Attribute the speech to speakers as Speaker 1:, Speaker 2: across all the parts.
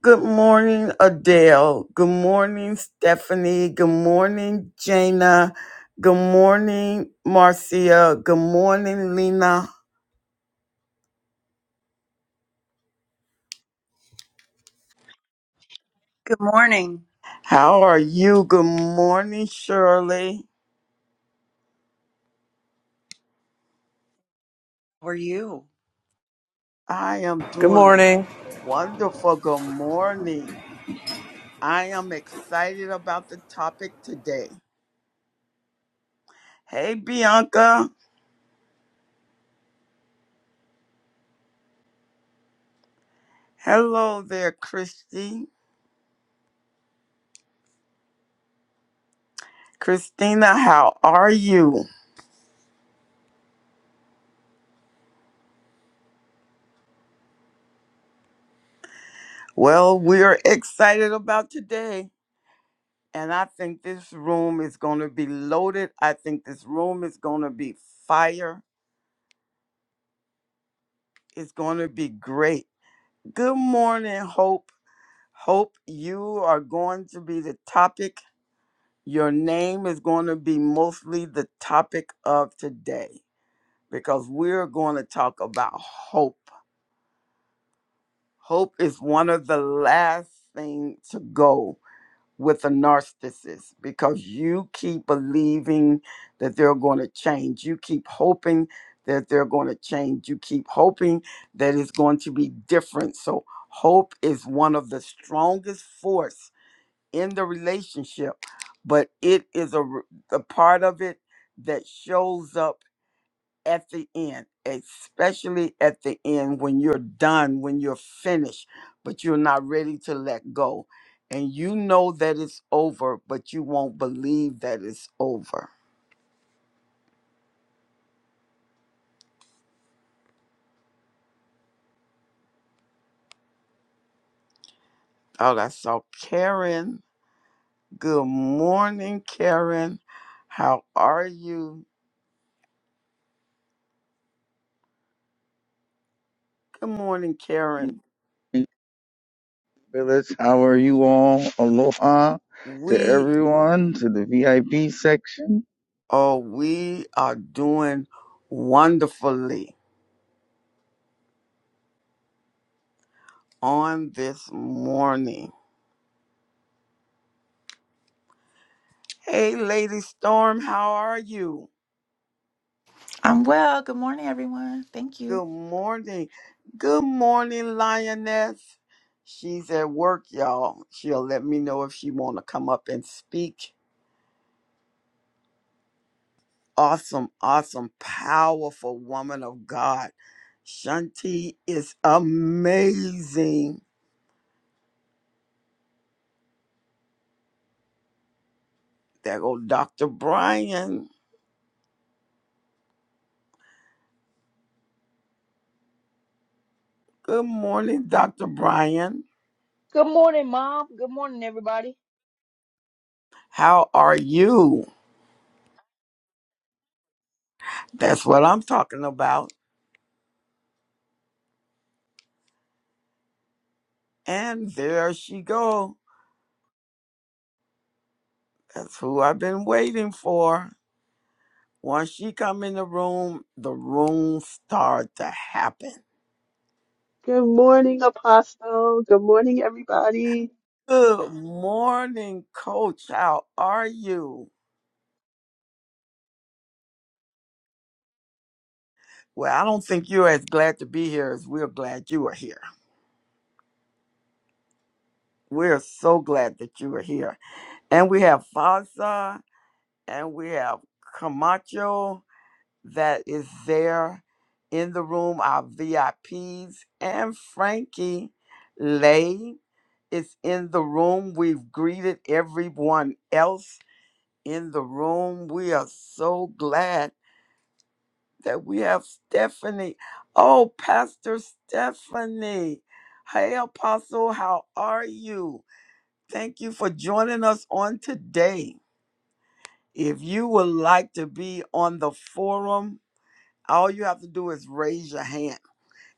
Speaker 1: Good morning, Adele. Good morning, Stephanie. Good morning, Jana. Good morning, Marcia. Good morning, Lena.
Speaker 2: Good morning.
Speaker 1: How are you? Good morning, Shirley.
Speaker 2: How are you?
Speaker 1: I am
Speaker 3: Good
Speaker 1: doing
Speaker 3: morning.
Speaker 1: wonderful. Good morning. I am excited about the topic today. Hey, Bianca. Hello there, Christy. Christina, how are you? Well, we're excited about today. And I think this room is going to be loaded. I think this room is going to be fire. It's going to be great. Good morning, Hope. Hope, you are going to be the topic. Your name is going to be mostly the topic of today because we're going to talk about hope. Hope is one of the last things to go with a narcissist because you keep believing that they're going to change. You keep hoping that they're going to change. You keep hoping that it's going to be different. So hope is one of the strongest force in the relationship, but it is a, r- a part of it that shows up at the end, especially at the end when you're done, when you're finished, but you're not ready to let go. And you know that it's over, but you won't believe that it's over. Oh, I saw Karen. Good morning, Karen. How are you? Good morning, Karen.
Speaker 4: Village, how are you all? Aloha to
Speaker 1: We
Speaker 4: everyone, to the VIP section.
Speaker 1: oh we are doing wonderfully on this morning. Hey, Lady Storm, how are you?
Speaker 5: I'm well. Good morning, everyone. Thank you.
Speaker 1: Good morning. Good morning, Lioness. She's at work, y'all. She'll let me know if she want to come up and speak. Awesome, awesome, powerful woman of God. Shanti is amazing. There go Dr. Brian. Good morning, Dr. Brian.
Speaker 6: Good morning, Mom. Good morning, everybody.
Speaker 1: How are you? That's what I'm talking about. And there she go. That's who I've been waiting for. Once she come in the room, the room start to happen.
Speaker 7: Good morning, Apostle. Good morning, everybody.
Speaker 1: Good morning, coach. How are you? Well, I don't think you're as glad to be here as we're glad you are here. We're so glad that you are here. And we have Faza and we have Camacho that is there in the room, our VIPs, and Frankie Lay is in the room. We've greeted everyone else in the room. We are so glad that we have Stephanie. Oh, Pastor Stephanie. Hey, Apostle, how are you? Thank you for joining us on today. If you would like to be on the forum, all you have to do is raise your hand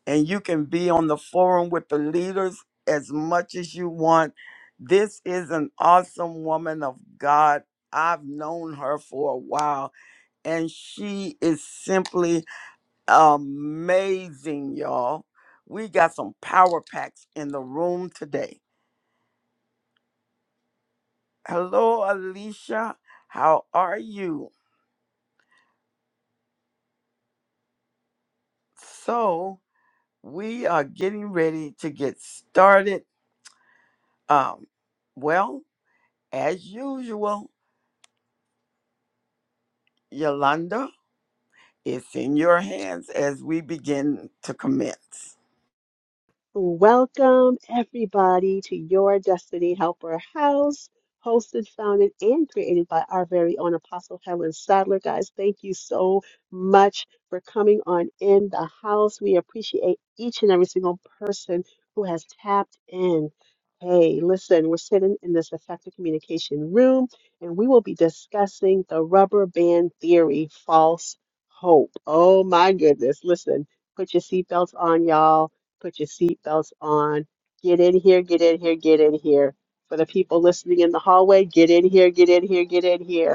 Speaker 1: and you can be on the forum with the leaders as much as you want. This is an awesome woman of God. I've known her for a while and she is simply amazing, y'all. We got some power packs in the room today. Hello, Alicia. How are you? So, we are getting ready to get started. Um, well, as usual, Yolanda, it's in your hands as we begin to commence.
Speaker 7: Welcome, everybody, to Your Destiny Helper House, hosted, founded, and created by our very own Apostle Helen Sadler. Guys, thank you so much for coming on in the house. We appreciate each and every single person who has tapped in. Hey, listen, we're sitting in this effective communication room, and we will be discussing the rubber band theory, false hope. Oh, my goodness. Listen, put your seatbelts on, y'all Put your seatbelts on. Get in here, get in here, get in here. For the people listening in the hallway, get in here, get in here, get in here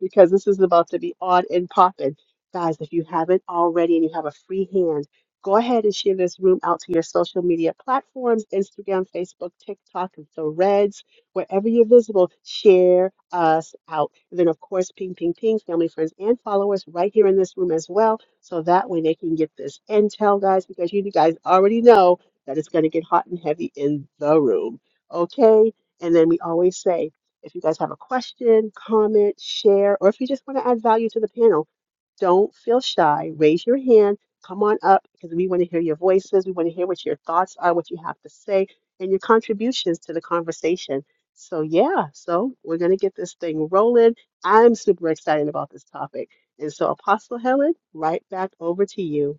Speaker 7: because this is about to be on and popping. Guys, if you haven't already and you have a free hand, go ahead and share this room out to your social media platforms Instagram, Facebook, TikTok, and Threads, wherever you're visible. Share us out. And then, of course, ping, ping, ping, family, friends, and followers right here in this room as well. So that way they can get this intel, guys, because you guys already know that it's going to get hot and heavy in the room. Okay? And then we always say, if you guys have a question, comment, share, or if you just want to add value to the panel, don't feel shy. Raise your hand, come on up because we want to hear your voices. We want to hear what your thoughts are, what you have to say, and your contributions to the conversation. So, yeah, so we're going to get this thing rolling. I'm super excited about this topic. And so, Apostle Helen, right back over to you.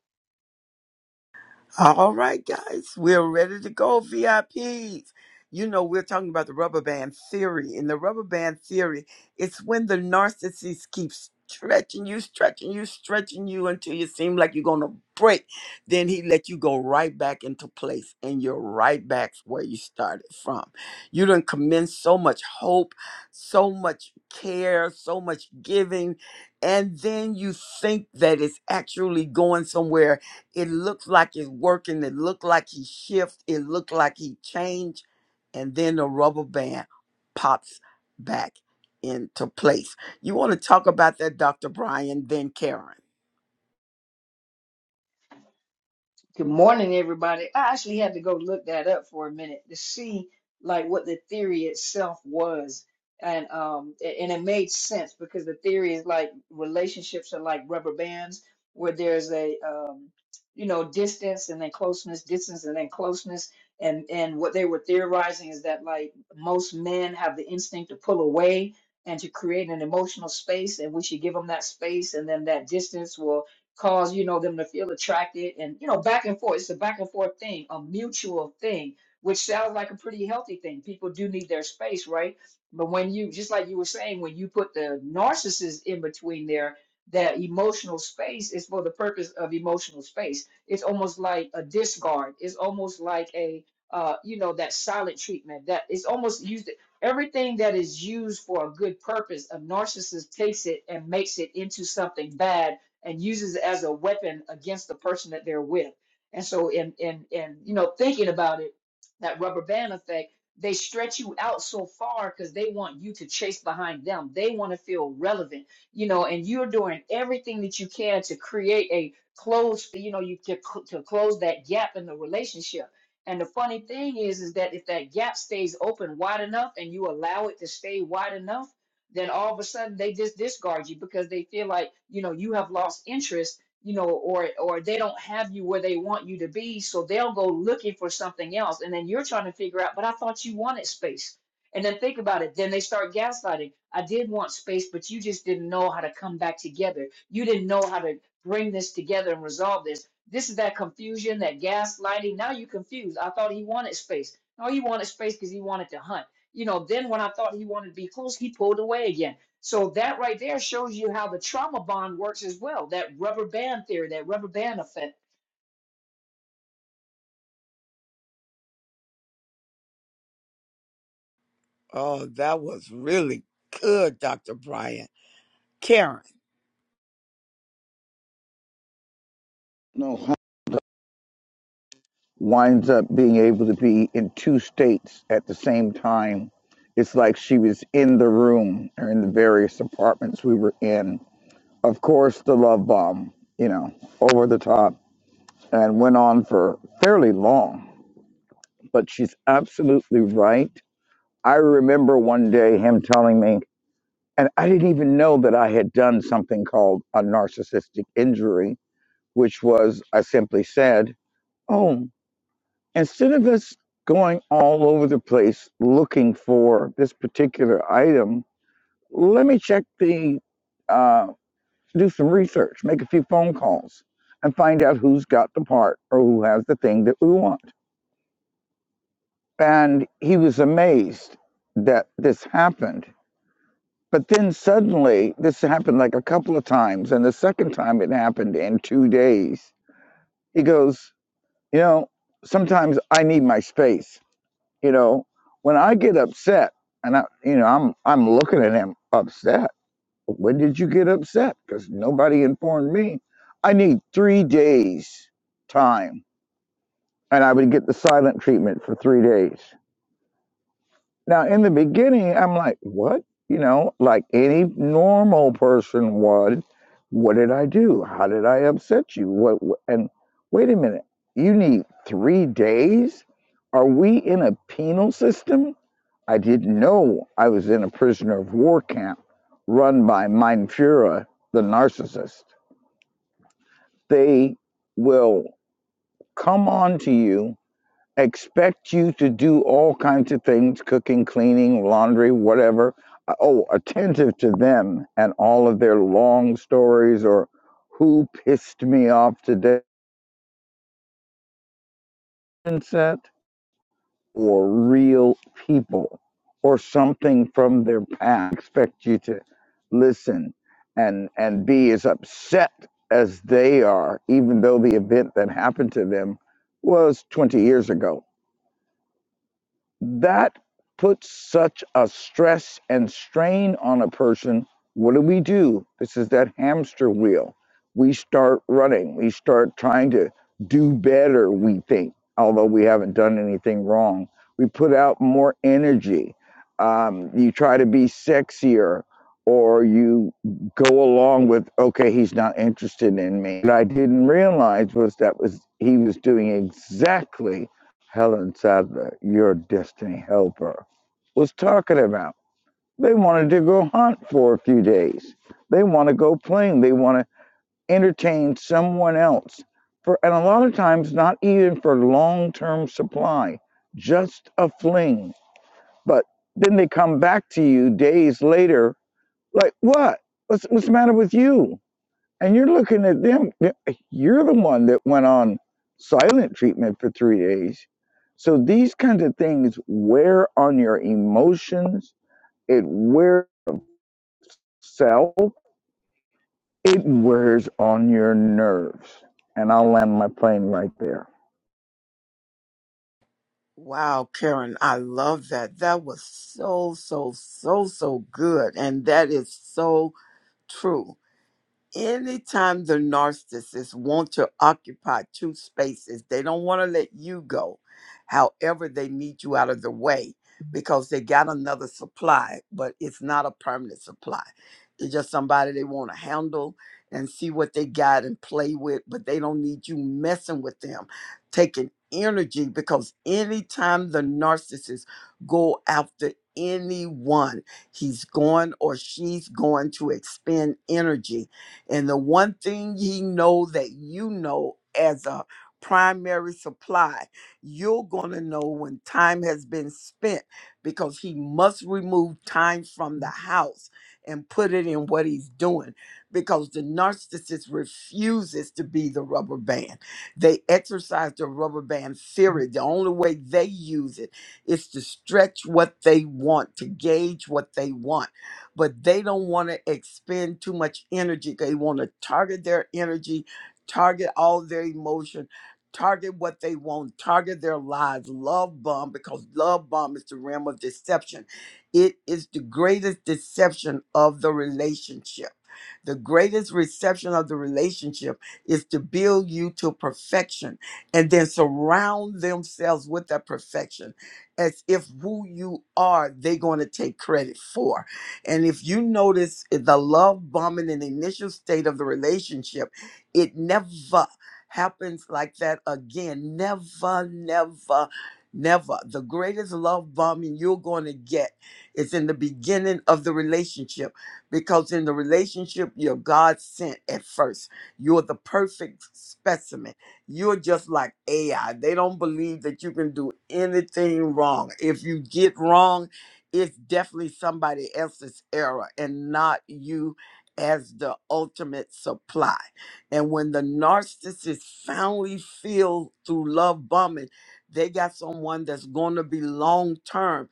Speaker 1: All right, guys, we're ready to go, VIPs. You know, we're talking about the rubber band theory. In the rubber band theory, it's when the narcissist keeps stretching you, stretching you, stretching you until you seem like you're going to break. Then he let you go right back into place and you're right back where you started from. You done commence so much hope, so much care, so much giving, and then you think that it's actually going somewhere it looked like it's working. It looked like he shift. It looked like he changed. And then the rubber band pops back into place. You want to talk about that, Dr. Brian, then Karen.
Speaker 6: Good morning, everybody. I actually had to go look that up for a minute to see like what the theory itself was. And um a- and it made sense because the theory is like relationships are like rubber bands where there's a um you know distance and then closeness, distance and then closeness. And and what they were theorizing is that like most men have the instinct to pull away and to create an emotional space and we should give them that space and then that distance will cause you know them to feel attracted and you know back and forth it's a back and forth thing a mutual thing which sounds like a pretty healthy thing people do need their space right but when you just like you were saying when you put the narcissist in between there that emotional space is for the purpose of emotional space it's almost like a discard it's almost like a uh, you know that silent treatment that is almost used everything that is used for a good purpose a narcissist takes it and makes it into something bad and uses it as a weapon against the person that they're with. And so, in in in you know, thinking about it, that rubber band effect, they stretch you out so far because they want you to chase behind them. They want to feel relevant, you know, and you're doing everything that you can to create a close, you know, you to, cl- to close that gap in the relationship. And the funny thing is, is that if that gap stays open wide enough and you allow it to stay wide enough then all of a sudden they just discard you because they feel like you know you have lost interest you know or or they don't have you where they want you to be so they'll go looking for something else and then you're trying to figure out but i thought you wanted space and then think about it then they start gaslighting i did want space but you just didn't know how to come back together you didn't know how to bring this together and resolve this this is that confusion that gaslighting now you're confused i thought he wanted space no he wanted space because he wanted to hunt you know, then when I thought he wanted to be close, he pulled away again. So that right there shows you how the trauma bond works as well. That rubber band theory, that rubber band effect.
Speaker 1: Oh, that was really good, Dr. Brian. Karen.
Speaker 4: No, how winds up being able to be in two states at the same time. It's like she was in the room or in the various apartments we were in. Of course, the love bomb, you know, over the top and went on for fairly long. But she's absolutely right. I remember one day him telling me. and I didn't even know that I had done something called a narcissistic injury, which was I simply said, Oh, instead of us going all over the place looking for this particular item, let me check the, uh, do some research, make a few phone calls, and find out who's got the part or who has the thing that we want. And he was amazed that this happened But then suddenly, this happened like a couple of times, and the second time it happened in two days. He goes, You know, sometimes I need my space. You know, when I get upset, and I, you know, I'm I'm looking at him upset. When did you get upset? Because nobody informed me. I need three days time, and I would get the silent treatment for three days. Now, in the beginning, I'm like, what? You know, like any normal person would. What did I do? How did I upset you? What? what- And wait a minute, you need three days? Are we in a penal system? I didn't know I was in a prisoner of war camp run by Mein Fuhrer, the narcissist. They will come on to you expect you to do all kinds of things cooking, cleaning, laundry, whatever. Uh, Oh, attentive to them and all of their long stories or who pissed me off today, set or real people or something from their past. I Expect you to listen and and be as upset as they are, even though the event that happened to them was 20 years ago that puts such a stress and strain on a person. What do we do? This is that hamster wheel. We start running, we start trying to do better, we think, although we haven't done anything wrong. We put out more energy. Um, you try to be sexier, or you go along with, okay, he's not interested in me. What I didn't realize was that was he was doing exactly Helen Sadler, your destiny helper, was talking about. They wanted to go hunt for a few days. They want to go playing. They want to entertain someone else for, and a lot of times not even for long-term supply, just a fling. But then they come back to you days later, like, what? What's what's the matter with you? And you're looking at them. You're the one that went on silent treatment for three days. So these kinds of things wear on your emotions. It wears self. It wears on your nerves. And I'll land my plane right there.
Speaker 1: Wow, Karen, I love that. That was so, so, so, so good. And that is so true anytime the narcissists want to occupy two spaces, they don't want to let you go. However, they need you out of the way because they got another supply, but it's not a permanent supply. It's just somebody they want to handle and see what they got and play with, but they don't need you messing with them, taking energy because anytime the narcissist go after anyone, he's going or she's going to expend energy and the one thing he know that you know as a primary supply, you're going to know when time has been spent because he must remove time from the house and put it in what he's doing because the narcissist refuses to be the rubber band. They exercise the rubber band theory. The only way they use it is to stretch what they want, to gauge what they want but they don't want to expend too much energy. They want to target their energy, target all their emotion, target what they want, target their lives. Love bomb, because love bomb is the realm of deception. It is the greatest deception of the relationship. The greatest reception of the relationship is to build you to perfection and then surround themselves with that perfection as if who you are, they're going to take credit for and if you notice eh, the love bombing in the initial state of the relationship, it never happens like that again. Never, never, never. The greatest love bombing you're going to get is in the beginning of the relationship because in the relationship, you're God sent at first. You're the perfect specimen. You're just like AI. They don't believe that you can do anything wrong. If you get wrong, it's definitely somebody else's error and not you as the ultimate supply. And when the narcissist finally feel through love bombing, they got someone that's going to be long term.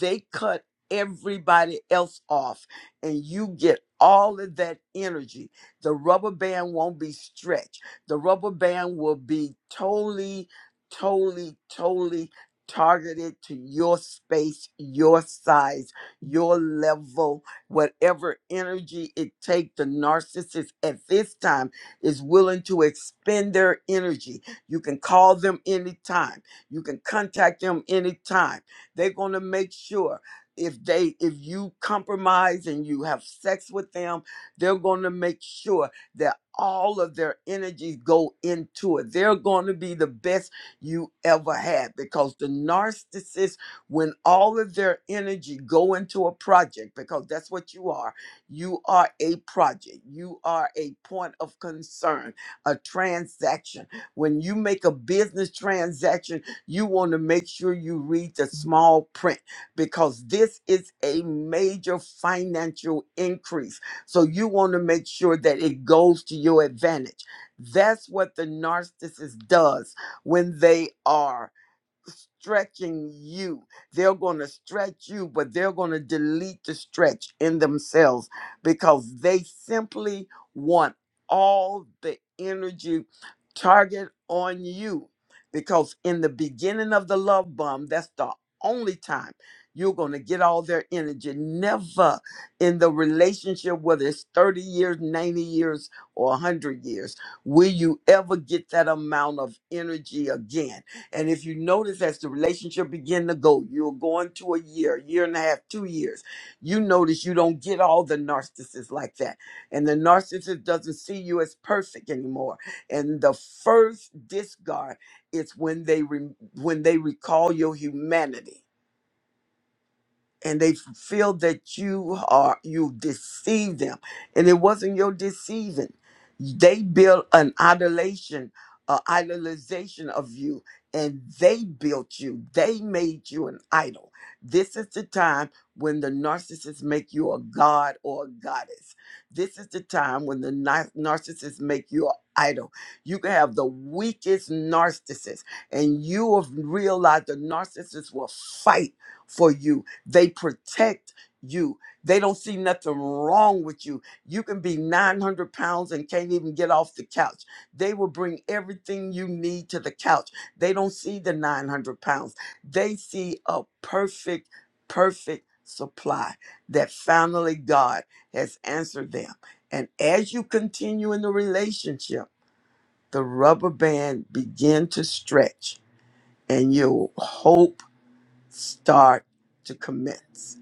Speaker 1: They cut everybody else off and you get all of that energy. The rubber band won't be stretched. The rubber band will be totally, totally, totally targeted to your space, your size, your level, whatever energy it takes, the narcissist at this time is willing to expend their energy. You can call them anytime. You can contact them anytime. They're going to make sure if they if you compromise and you have sex with them, they're going to make sure that all of their energies go into it. They're going to be the best you ever had because the narcissist when all of their energy go into a project because that's what you are you are a project you are a point of concern a transaction when you make a business transaction you want to make sure you read the small print because this is a major financial increase so you want to make sure that it goes to your advantage that's what the narcissist does when they are stretching you. They're going to stretch you, but they're going to delete the stretch in themselves because they simply want all the energy target on you. Because in the beginning of the love bomb, that's the only time you're going to get all their energy. Never in the relationship, whether it's 30 years, 90 years, or 100 years, will you ever get that amount of energy again and if you notice as the relationship begin to go, you're going to a year, year and a half, two years, you notice you don't get all the narcissists like that. And the narcissist doesn't see you as perfect anymore. And the first discard is when they re- when they recall your humanity and they f- feel that you are you deceived them and it wasn't your deceiving they built an idolation uh, idolization of you and they built you they made you an idol this is the time when the narcissists make you a god or a goddess this is the time when the nar- narcissists make you an idol you can have the weakest narcissist and you will realize the narcissist will fight for you they protect you. They don't see nothing wrong with you. You can be 900 pounds and can't even get off the couch. They will bring everything you need to the couch. They don't see the 900 pounds. They see a perfect, perfect supply that finally God has answered them. And as you continue in the relationship, the rubber band begin to stretch and your hope start to commence.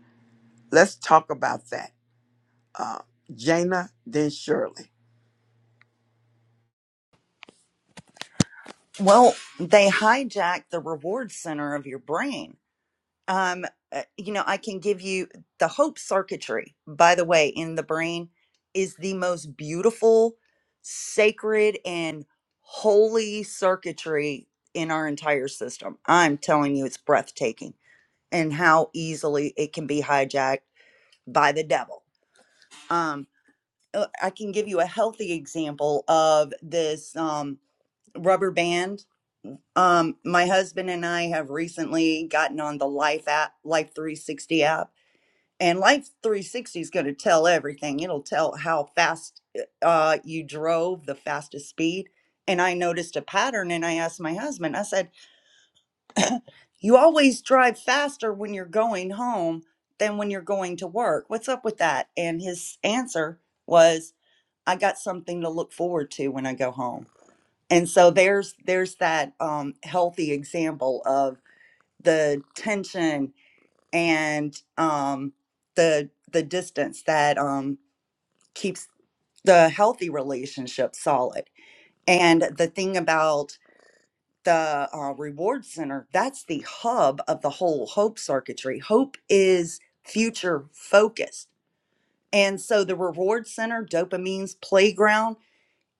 Speaker 1: Let's talk about that. Uh, Jana, then Shirley.
Speaker 2: Well, they hijack the reward center of your brain. Um, uh, you know, I can give you the hope circuitry, by the way, in the brain is the most beautiful, sacred, and holy circuitry in our entire system. I'm telling you, it's breathtaking and how easily it can be hijacked by the devil. Um, uh, I can give you a healthy example of this um, rubber band Um, my husband and I have recently gotten on the Life app, Life 360 app, and Life 360 is going to tell everything. It'll tell how fast uh, you drove, the fastest speed. And I noticed a pattern, and I asked my husband, I said, You always drive faster when you're going home than when you're going to work. What's up with that? And his answer was, I got something to look forward to when I go home. And so there's there's that um, healthy example of the tension and um, the the distance that um, keeps the healthy relationship solid. And the thing about the uh, reward center, that's the hub of the whole hope circuitry. Hope is future focused. And so the reward center, dopamine's playground,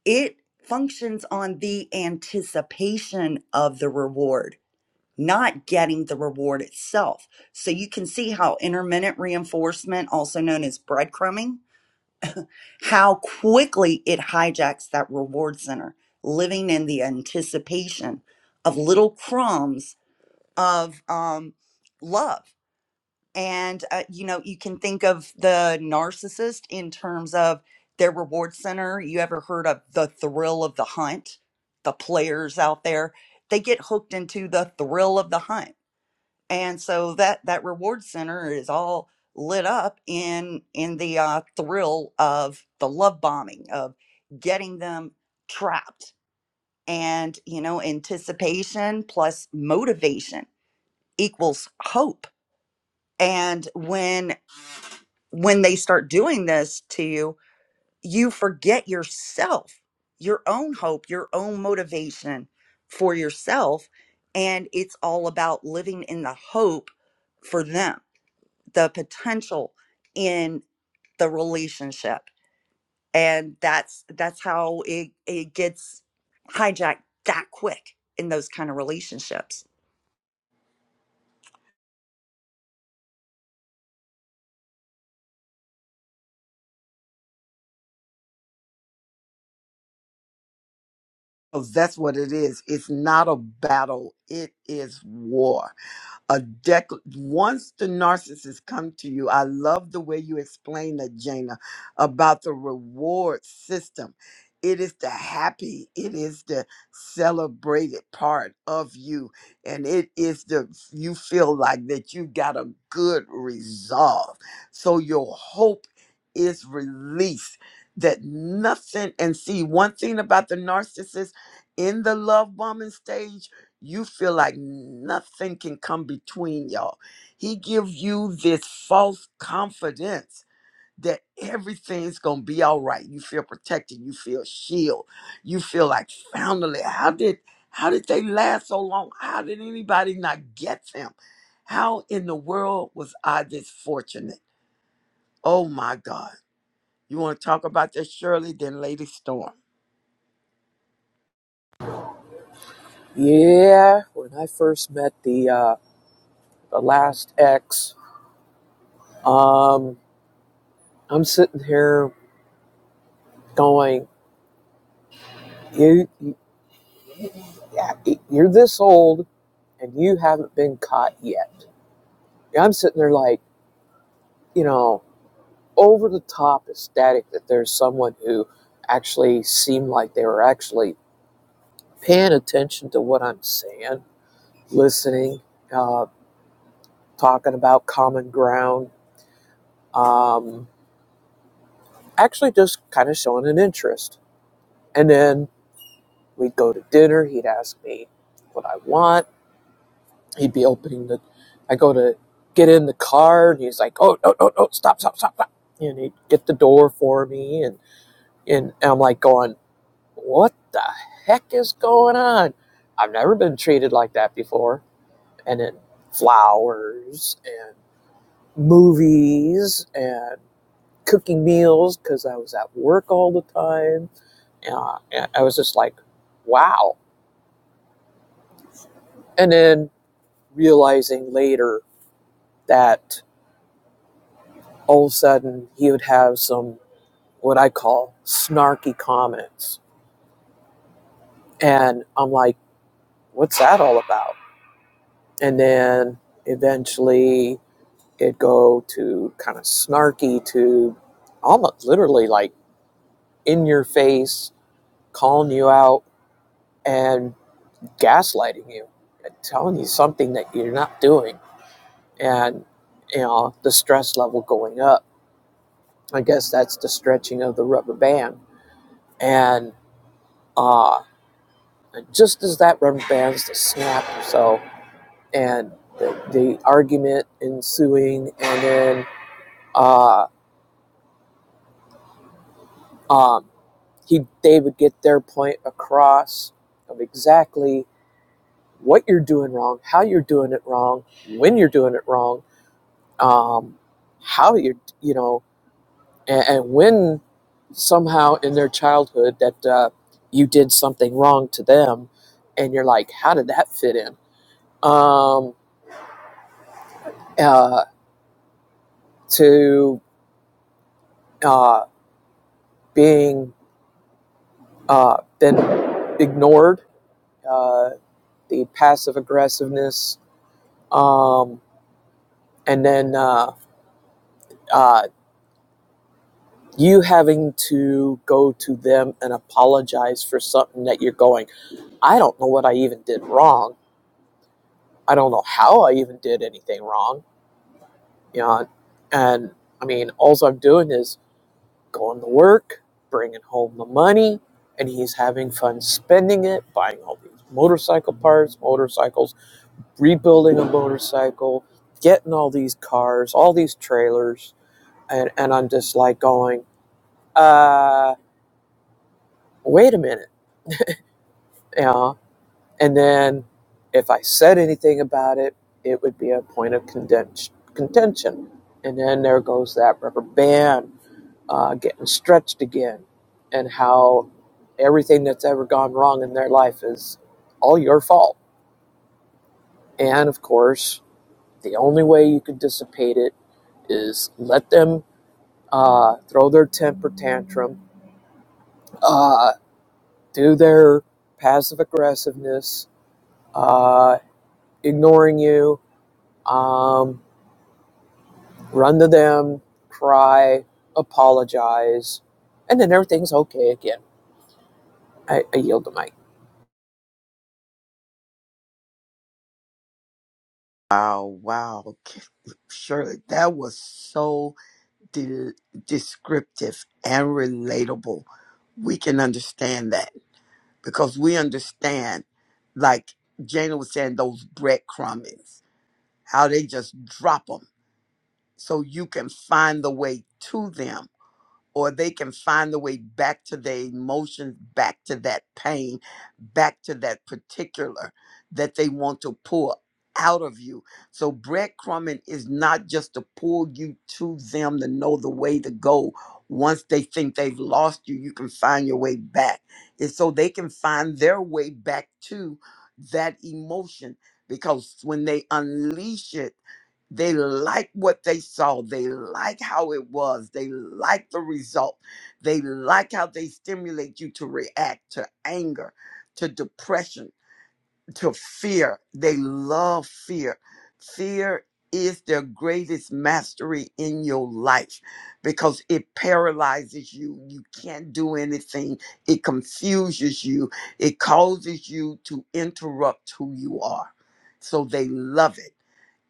Speaker 2: it functions on the anticipation of the reward not getting the reward itself. So you can see how intermittent reinforcement, also known as breadcrumbing, how quickly it hijacks that reward center, living in the anticipation of little crumbs of um, love. And, uh, you know, you can think of the narcissist in terms of their reward center. You ever heard of the thrill of the hunt? The players out there, they get hooked into the thrill of the hunt and so that that reward center is all lit up in in the uh, thrill of the love bombing of getting them trapped and you know anticipation plus motivation equals hope and when when they start doing this to you you forget yourself your own hope your own motivation for yourself and it's all about living in the hope for them the potential in the relationship and that's that's how it it gets hijacked that quick in those kind of relationships
Speaker 1: Because that's what it is. It's not a battle, it is war. A dec- once the narcissist come to you, I love the way you explain that, Jana, about the reward system. It is the happy, it is the celebrated part of you. And it is the you feel like that you got a good resolve. So your hope is released. That nothing, and see, one thing about the narcissist in the love bombing stage, you feel like nothing can come between y'all. He gives you this false confidence that everything's gonna be all right. You feel protected. You feel shield. You feel like family. How did how did they last so long? How did anybody not get them? How in the world was I this fortunate? Oh my God. You want to talk about that, Shirley? Then Lady Storm.
Speaker 3: Yeah, when I first met the uh, the last ex, um, I'm sitting here going, you, you you're this old and you haven't been caught yet. And I'm sitting there like, you know, over the top ecstatic that there's someone who actually seemed like they were actually paying attention to what I'm saying, listening, uh, talking about common ground, um, actually just kind of showing an interest And then we'd go to dinner. He'd ask me what I want. He'd be opening the, I go to get in the car and he's like, oh, no, no, no, stop, stop, stop, stop. And he'd get the door for me. And, and I'm like going, what the heck is going on? I've never been treated like that before. And then flowers and movies and cooking meals because I was at work all the time. Uh, and I was just like, wow. And then realizing later that all of a sudden he would have some what I call snarky comments. And I'm like, what's that all about? And then eventually it'd go to kind of snarky to almost literally like in your face, calling you out and gaslighting you, and telling you something that you're not doing. And, you know, the stress level going up. I guess that's the stretching of the rubber band and uh, just as that rubber bands to snap so, and the, the argument ensuing, and then uh, um, he they would get their point across of exactly what you're doing wrong, how you're doing it wrong, when you're doing it wrong, um, how you're you know, and, and when somehow in their childhood that uh, you did something wrong to them, and you're like, how did that fit in? Um, uh, to uh, being uh, been ignored, uh, the passive aggressiveness, um, and then uh, uh, you having to go to them and apologize for something that you're going. I don't know what I even did wrong. I don't know how I even did anything wrong. You know, and I mean, all I'm doing is going to work, bringing home the money, and he's having fun spending it, buying all these motorcycle parts, motorcycles, rebuilding a motorcycle, getting all these cars, all these trailers, and, and I'm just like going, uh, wait a minute, you know? And then if I said anything about it, it would be a point of contention. contention. And then there goes that rubber band uh, getting stretched again and how everything that's ever gone wrong in their life is all your fault. And of course, the only way you could dissipate it is let them uh, throw their temper tantrum, uh, do their passive aggressiveness, uh, ignoring you, um, run to them, cry, apologize, and then everything's okay again. I, I yield the mic.
Speaker 1: Wow, wow. Shirley, that was so de- descriptive and relatable. We can understand that because we understand, like Jana was saying, those breadcrumbs, how they just drop them so you can find the way to them or they can find the way back to their emotions, back to that pain, back to that particular that they want to pull out of you. So breadcrumbing is not just to pull you to them to know the way to go. Once they think they've lost you, you can find your way back. It's so they can find their way back to that emotion because when they unleash it, they like what they saw. They like how it was. They like the result. They like how they stimulate you to react to anger, to depression, to fear. They love fear. Fear is their greatest mastery in your life because it paralyzes you. You can't do anything. It confuses you. It causes you to interrupt who you are. So they love it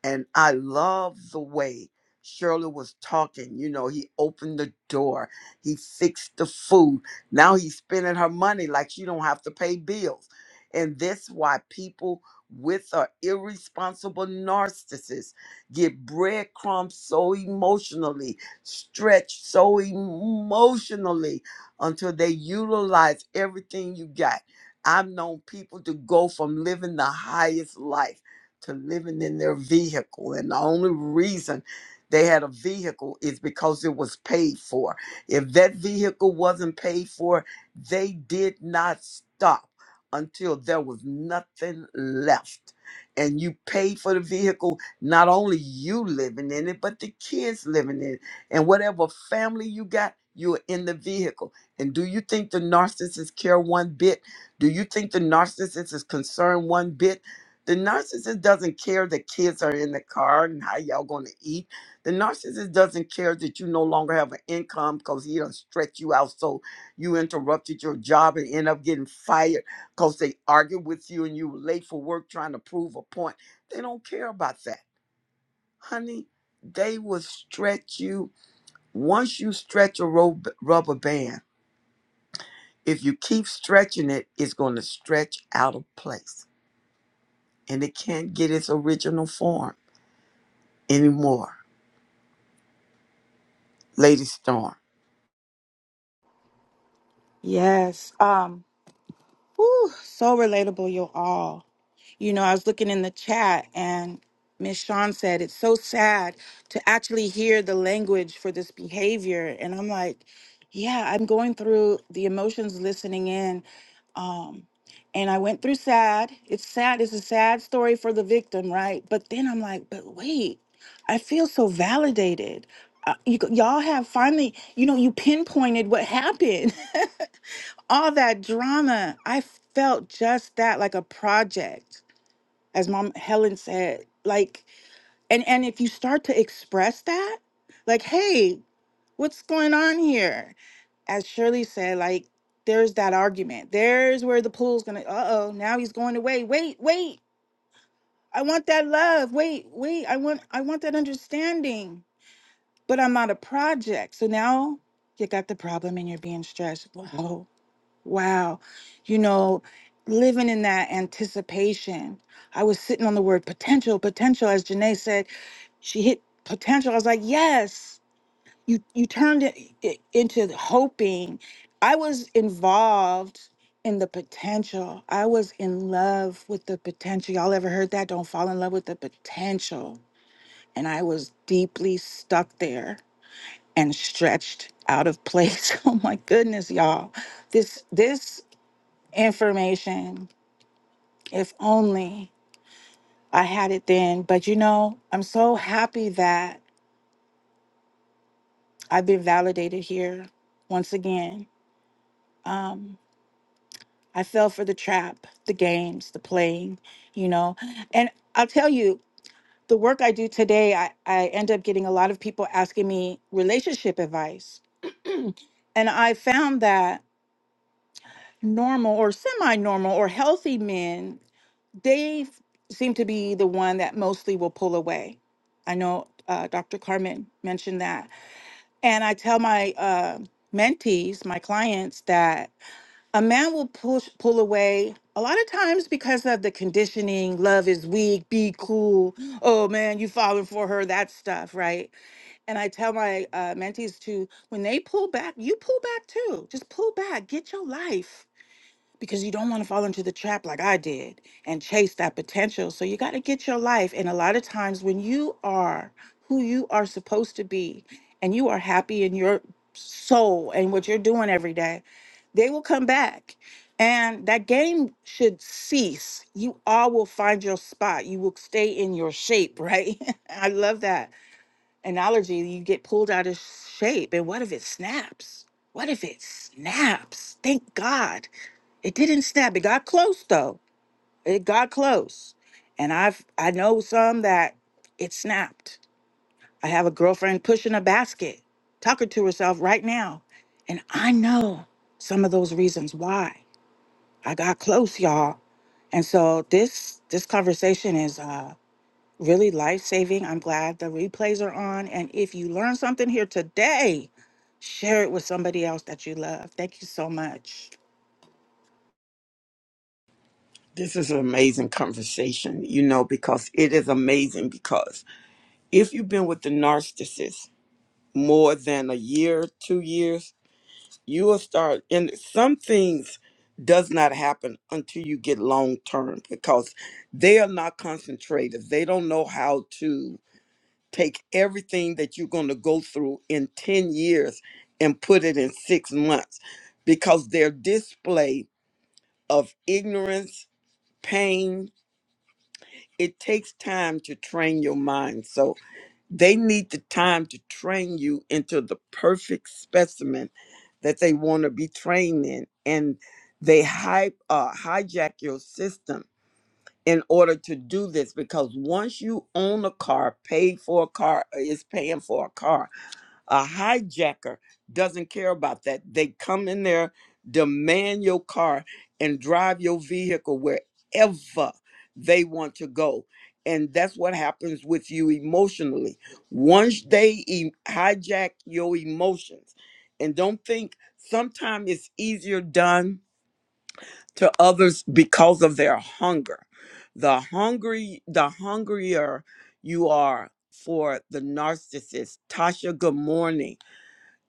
Speaker 1: and I love the way Shirley was talking. You know, he opened the door, he fixed the food. Now he's spending her money like she don't have to pay bills. And that's why people with a irresponsible narcissist get breadcrumbs so emotionally, stretched so emotionally until they utilize everything you got. I've known people to go from living the highest life to living in their vehicle. And the only reason they had a vehicle is because it was paid for. If that vehicle wasn't paid for, they did not stop until there was nothing left. And you paid for the vehicle, not only you living in it, but the kids living in it. And whatever family you got, you're in the vehicle. And do you think the narcissists care one bit? Do you think the narcissist is concerned one bit? The narcissist doesn't care that kids are in the car and how y'all going to eat. The narcissist doesn't care that you no longer have an income because he done stretch you out so you interrupted your job and end up getting fired because they argued with you and you were late for work trying to prove a point. They don't care about that. Honey, they will stretch you. Once you stretch a ro- rubber band, if you keep stretching it, it's going to stretch out of place and it can't get its original form anymore Lady Storm,
Speaker 5: Yes. Um. Whew, so relatable, you all. You know, I was looking in the chat and Miss Shawn said it's so sad to actually hear the language for this behavior. And I'm like, yeah, I'm going through the emotions listening in. Um, and I went through sad. It's sad. It's a sad story for the victim, right? But then I'm like, but wait, I feel so validated. Uh, you, g- y'all have finally, you know, you pinpointed what happened. all that drama, I felt just that like a project as mom helen said like and and if you start to express that like hey what's going on here as shirley said like there's that argument there's where the pool's gonna uh-oh now he's going away wait wait i want that love wait wait i want i want that understanding but i'm not a project so now you got the problem and you're being stressed wow Wow. You know, living in that anticipation. I was sitting on the word potential, potential, as Janae said, she hit potential. I was like, yes. You you turned it, it into hoping. I was involved in the potential. I was in love with the potential. Y'all ever heard that? Don't fall in love with the potential. And I was deeply stuck there and stretched out of place. Oh my goodness, y'all. This this information. If only I had it then. But you know, I'm so happy that I've been validated here once again. Um, I fell for the trap, the games, the playing, you know. And I'll tell you, the work I do today, I, I end up getting a lot of people asking me relationship advice. And I found that normal or semi normal or healthy men they f- seem to be the one that mostly will pull away. I know uh, Dr. Carmen mentioned that. And I tell my uh, mentees, my clients, that a man will push pull away a lot of times because of the conditioning, love is weak, be cool. Oh man, you falling for her, that stuff, right? And I tell my uh, mentees to, when they pull back, you pull back too. Just pull back, get your life because you don't want to fall into the trap like I did and chase that potential. So you got to get your life. And a lot of times when you are who you are supposed to be and you are happy in your soul and what you're doing every day, they will come back. And that game should cease. You all will find your spot. You will stay in your shape, right? I love that analogy. You get pulled out of shape. And what if it snaps? What if it snaps? Thank God it didn't snap. It got close though. It got close. And I've I know some that it snapped. I have a girlfriend pushing a basket, talking to herself right now. And I know some of those reasons why. I got close, y'all. And so this this conversation is uh really life-saving. I'm glad the replays are on. And if you learn something here today, share it with somebody else that you love. Thank you so much.
Speaker 1: this is an amazing conversation, you know, because it is amazing. Because if you've been with the narcissist more than a year, two years, you will start, and some things does not happen until you get long term because they are not concentrated. They don't know how to take everything that you're going to go through in 10 years and put it in six months because their display of ignorance, pain, it takes time to train your mind. So they need the time to train you into the perfect specimen that they want to be trained in. And they hype, uh, hijack your system in order to do this because once you own a car, paid for a car, is paying for a car, a hijacker doesn't care about that. They come in there, demand your car, and drive your vehicle wherever they want to go. And that's what happens with you emotionally. Once they e- hijack your emotions, and don't think sometimes it's easier done to others because of their hunger. The hungry, the hungrier you are for the narcissist. Tasha, good morning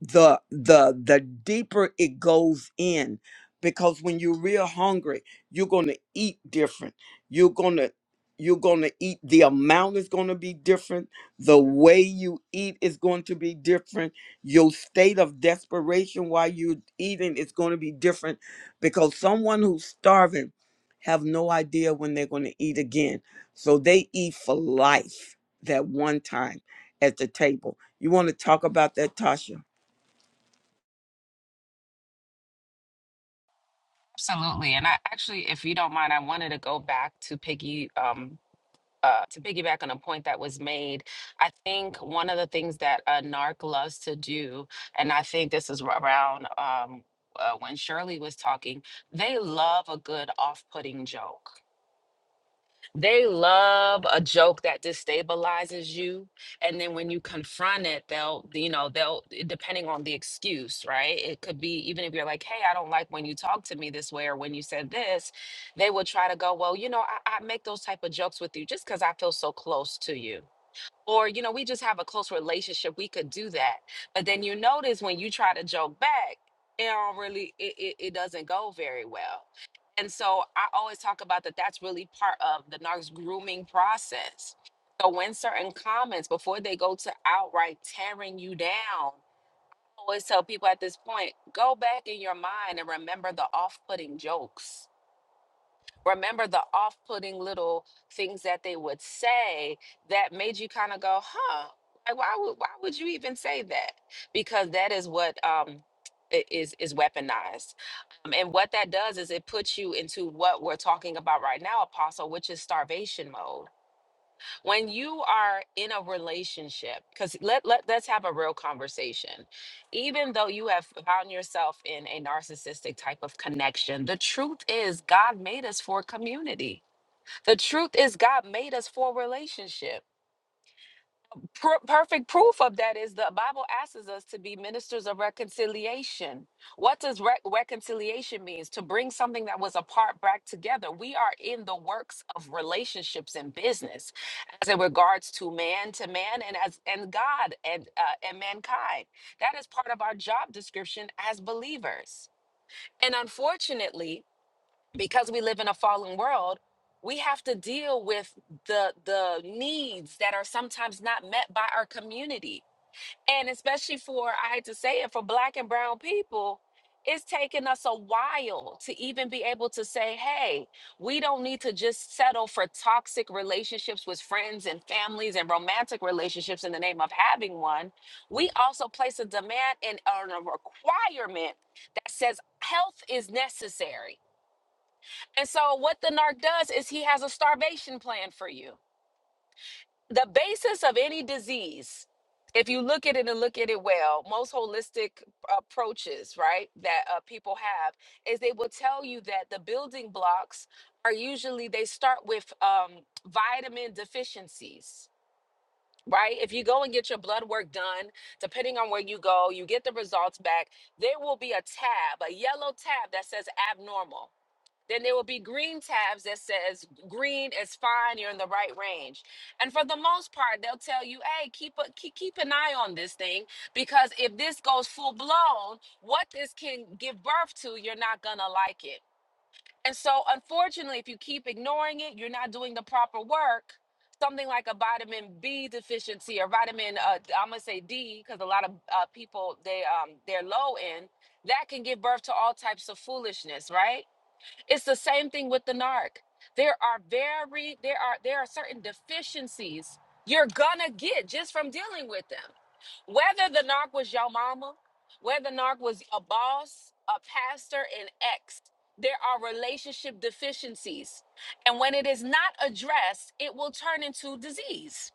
Speaker 1: the the the deeper it goes in because when you're real hungry you're going to eat different you're going to you're going to eat the amount is going to be different the way you eat is going to be different your state of desperation while you're eating is going to be different because someone who's starving have no idea when they're going to eat again so they eat for life that one time at the table you want to talk about that tasha
Speaker 8: Absolutely. And I actually, if you don't mind, I wanted to go back to Piggy, um, uh, to piggyback on a point that was made. I think one of the things that a narc loves to do, and I think this is around um, uh, when Shirley was talking, they love a good off putting joke. They love a joke that destabilizes you. And then when you confront it, they'll, you know, they'll, it- depending on the excuse, right? It could be even if you're like, hey, I don't like when you talk to me this way or when you said this, they will try to go, well, you know, I, I make those type of jokes with you just because I feel so close to you or you know we just have a close relationship we could do that but then you notice when you try to joke back it don't really it, it, it doesn't go very well and so i always talk about that that's really part of the narcs grooming process so when certain comments before they go to outright tearing you down I always tell people at this point go back in your mind and remember the off-putting jokes remember the off putting little things that they would say that made you kind of go, huh? Like why would why would you even say that? Because that is what um i- is is weaponized. Um, and what that does is it puts you into what we're talking about right now, apostle, which is starvation mode when you are in a relationship because let, let let's have a real conversation even though you have found yourself in a narcissistic type of connection the truth is god made us for community the truth is god made us for relationship per- perfect proof of that is the bible asks us to be ministers of reconciliation what does re- reconciliation means to bring something that was apart back together we are in the works of relationships and business as in regards to man to man and as and god and uh, and mankind that is part of our job description as believers and unfortunately because we live in a fallen world we have to deal with the the needs that are sometimes not met by our community and especially for i hate to say it for black and brown people it's taken us a while to even be able to say hey we don't need to just settle for toxic relationships with friends and families and romantic relationships in the name of having one we also place a demand and a requirement that says health is necessary and so, what the narc does is he has a starvation plan for you. The basis of any disease, if you look at it and look at it well, most holistic approaches, right, that uh, people have is they will tell you that the building blocks are usually they start with um, vitamin deficiencies. Right. If you go and get your blood work done, depending on where you go, you get the results back. There will be a tab, a yellow tab that says abnormal then there will be green tabs that says green is fine you're in the right range and for the most part they'll tell you hey keep a keep, keep an eye on this thing because if this goes full blown what this can give birth to you're not gonna like it and so unfortunately if you keep ignoring it you're not doing the proper work something like a vitamin b deficiency or vitamin uh, i'm gonna say d because a lot of uh, people they um they're low in that can give birth to all types of foolishness right it's the same thing with the narc. There are very there are there are certain deficiencies you're gonna get just from dealing with them. Whether the narc was your mama, whether the narc was a boss, a pastor, an ex, there are relationship deficiencies. And when it is not addressed, it will turn into disease.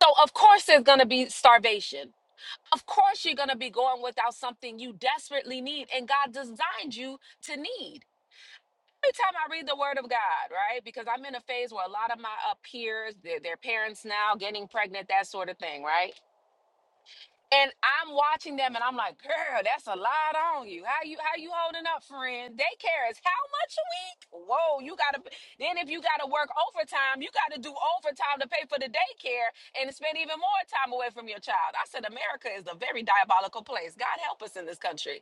Speaker 8: So of course there's gonna be starvation. Of course you're gonna be going without something you desperately need and God designed you to need every time I read the Word of God, right? Because I'm in a phase where a lot of my uh, peers, their, their parents now getting pregnant, that sort of thing, right? And I'm watching them, and I'm like, "Girl, that's a lot on you. How you how you holding up, friend? Daycare is how much a week? Whoa, you gotta. Then if you gotta work overtime, you gotta do overtime to pay for the daycare and spend even more time away from your child. I said, America is a very diabolical place. God help us in this country.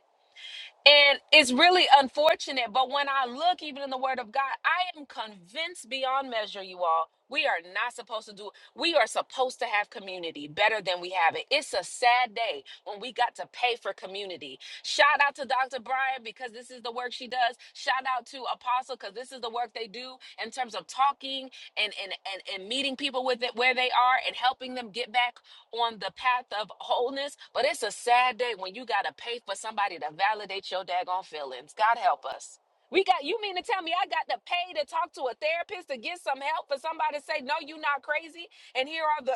Speaker 8: And it's really unfortunate, but when I look even in the word of God, I am convinced beyond measure, you all, we are not supposed to do we are supposed to have community better than we have it. It's a sad day when we got to pay for community. Shout out to Dr. Brian because this is the work she does. Shout out to Apostle because this is the work they do in terms of talking and and and, and meeting people with it where they are and helping them get back on the path of wholeness, but it's a sad day when you got to pay for somebody to validate your daggone feelings. God help us. We got you mean to tell me I got to pay to talk to a therapist to get some help for somebody to say no you're not crazy and here are the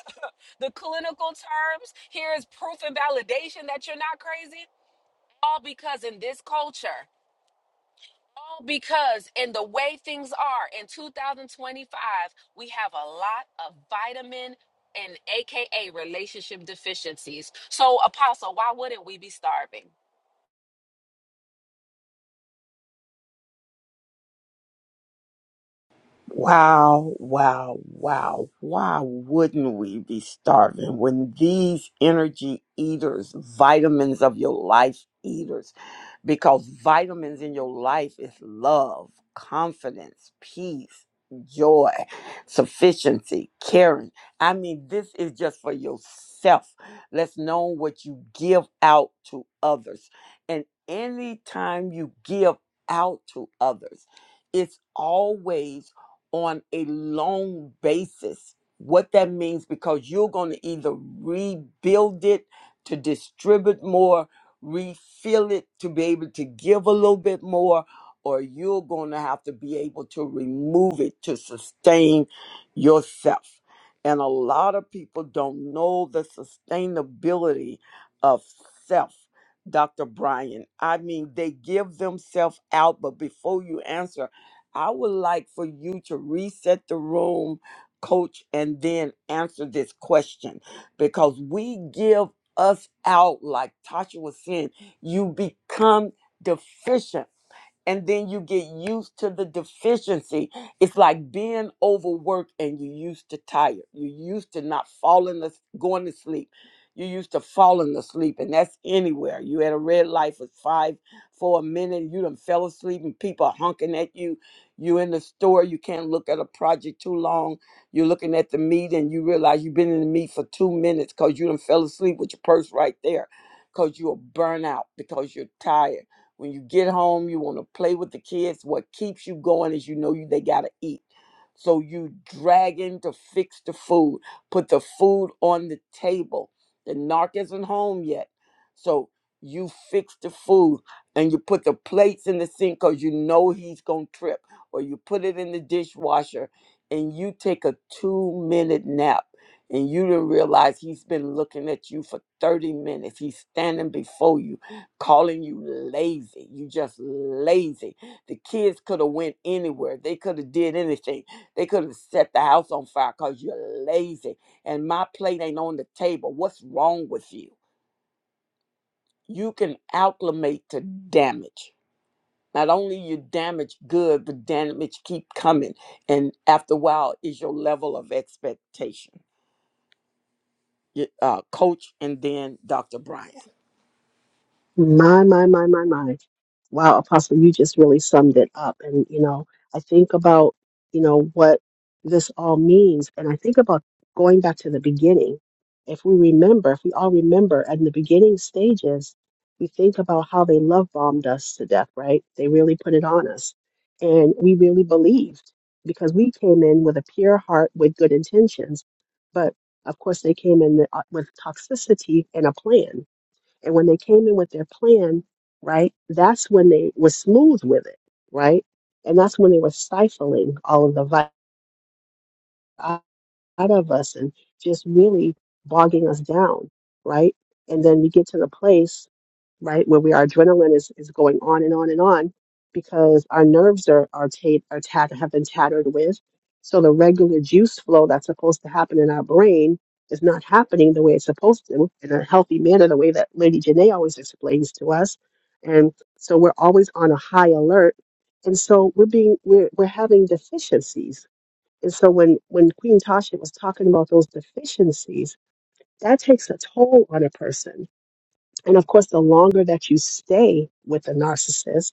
Speaker 8: the clinical terms here is proof and validation that you're not crazy all because in this culture all because in the way things are in 2025, we have a lot of vitamin and AKA relationship deficiencies. So, Apostle, why wouldn't we be starving?
Speaker 1: Wow, wow, wow. Why wouldn't we be starving when these energy eaters, vitamins of your life eaters, because vitamins in your life is love, confidence, peace, joy, sufficiency, caring. I mean, this is just for yourself. Let's know what you give out to others. And anytime you give out to others, it's always on a long basis. What that means, because you're going to either rebuild it to distribute more, refill it to be able to give a little bit more, or you're going to have to be able to remove it to sustain yourself. And a lot of people don't know the sustainability of self, Dr. Brian. I mean, they give themselves out, but before you answer, I would like for you to reset the room, coach, and then answer this question because we give us out, like Tasha was saying, you become deficient and then you get used to the deficiency. It's like being overworked and you're used to tired. You're used to not falling, as- going to sleep. You're used to falling asleep, and that's anywhere. You had a red light for five, for a minute, and you done fell asleep, and people are honking at you. You in the store, you can't look at a project too long. You're looking at the meat, and you realize you've been in the meat for two minutes because you done fell asleep with your purse right there, because you are burnt out, because you're tired when you get home, you want to play with the kids. What keeps you going is you know you they gotta eat. So you dragging to fix the food, put the food on the table. The narc isn't home yet. So you fix the food and you put the plates in the sink because you know he's gonna trip, or you put it in the dishwasher and you take a two minute nap and you didn't realize he's been looking at you for 30 minutes. He's standing before you calling you lazy. You just lazy. The kids could have went anywhere. They could have did anything. They could have set the house on fire because you're lazy. And my plate ain't on the table. What's wrong with you? You can acclimate to damage. Not only you damage good, but damage keep coming. And after a while is your level of expectation. Y- Uh, coach and then Dr. Brian.
Speaker 7: My, my, my, my, my. Wow, Apostle, you just really summed it up. And, you know, I think about, you know, what this all means. And I think about going back to the beginning. If we remember, if we all remember in the beginning stages, we think about how they love bombed us to death, right? They really put it on us. And we really believed because we came in with a pure heart with good intentions. But of course, they came in with toxicity and a plan and when they came in with their plan, right, that's when they were smooth with it, right? And that's when they were stifling all of the vi- out of us and just really bogging us down, right? And then we get to the place right? Where we, our adrenaline is, is going on and on and on because our nerves are are, tat are tat- have been tattered with. So the regular juice flow that's supposed to happen in our brain is not happening the way it's supposed to in a healthy manner, the way that Lady Janae always explains to us. And so we're always on a high alert. And so we're being we're we're having deficiencies. And so when when Queen Tasha was talking about those deficiencies, that takes a toll on a person and of course, the longer that you stay with a narcissist,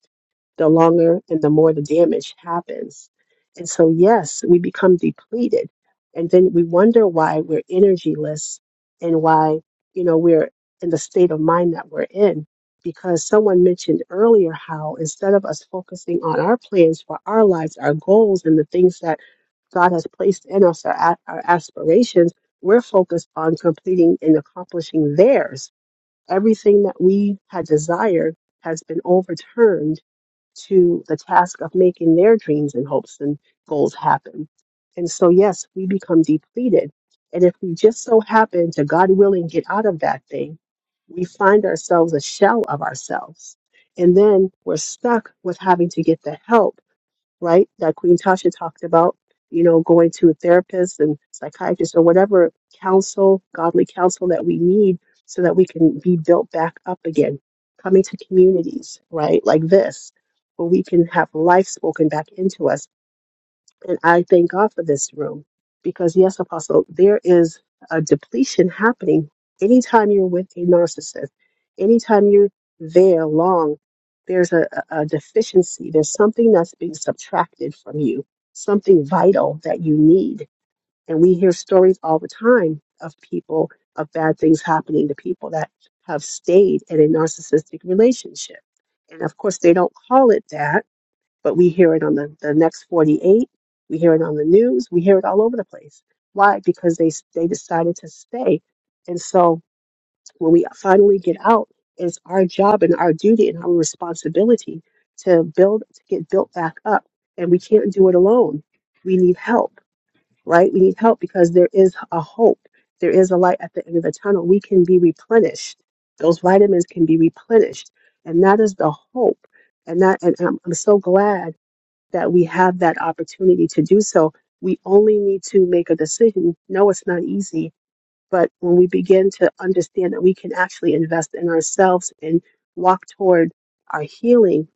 Speaker 7: the longer and the more the damage happens. And so, yes, we become depleted. And then we wonder why we're energyless and why, you know, we're in the state of mind that we're in. Because someone mentioned earlier how instead of us focusing on our plans for our lives, our goals, and the things that God has placed in us, our, a- our aspirations, we're focused on completing and accomplishing theirs everything that we had desired has been overturned to the task of making their dreams and hopes and goals happen. And so, yes, we become depleted. And if we just so happen to, God willing, get out of that thing, we find ourselves a shell of ourselves. And then we're stuck with having to get the help right? That Queen Tasha talked about, you know, going to a therapist and psychiatrist or whatever counsel, godly counsel that we need so that we can be built back up again. Coming to communities, right? Like this, where we can have life spoken back into us and I thank God for this room because, yes, Apostle, there is a depletion happening anytime you're with a narcissist, anytime you're there long, there's a, a a deficiency. There's something that's being subtracted from you, something vital that you need. And we hear stories all the time of people, of bad things happening to people that have stayed in a narcissistic relationship. And of course, they don't call it that but we hear it on the, the next 48 we hear it on the news we hear it all over the place why because they they decided to stay and so when we finally get out it's our job and our duty and our responsibility to build to get built back up and we can't do it alone we need help right we need help because there is a hope there is a light at the end of the tunnel we can be replenished those vitamins can be replenished and that is the hope and that and i'm, I'm so glad that we have that opportunity to do so. We only need to make a decision. No, it's not easy, but when we begin to understand that we can actually invest in ourselves and walk toward our healing,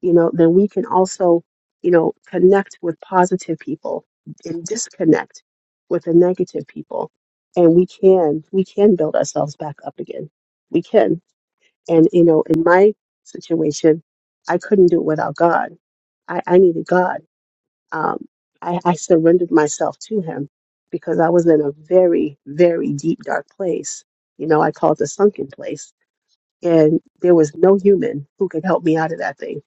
Speaker 7: you know, then we can also, you know, connect with positive people and disconnect with the negative people. And we can, we can build ourselves back up again. We can. And, you know, in my situation, I couldn't do it without God. I, I needed God um, I, I surrendered myself to him because I was in a very, very deep, dark place. You know, I call it the sunken place. And there was no human who could help me out of that thing.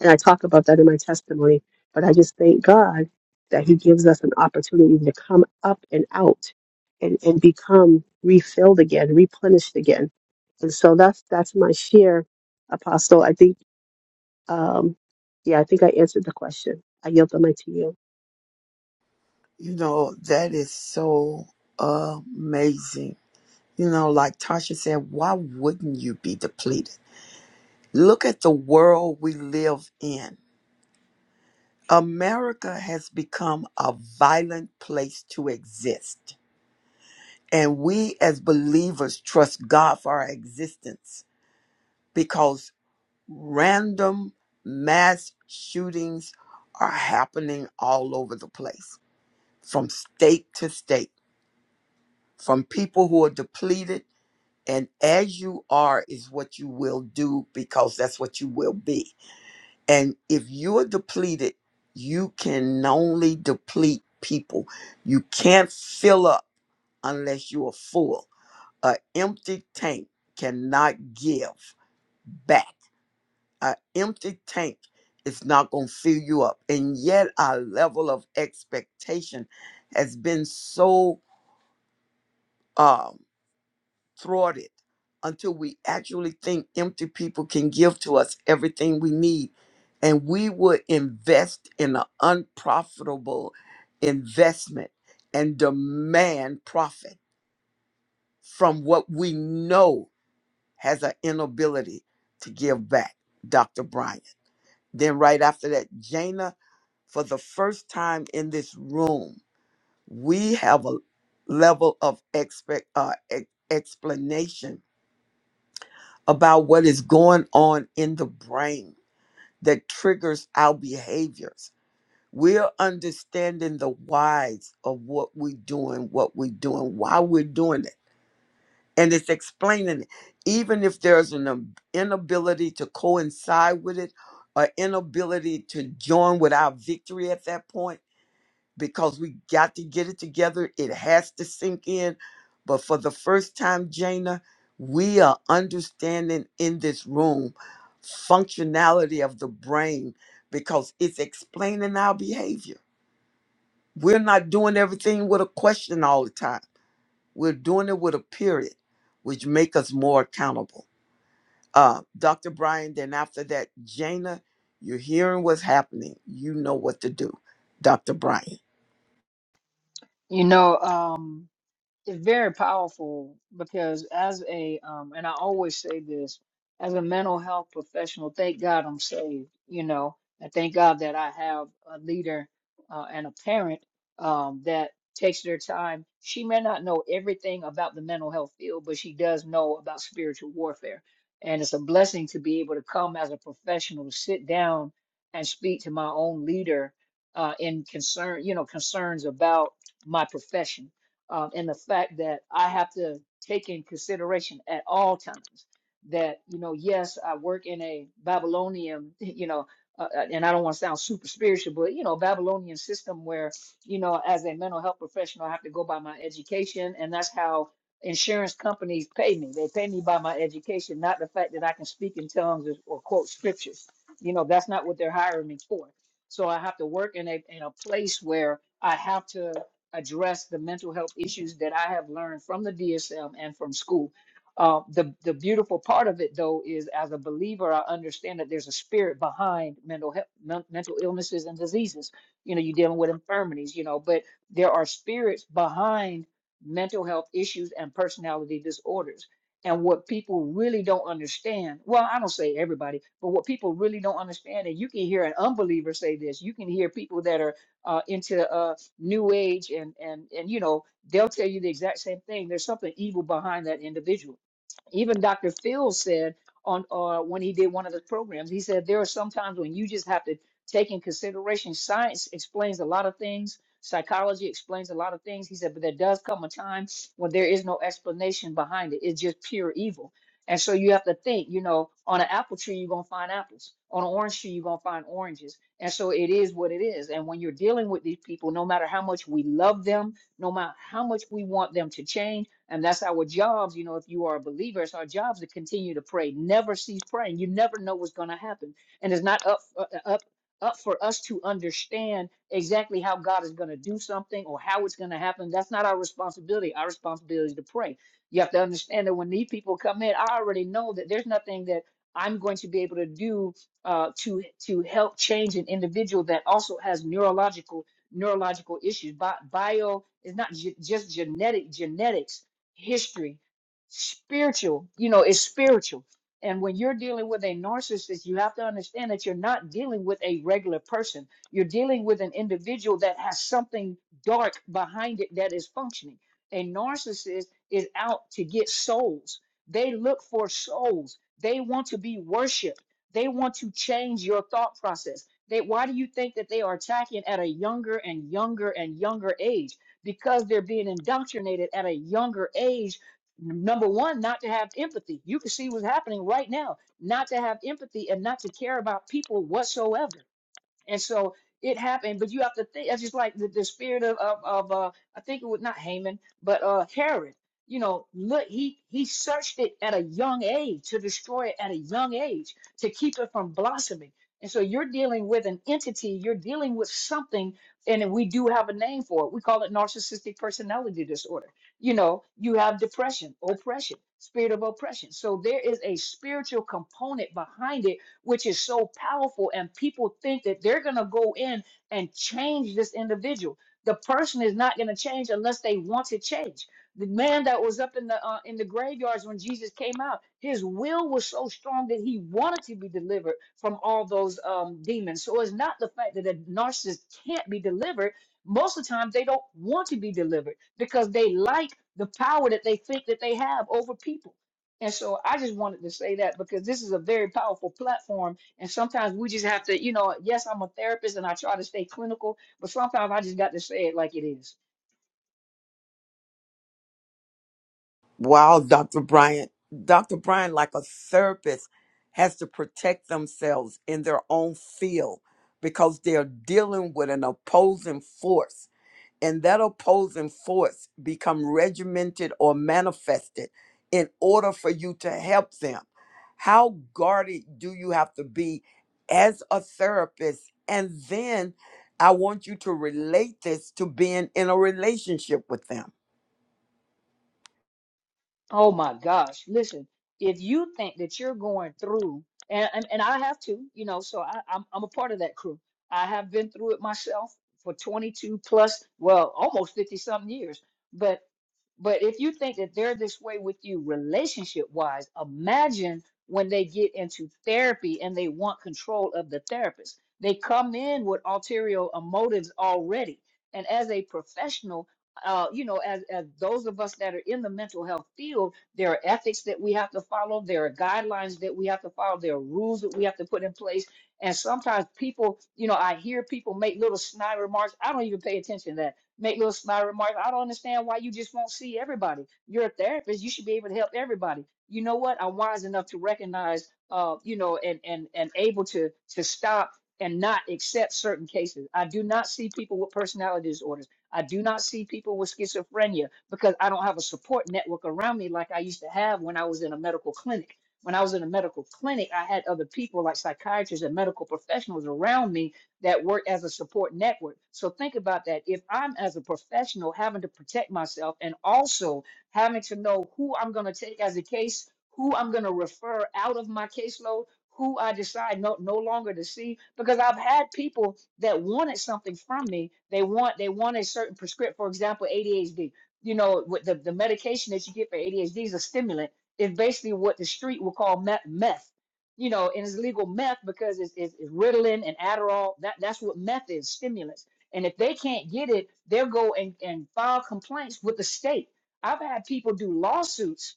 Speaker 7: And I talk about that in my testimony, but I just thank God that He gives us an opportunity to come up and out and, and become refilled again, replenished again. And so that's that's my share, Apostle. I think um yeah, I think I answered the question. I yield the mic to you.
Speaker 1: You know, that is so amazing. You know, like Tasha said, why wouldn't you be depleted? Look at the world we live in. America has become a violent place to exist. And we as believers trust God for our existence because random mass shootings are happening all over the place, from state to state, from people who are depleted And as you are is what you will do because that's what you will be. And if you're depleted, you can only deplete people. You can't fill up unless you are full. An empty tank cannot give back. An empty tank is not going to fill you up. And yet, our level of expectation has been so. Um, thwarted until we actually think empty people can give to us everything we need. And we would invest in an unprofitable investment and demand profit from what we know has an inability to give back, Dr. Bryant. Then, right after that, Jana, for the first time in this room, we have a level of expect, uh, e- explanation about what is going on in the brain that triggers our behaviors. We're understanding the whys of what we're doing, what we're doing, why we're doing it. And it's explaining it. Even if there's an ab- inability to coincide with it or inability to join with our victory at that point, because we got to get it together. It has to sink in. But for the first time, Jana, we are understanding in this room functionality of the brain because it's explaining our behavior. We're not doing everything with a question all the time. We're doing it with a period, which make us more accountable. Uh, Dr. Brian, then after that, Jana, you're hearing what's happening. You know what to do. Dr. Brian.
Speaker 6: You know, um, it's very powerful because as a um and I always say this as a mental health professional, thank God I'm saved, you know, and thank God that I have a leader uh, and a parent um that takes their time. She may not know everything about the mental health field, but she does know about spiritual warfare. And it's a blessing to be able to come as a professional, sit down and speak to my own leader uh, in concern, you know, concerns about my profession um, and the fact that I have to take in consideration at all times that you know, yes, I work in a Babylonian, you know, uh, uh, and I don't want to sound super spiritual, but you know, Babylonian system where you know, as a mental health professional, I have to go by my education, and that's how insurance companies pay me. They pay me by my education, not the fact that I can speak in tongues or, or quote scriptures. You know, that's not what they're hiring me for. So I have to work in a in a place where I have to address the mental health issues that I have learned from the DSM and from school. Uh, the the beautiful part of it though is as a believer I understand that there's a spirit behind mental health, men- mental illnesses and diseases. You know, you're dealing with infirmities, you know, but there are spirits behind mental health issues and personality disorders. And what people really don't understand, well, I don't say everybody, but what people really don't understand, and you can hear an unbeliever say this, you can hear people that are uh, into uh, new age and and and you know they'll tell you the exact same thing there's something evil behind that individual even Dr. Phil said on uh, when he did one of the programs, he said there are some times when you just have to take in consideration science explains a lot of things, psychology explains a lot of things. He said, but there does come a time when there is no explanation behind it. It's just pure evil. And so you have to think, you know, on an apple tree, you're going to find apples. On an orange tree, you're going to find oranges. And so it is what it is. And when you're dealing with these people, no matter how much we love them, no matter how much we want them to change, and that's our jobs, you know, if you are a believer, it's our jobs to continue to pray, never cease praying. You never know what's going to happen. And it's not up, uh, uh, up, up for us to understand exactly how God is going to do something or how it's going to happen. That's not our responsibility. Our responsibility is to pray. You have to understand that when these people come in, I already know that there's nothing that I'm going to be able to do uh, to to help change an individual that also has neurological neurological issues. Bi- Bio is not ge- just genetic genetics history, spiritual, you know, it's spiritual. And when you're dealing with a narcissist, you have to understand that you're not dealing with a regular person. You're dealing with an individual that has something dark behind it that is functioning. A narcissist is out to get souls. They look for souls. They want to be worshiped. They want to change your thought process. They, why do you think that they are attacking at a younger and younger and younger age? because they're being indoctrinated at a younger age. Number one, not to have empathy. You can see what's happening right now. Not to have empathy and not to care about people whatsoever and so it happened, but you have to think. It's just like the, the spirit of of, of uh, I think it was not Haman, but uh, Herod. You know, look, he he searched it at a young age to destroy it at a young age to keep it from blossoming. And so you're dealing with an entity, you're dealing with something, and we do have a name for it. We call it narcissistic personality disorder. You know, you have depression, oppression, spirit of oppression. So there is a spiritual component behind it which is so powerful. And people think that they're going to go in and change this individual. The person is not going to change unless they want to change. The man that was up in the uh, in the graveyards when Jesus came out, his will was so strong that he wanted to be delivered from all those um, demons. So it's not the fact that a narcissist can't be delivered most of the time they don't want to be delivered because they like the power that they think that they have over people and so I just wanted to say that because this is a very powerful platform. And sometimes we just have to, you know, yes, I'm a therapist and I try to stay clinical, but sometimes I just got to say it like it is.
Speaker 1: Wow, Dr. Bryant. Dr. Bryant, like a therapist, has to protect themselves in their own field because they're dealing with an opposing force. And that opposing force become regimented or manifested in order for you to help them. How guarded do you have to be as a therapist? And then I want you to relate this to being in a relationship with them
Speaker 6: Oh my gosh. Listen, if you think that you're going through, and, and, and I have to, you know, so I, I'm, I'm a part of that crew. I have been through it myself for 22 plus, well, almost 50 something years. But But if you think that they're this way with you relationship wise, imagine when they get into therapy and they want control of the therapist. They come in with ulterior motives already. And as a professional, uh, you know, as, as those of us that are in the mental health field, there are ethics that we have to follow, there are guidelines that we have to follow, there are rules that we have to put in place. And sometimes people, you know, I hear people make little snide remarks. I don't even pay attention to that make little sly remarks. I don't understand why you just won't see everybody. You're a therapist. You should be able to help everybody. You know what? I'm wise enough to recognize, uh, you know, and and and able to to stop and not accept certain cases. I do not see people with personality disorders. I do not see people with schizophrenia because I don't have a support network around me like I used to have when I was in a medical clinic. When I was in a medical clinic, I had other people like psychiatrists and medical professionals around me that work as a support network. So think about that. If I'm as a professional having to protect myself and also having to know who I'm going to take as a case, who I'm going to refer out of my caseload, who I decide no, no longer to see, because I've had people that wanted something from me. They want they want a certain prescript, for example, ADHD. You know, with the, the medication that you get for ADHD is a stimulant. It's basically what the street will call meth. meth you know, and it's legal meth because it's, it's, it's Ritalin and Adderall. That that's what meth is, stimulants. And if they can't get it, they'll go and, and file complaints with the state. I've had people do lawsuits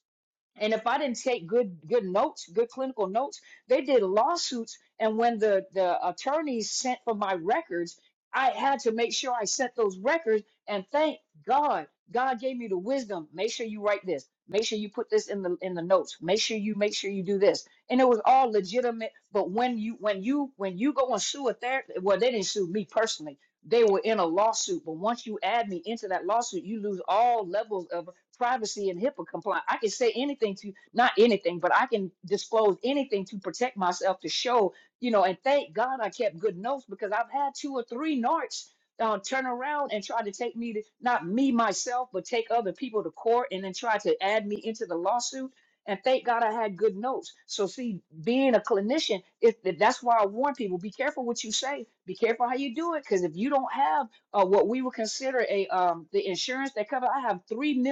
Speaker 6: and if I didn't take good good notes, good clinical notes, they did lawsuits. And when the the attorneys sent for my records, I had to make sure I sent those records. And thank God, God gave me the wisdom. Make sure you write this. Make sure you put this in the in the notes. Make sure you make sure you do this. And it was all legitimate. But when you when you when you go and sue a therapist, well, they didn't sue me personally. They were in a lawsuit. But once you add me into that lawsuit, you lose all levels of privacy and HIPAA compliant. I can say anything to not anything, but I can disclose anything to protect myself to show, you know, and thank God I kept good notes because I've had two or three narcs uh, turn around and try to take me to not me myself, but take other people to court and then try to add me into the lawsuit. And thank God I had good notes. So see, being a clinician, if that's why I warn people: be careful what you say, be careful how you do it, because if you don't have uh, what we would consider a um, the insurance that cover. I have three mil.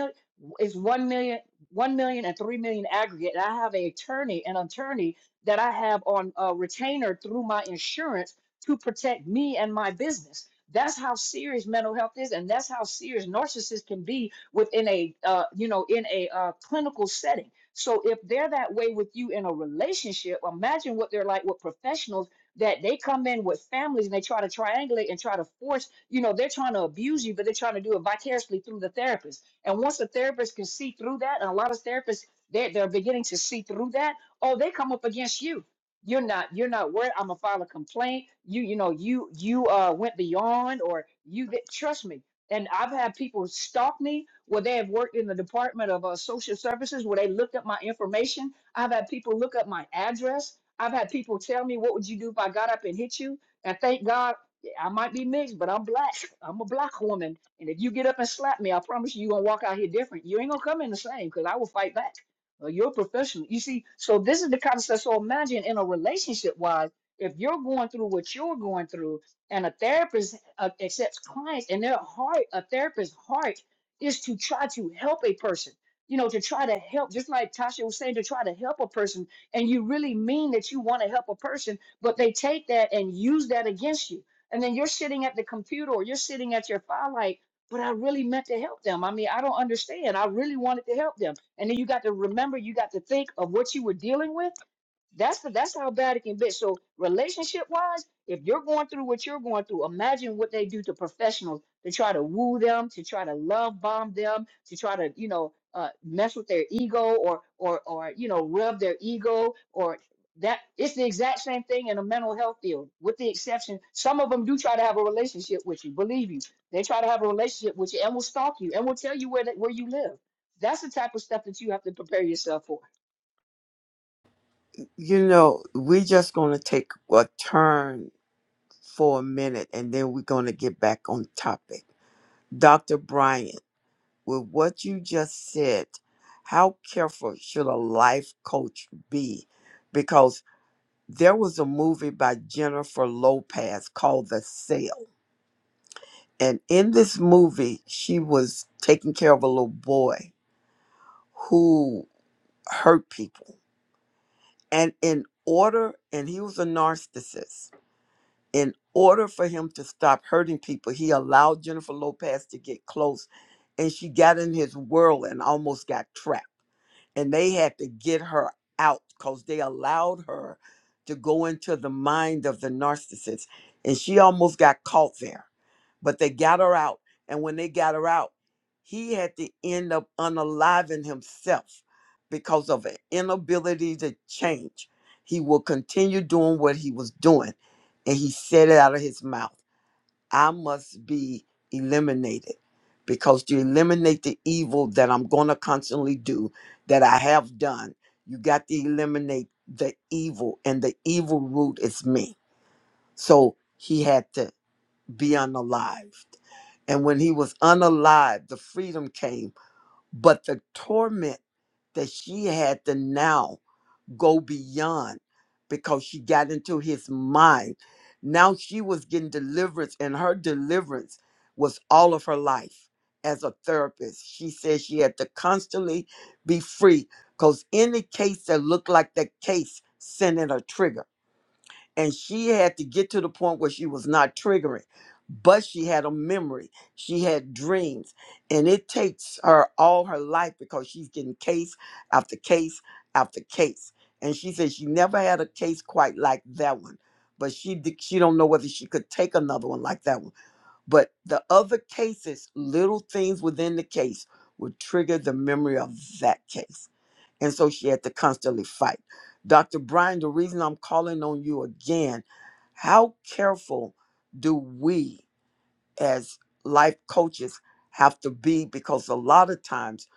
Speaker 6: It's one million, one million, and three million aggregate. And I have an attorney, an attorney that I have on a retainer through my insurance to protect me and my business. That's how serious mental health is, and that's how serious narcissists can be within a, uh, you know, in a uh, clinical setting. So if they're that way with you in a relationship, imagine what they're like with professionals that they come in with families and they try to triangulate and try to force, you know, they're trying to abuse you, but they're trying to do it vicariously through the therapist and once a therapist can see through that, and a lot of therapists they are they're beginning to see through that, oh, they come up against you. You're not you're not worried. I'm gonna file a complaint. You you know you you uh went beyond or you did, trust me. And I've had people stalk me where they have worked in the Department of uh, Social Services where they looked up my information. I've had people look up my address. I've had people tell me, "What would you do if I got up and hit you?" And thank God, yeah, I might be mixed, but I'm black. I'm a black woman and if you get up and slap me, I promise you, you're gonna walk out here different. You ain't gonna come in the same because I will fight back. Uh, you're a professional. You see, so this is the kind of stuff. So imagine in a relationship wise, if you're going through what you're going through, and a therapist uh, accepts clients, and their heart, a therapist's heart is to try to help a person. You know, to try to help, just like Tasha was saying, to try to help a person, and you really mean that you want to help a person, but they take that and use that against you and then you're sitting at the computer or you're sitting at your firelight, but I really meant to help them. I mean, I don't understand. I really wanted to help them. And then you got to remember, you got to think of what you were dealing with that's the that's how bad it can be. So relationship wise, if you're going through what you're going through, imagine what they do to professionals to try to woo them, to try to love bomb them, to try to you know uh, mess with their ego or or or you know rub their ego or that it's the exact same thing in a mental health field with the exception some of them do try to have a relationship with you believe you they try to have a relationship with you and will stalk you and will tell you where that, where you live that's the type of stuff that you have to prepare yourself for
Speaker 1: you know, we're just going to take a turn for a minute and then we're going to get back on topic. Dr. Bryant, with what you just said, how careful should a life coach be? Because there was a movie by Jennifer Lopez called The Sale. And in this movie, she was taking care of a little boy who hurt people. And in order, and he was a narcissist, in order for him to stop hurting people, he allowed Jennifer Lopez to get close and she got in his whirl and almost got trapped and they had to get her out because they allowed her to go into the mind of the narcissist. And she almost got caught there, but they got her out. And when they got her out, he had to end up unaliving himself because of an inability to change. He will continue doing what he was doing. And he said it out of his mouth. I must be eliminated because to eliminate the evil that I'm going to constantly do, that I have done, you got to eliminate the evil, and the evil root is me. So he had to be unalived. And when he was unalived, the freedom came, but the torment that she had to now go beyond because she got into his mind. Now she was getting deliverance, and her deliverance was all of her life as a therapist. She said she had to constantly be free because any case that looked like that case sent in a trigger and she had to get to the point where she was not triggering but she had a memory she had dreams and it takes her all her life because she's getting case after case after case and she said she never had a case quite like that one but she d- she don't know whether she could take another one like that one but the other cases little things within the case would trigger the memory of that case and so she had to constantly fight. Dr. Brian, the reason I'm calling on you again, how careful do we as life coaches have to be? Because a lot of times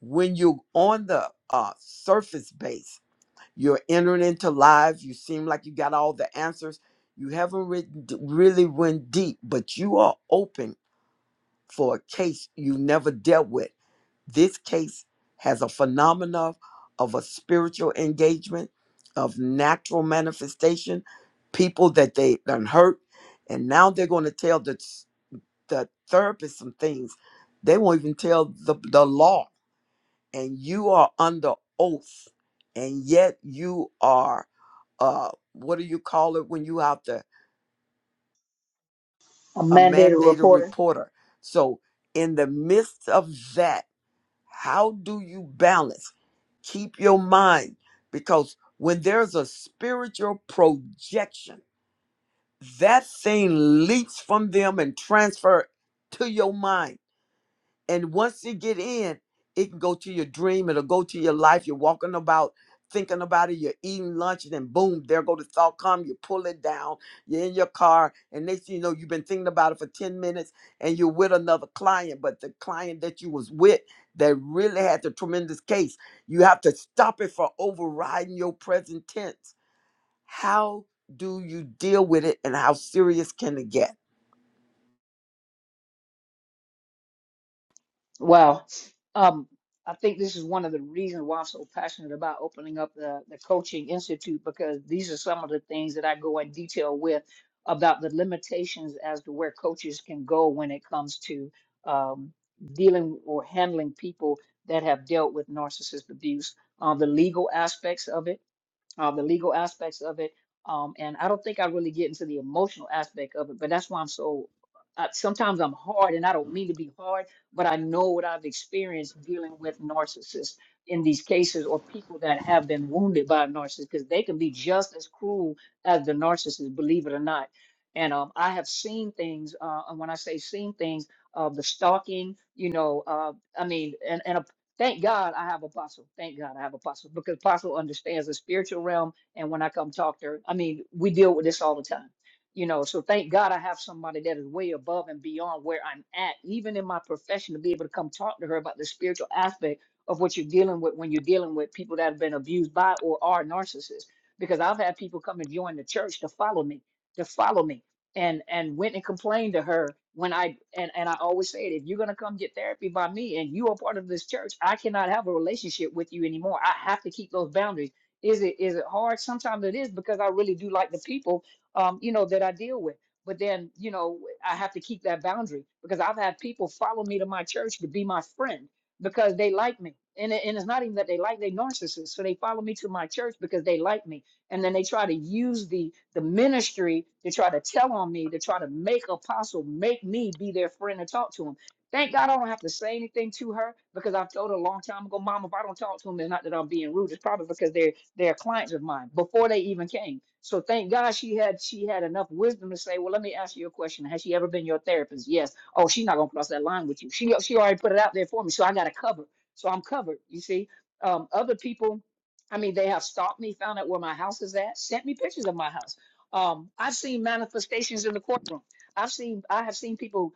Speaker 1: when you're on the uh, surface base, you're entering into lives, you seem like you got all the answers. You haven't re- really went deep, but you are open for a case you never dealt with. This case has a phenomena of a spiritual engagement, of natural manifestation, people that they done hurt, and now they're going to tell the the therapist some things. They won't even tell the the law, and you are under oath, and yet you are uh what do you call it when you out there
Speaker 6: a
Speaker 1: a
Speaker 6: mandated
Speaker 1: mandated
Speaker 6: reporter
Speaker 1: reporter? So in the midst of that How do you balance? Keep your mind because when there's a spiritual projection, that thing leaps from them and transfer to your mind and once it get in, it can go to your dream. It'll go to your life. You're walking about thinking about it. You're eating lunch, and then boom, there go the thought come. You pull it down. You're in your car, and next thing you know, you've been thinking about it for ten minutes, and you're with another client. But the client that you was with that really had the tremendous case, you have to stop it for overriding your present tense. How do you deal with it, and how serious can it get?
Speaker 6: Well, um, I think this is one of the reasons why I'm so passionate about opening up the, the coaching institute because these are some of the things that I go in detail with about the limitations as to where coaches can go when it comes to um, dealing or handling people that have dealt with narcissist abuse, uh, the legal aspects of it uh, the legal aspects of it. Um, and I don't think I really get into the emotional aspect of it, but that's why I'm so. I, sometimes I'm hard, and I don't mean to be hard, but I know what I've experienced dealing with narcissists in these cases, or people that have been wounded by a narcissist, because they can be just as cruel as the narcissist, believe it or not. And um, I have seen things, uh, and when I say seen things, uh, the stalking, you know, uh, I mean, and, and Thank God I have apostle. Thank God I have apostle because apostle understands the spiritual realm. And when I come talk to her, I mean, we deal with this all the time, you know. So thank God I have somebody that is way above and beyond where I'm at, even in my profession, to be able to come talk to her about the spiritual aspect of what you're dealing with when you're dealing with people that have been abused by or are narcissists. Because I've had people come and join the church to follow me, to follow me and and went and complained to her when I and and I always said if you're gonna come get therapy by me and you are part of this church, I cannot have a relationship with you anymore. I have to keep those boundaries. Is it is it hard? Sometimes it is because I really do like the people, um, you know, that I deal with. But then, you know, I have to keep that boundary because I've had people follow me to my church to be my friend because they like me. And, it, and it's not even that they like they narcissists. So they follow me to my church because they like me and then they try to use the the ministry to try to tell on me to try to make apostle make me be their friend and talk to him thank god i don't have to say anything to her because i've told her a long time ago mom if i don't talk to him it's not that i'm being rude it's probably because they're they're clients of mine before they even came so thank god she had she had enough wisdom to say well let me ask you a question has she ever been your therapist yes oh she's not gonna cross that line with you she she already put it out there for me so i got a cover so i'm covered you see um, other people I mean, they have stalked me, found out where my house is at, sent me pictures of my house. Um, I've seen manifestations in the courtroom. I've seen I have seen people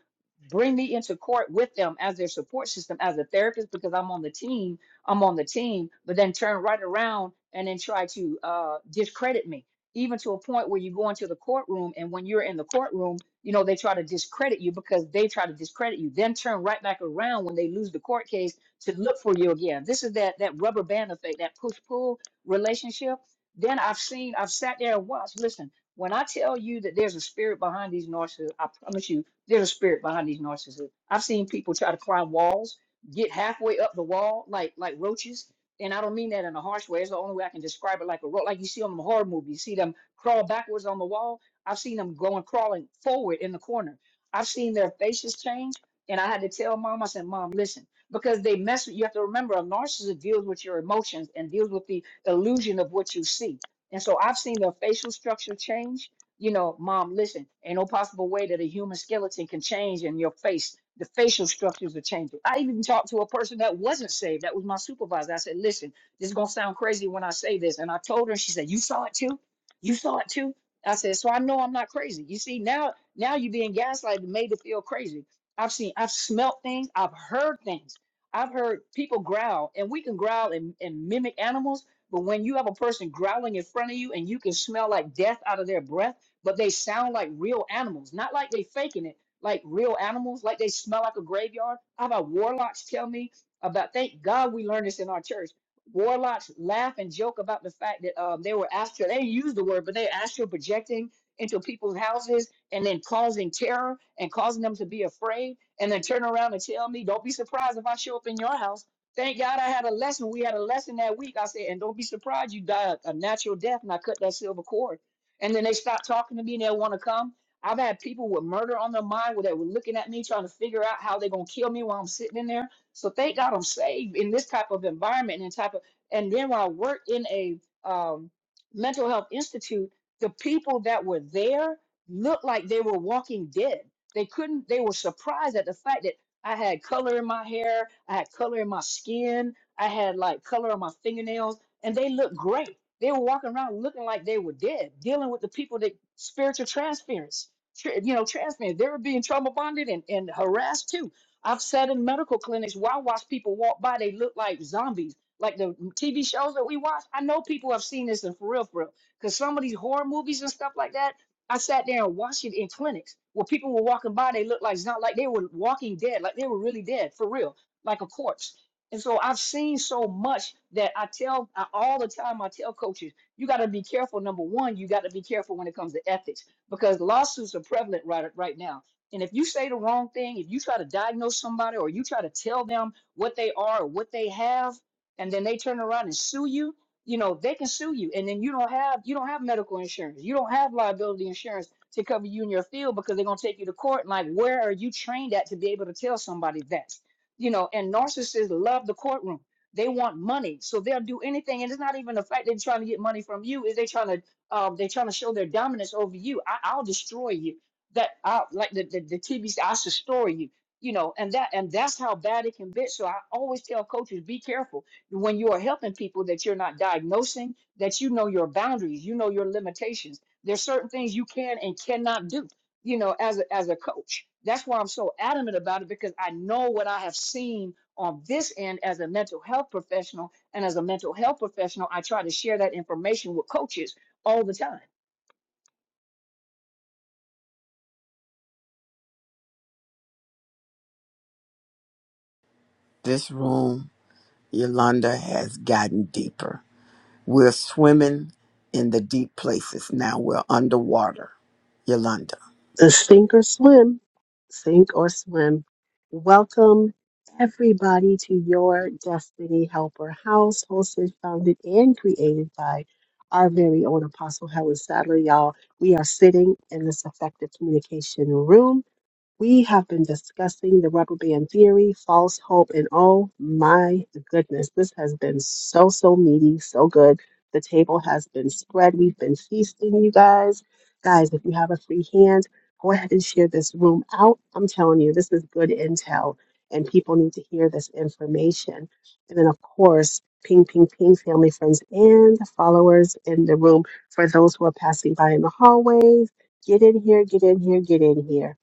Speaker 6: bring me into court with them as their support system, as a therapist, because I'm on the team. I'm on the team, but then turn right around and then try to uh, discredit me, even to a point where you go into the courtroom and when you're in the courtroom, you know they try to discredit you because they try to discredit you. Then turn right back around when they lose the court case to look for you again. This is that that rubber band effect, that push pull relationship. Then I've seen, I've sat there and watched. Listen, when I tell you that there's a spirit behind these narcissists, I promise you, there's a spirit behind these narcissists. I've seen people try to climb walls, get halfway up the wall like like roaches. And I don't mean that in a harsh way. It's the only way I can describe it like a roach, like you see on the horror movie. You see them crawl backwards on the wall. I've seen them going crawling forward in the corner. I've seen their faces change. And I had to tell mom, I said, Mom, listen because they mess with you have to remember a narcissist deals with your emotions and deals with the illusion of what you see and so i've seen their facial structure change you know mom listen ain't no possible way that a human skeleton can change in your face the facial structures are changing i even talked to a person that wasn't saved that was my supervisor i said listen this is going to sound crazy when i say this and i told her and she said you saw it too you saw it too i said so i know i'm not crazy you see now now you're being gaslighted and made to feel crazy I've seen, I've smelt things, I've heard things I've heard people growl, and we can growl and, and mimic animals, but when you have a person growling in front of you and you can smell like death out of their breath, but they sound like real animals, not like they faking it, like real animals, like they smell like a graveyard. I've had warlocks tell me about, thank God we learned this in our church. Warlocks laugh and joke about the fact that um, they were astral, they didn't use the word, but they astral projecting into people's houses and then causing terror and causing them to be afraid and then turn around and tell me, don't be surprised if I show up in your house. Thank God I had a lesson. We had a lesson that week. I said, and don't be surprised you die a natural death and I cut that silver cord. And then they stopped talking to me and they want to come. I've had people with murder on their mind that were looking at me trying to figure out how they're going to kill me while I'm sitting in there. So thank God I'm saved in this type of environment and type of. And then when I worked in a um, mental health institute, the people that were there looked like they were walking dead they couldn't, they were surprised at the fact that I had color in my hair, I had color in my skin, I had like color on my fingernails, and they looked great. They were walking around looking like they were dead, dealing with the people that spiritual transference, tr- you know, transference. They were being trauma bonded and, and harassed too. I've sat in medical clinics where I watch people walk by, they look like zombies. Like the TV shows that we watch, I know people have seen this in for real, for real. Because some of these horror movies and stuff like that, I sat there and watched it in clinics where people were walking by. They looked like it's not like they were walking dead, like they were really dead for real, like a corpse. And so I've seen so much that I tell I, all the time. I tell coaches, you got to be careful. Number one, you got to be careful when it comes to ethics because lawsuits are prevalent right right now. And if you say the wrong thing, if you try to diagnose somebody or you try to tell them what they are or what they have, and then they turn around and sue you, you know they can sue you and then you don't have you don't have medical insurance you don't have liability insurance to cover you in your field because they're going to take you to court and like where are you trained at to be able to tell somebody that you know and narcissists love the courtroom they want money so they'll do anything and it's not even the fact they're trying to get money from you is they trying to um, they're trying to show their dominance over you I, i'll destroy you that i like the, the, the tv i'll destroy you you know and that and that's how bad it can be so i always tell coaches be careful when you are helping people that you're not diagnosing, that you know your boundaries, you know your limitations. There's certain things you can and cannot do, you know, as a, as a coach. That's why I'm so adamant about it because I know what I have seen on this end as a mental health professional. And as a mental health professional, I try to share that information with coaches all the time
Speaker 1: This room Yolanda has gotten deeper. We're swimming in the deep places. Now we're underwater. Yolanda.
Speaker 7: the Sink or Swim, Sink or Swim. Welcome everybody to your Destiny Helper House, hosted, founded, and created by our very own Apostle Helen Sadler. Y'all, we are sitting in this effective communication room we have been discussing the rubber band theory, false hope, and oh my goodness, this has been so, so meaty, so good. The table has been spread. We've been feasting, you guys. Guys, if you have a free hand, go ahead and share this room out. I'm telling you, this is good intel, and people need to hear this information. And then, of course, ping, ping, ping, family, friends, and followers in the room for those who are passing by in the hallways. Get in here, get in here, get in here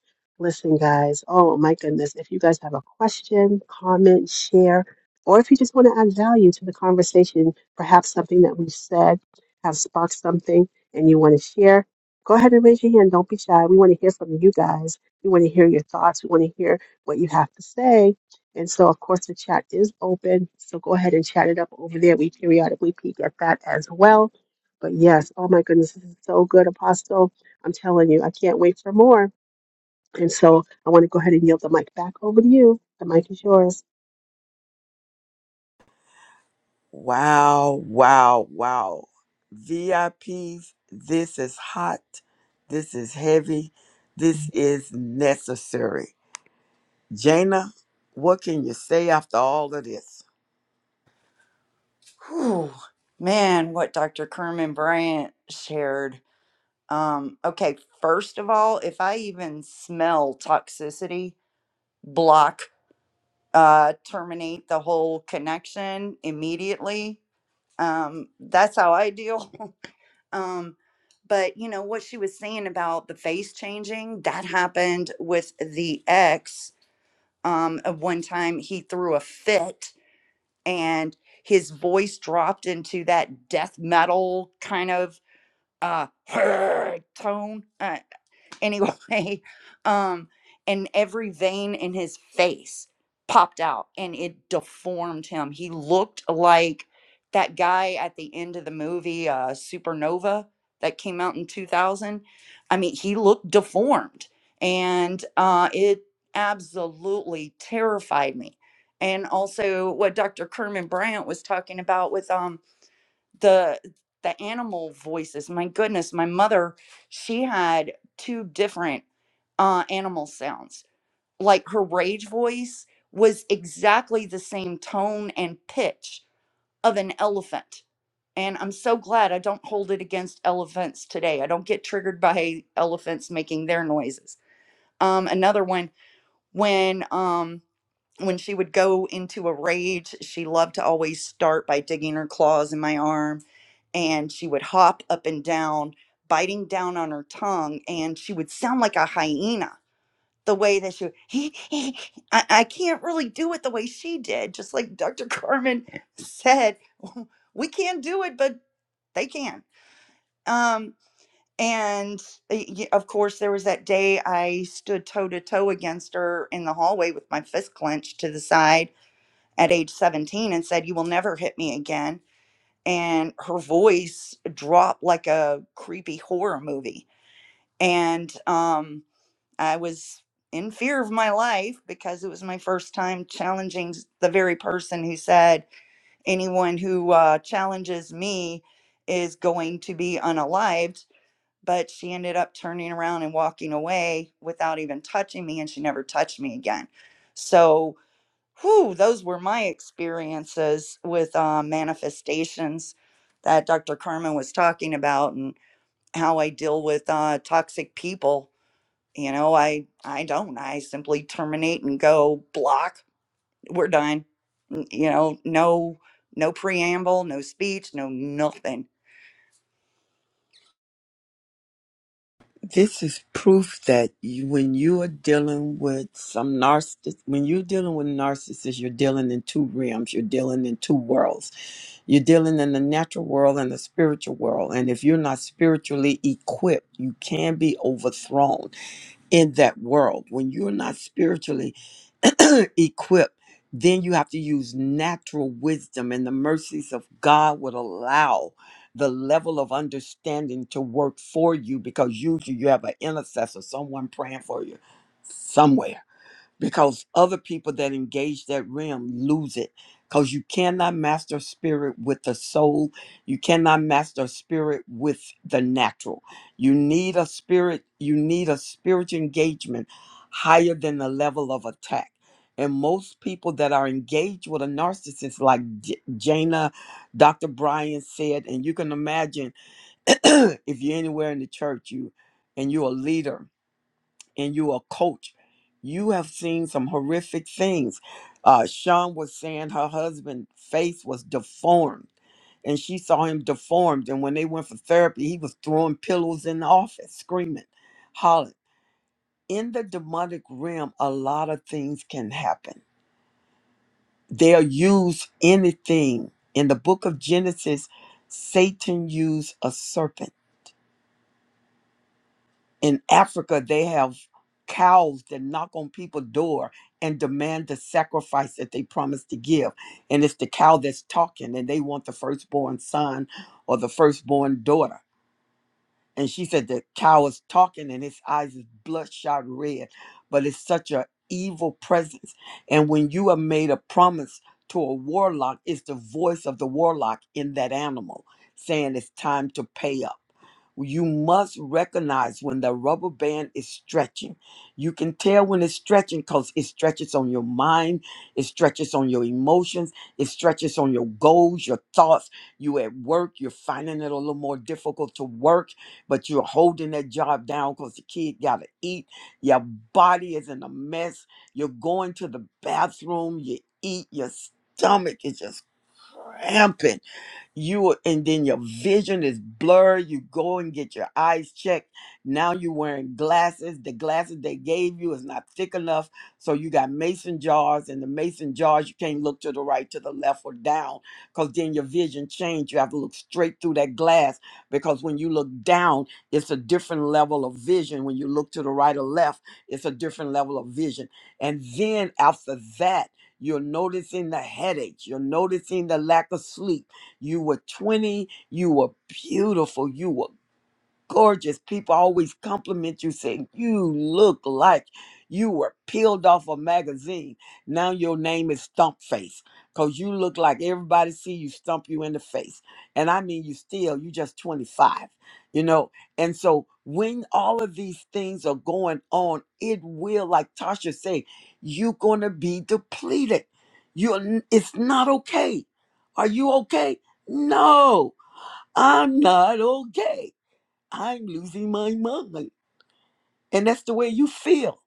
Speaker 7: Listen, guys, oh my goodness, if you guys have a question, comment, share, or if you just want to add value to the conversation, perhaps something that we've said has sparked something and you want to share, go ahead and raise your hand. Don't be shy. We want to hear from you guys. We want to hear your thoughts. We want to hear what you have to say. And so, of course, the chat is open. So go ahead and chat it up over there. We periodically peek at that as well. But yes, oh my goodness, this is so good, Apostle. I'm telling you, I can't wait for more. And so I want to go ahead and yield the mic back over to you. The mic is yours.
Speaker 1: Wow, wow, wow. VIPs, this is hot. This is heavy. This is necessary. Jana, what can you say after all of this?
Speaker 2: Whew. man what dr kerman bryant shared um okay first of all if i even smell toxicity block uh terminate the whole connection immediately um that's how i deal Um, but you know what she was saying about the face changing that happened with the ex. Um, of one time he threw a fit and his voice dropped into that death metal kind of uh tone. Uh, anyway um and every vein in his face popped out and it deformed him he looked like that guy at the end of the movie uh supernova that came out in 2000 i mean he looked deformed and uh it absolutely terrified me and also what dr kerman bryant was talking about with um the the animal voices my goodness my mother she had two different uh animal sounds like her rage voice was exactly the same tone and pitch of an elephant and i'm so glad i don't hold it against elephants today i don't get triggered by elephants making their noises um another one when um when she would go into a rage she loved to always start by digging her claws in my arm and she would hop up and down, biting down on her tongue, and she would sound like a hyena. The way that she, would, I, I can't really do it the way she did. Just like Dr. Carmen said, we can't do it, but they can. Um, and uh, y- of course, there was that day I stood toe to toe against her in the hallway with my fist clenched to the side at age 17 and said, You will never hit me again and her voice dropped like a creepy horror movie. And um, I was in fear of my life because it was my first time challenging s- the very person who said, anyone who uh, challenges me is going to be unalived. But she ended up turning around and walking away without even touching me, and she never touched me again. So, whew, those were my experiences with uh, manifestations that Dr. Carmen was talking about and how I deal with uh, toxic people. You know, I I don't. I simply terminate and go block. We're done. N- You know, no no preamble, no speech, no nothing.
Speaker 1: this is proof that you, when you are dealing with some narcissist, when you're dealing with narcissists, you're dealing in two realms, you're dealing in two worlds. You're dealing in the natural world and the spiritual world. And if you're not spiritually equipped, you can be overthrown in that world. When you're not spiritually equipped, then you have to use natural wisdom, and the mercies of God would allow the level of understanding to work for you because usually you have an intercessor, someone praying for you somewhere because other people that engage that realm lose it because you cannot master spirit with the soul you cannot master spirit with the natural you need a spirit you need a spiritual engagement higher than the level of attack and most people that are engaged with a narcissist like J- jana dr brian said and you can imagine if you're anywhere in the church you and you're a leader and you're a coach, you have seen some horrific things. Uh, Sean was saying her husband's face was deformed, and she saw him deformed. And when they went for therapy, he was throwing pillows in the office, screaming, hollering. In the demonic realm, a lot of things can happen. They'll use anything. In the book of Genesis, Satan used a serpent in Africa, they have cows that knock on people's door and demand the sacrifice that they promised to give. And it's the cow that's talking, and they want the firstborn son or the firstborn daughter and she said the cow is talking and his eyes is bloodshot red but it's such a evil presence and when you are made a promise to a warlock it's the voice of the warlock in that animal saying it's time to pay up you must recognize when the rubber band is stretching. You can tell when it's stretching because it stretches on your mind, it stretches on your emotions, it stretches on your goals, your thoughts. You at work, you're finding it a little more difficult to work but you're holding that job down because the kid got to eat. Your body is in a mess. You're going to the bathroom, you eat, your stomach is just cramping you and then your vision is blurred you go and get your eyes checked now you're wearing glasses the glasses they gave you is not thick enough so you got mason jars and the mason jars you can't look to the right to the left or down because then your vision changed you have to look straight through that glass because when you look down it's a different level of vision when you look to the right or left it's a different level of vision and then after that you're noticing the headaches you're noticing the lack of sleep you were 20. You were beautiful. You were gorgeous. People always compliment you, saying you look like you were peeled off a magazine. Now your name is Stump Face because you look like everybody see you stump you in the face. And I mean, you still, you just 25, you know. And so when all of these things are going on, it will, like Tasha say, you're going to be depleted. You, it's not okay. Are you okay? No, I'm not okay I'm losing my mind. And that's the way you feel.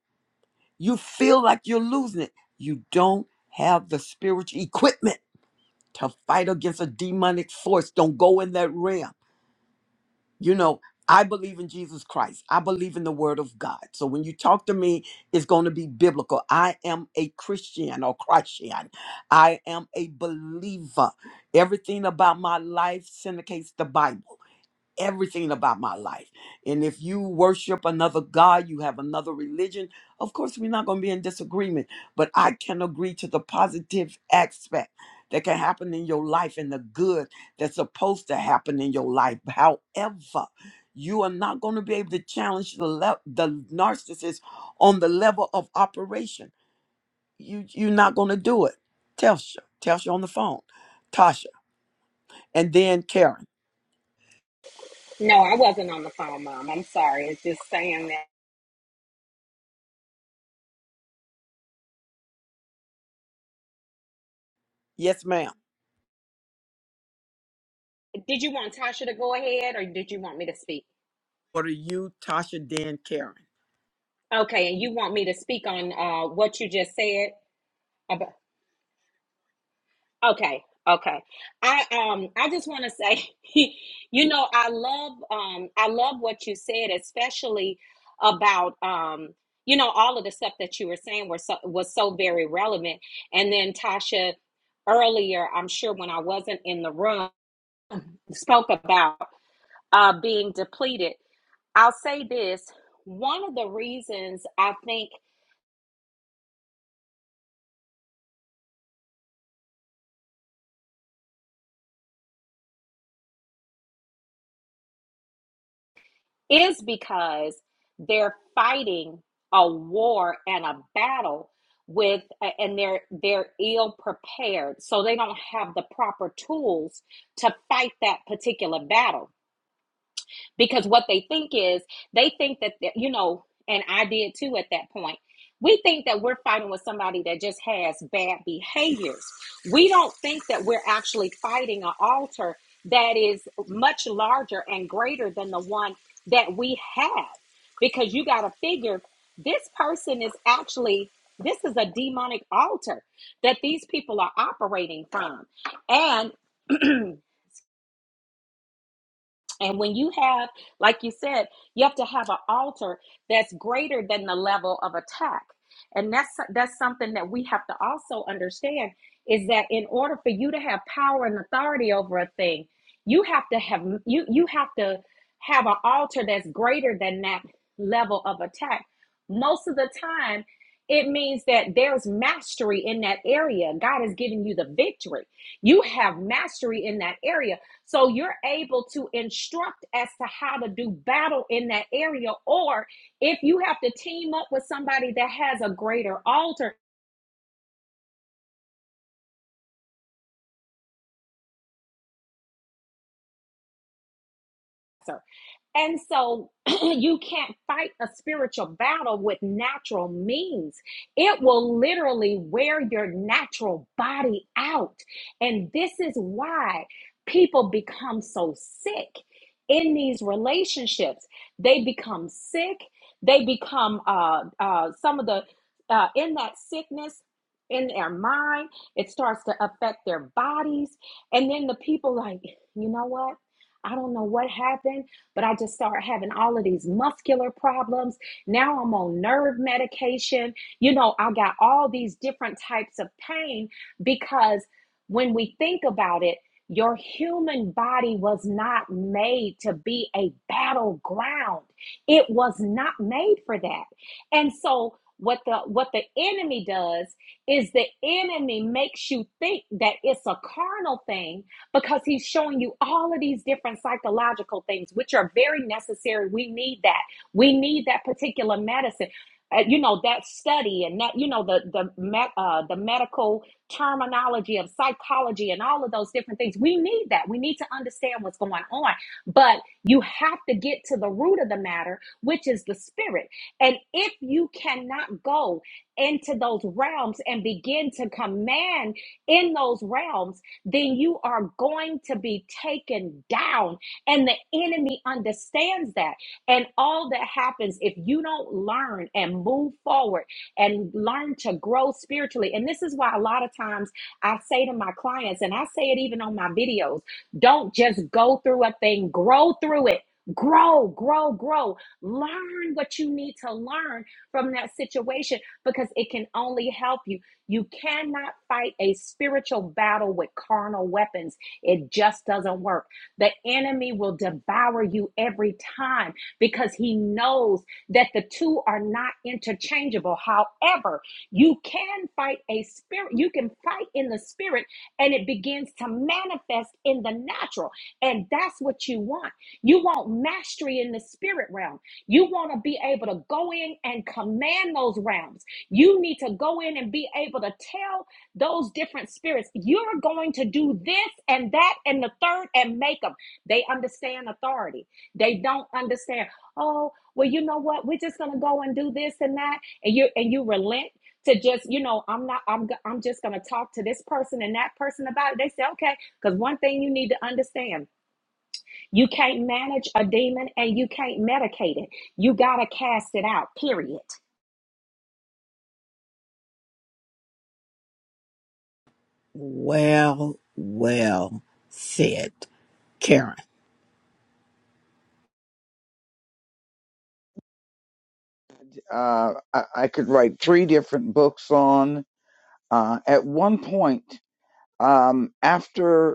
Speaker 1: You feel like you're losing it. You don't have the spiritual equipment to fight against a demonic force. Don't go in that realm. You know, I believe in Jesus Christ. I believe in the word of God. So when you talk to me, it's going to be biblical. I am a Christian or Christian. I am a believer. Everything about my life syndicates the Bible. everything about my life. And if you worship another God, you have another religion, of course, we're not going to be in disagreement. But I can agree to the positive aspect that can happen in your life and the good that's supposed to happen in your life. However, you are not going to be able to challenge the le- the narcissist on the level of operation. You you're not going to do it. Telsha, Telsha on the phone, Tasha, and then Karen.
Speaker 9: No, I wasn't on the phone, Mom. I'm sorry. It's just saying that.
Speaker 1: Yes, ma'am.
Speaker 9: Did you want Tasha to go ahead or did you want me to speak?
Speaker 1: What are you, Tasha, Dan, Karen?
Speaker 9: Okay, and you want me to speak on uh, what you just said? About, okay, okay. I um I just want to say, you know, I love um I love what you said, especially about um you know all of the stuff that you were saying were so, was so very relevant. And then Tasha earlier, I'm sure when I wasn't in the room, spoke about. uh, being depleted. I'll say this one of the reasons I think is because they're fighting a war and a battle with and they're they're ill prepared so they don't have the proper tools to fight that particular battle because what they think is they think that you know and i did too at that point we think that we're fighting with somebody that just has bad behaviors we don't think that we're actually fighting an altar that is much larger and greater than the one that we have because you got to figure this person is actually this is a demonic altar that these people are operating from and And when you have, like you said, you have to have an altar that's greater than the level of attack. And that's that's something that we have to also understand is that in order for you to have power and authority over a thing, you have to have you you have to have an altar that's greater than that level of attack. Most of the time, it means that there's mastery in that area. God has given you the victory. You have mastery in that area so you're able to instruct as to how to do battle in that area, or if you have to team up with somebody that has a greater altar. And so you can't fight a spiritual battle with natural means. It will literally wear your natural body out. And this is why people become so sick in these relationships. They become sick. They become uh, uh, some of the, uh, in that sickness, in their mind, it starts to affect their bodies. And then the people, like, you know what? I don't know what happened but I just started having all of these muscular problems. Now I'm on nerve medication. You know, I got all these different types of pain because when we think about it, your human body was not made to be a battleground. It was not made for that. And so what the what the enemy does is the enemy makes you think that it's a carnal thing because he's showing you all of these different psychological things, which are very necessary. We need that. We need that particular medicine. Uh, you know that study and that you know the the me- uh, the medical terminology of psychology and all of those different things. We need that. We need to understand what's going on. But you have to get to the root of the matter, which is the spirit. And if you cannot go into those realms and begin to command in those realms then you are going to be taken down. And the enemy understands that. And all that happens if you don't learn and move forward and learn to grow spiritually. And this is why a lot of times I say to my clients, and I say it even on my videos don't just go through a thing, grow through it. Grow, grow, grow. Learn what you need to learn from that situation because it can only help you. You cannot fight a spiritual battle with carnal weapons. It just doesn't work. The enemy will devour you every time because he knows that the two are not interchangeable. However, you can fight a spirit, you can fight in the spirit, and it begins to manifest in the natural. And that's what you want. You want mastery in the spirit realm. You want to be able to go in and command those realms. You need to go in and be able to tell those different spirits, you're going to do this and that and the third and make them. They understand authority. They don't understand, oh, well, you know what? We're just going to go and do this and that. And you and you relent to just, you know, I'm not, I'm, I'm just going to talk to this person and that person about it. They say, okay, because one thing you need to understand, you can't manage a demon and you can't medicate it. You got to cast it out, period.
Speaker 1: Well, well said, Karen.
Speaker 4: Uh, I, I could write three different books on. Uh, at one point, um, after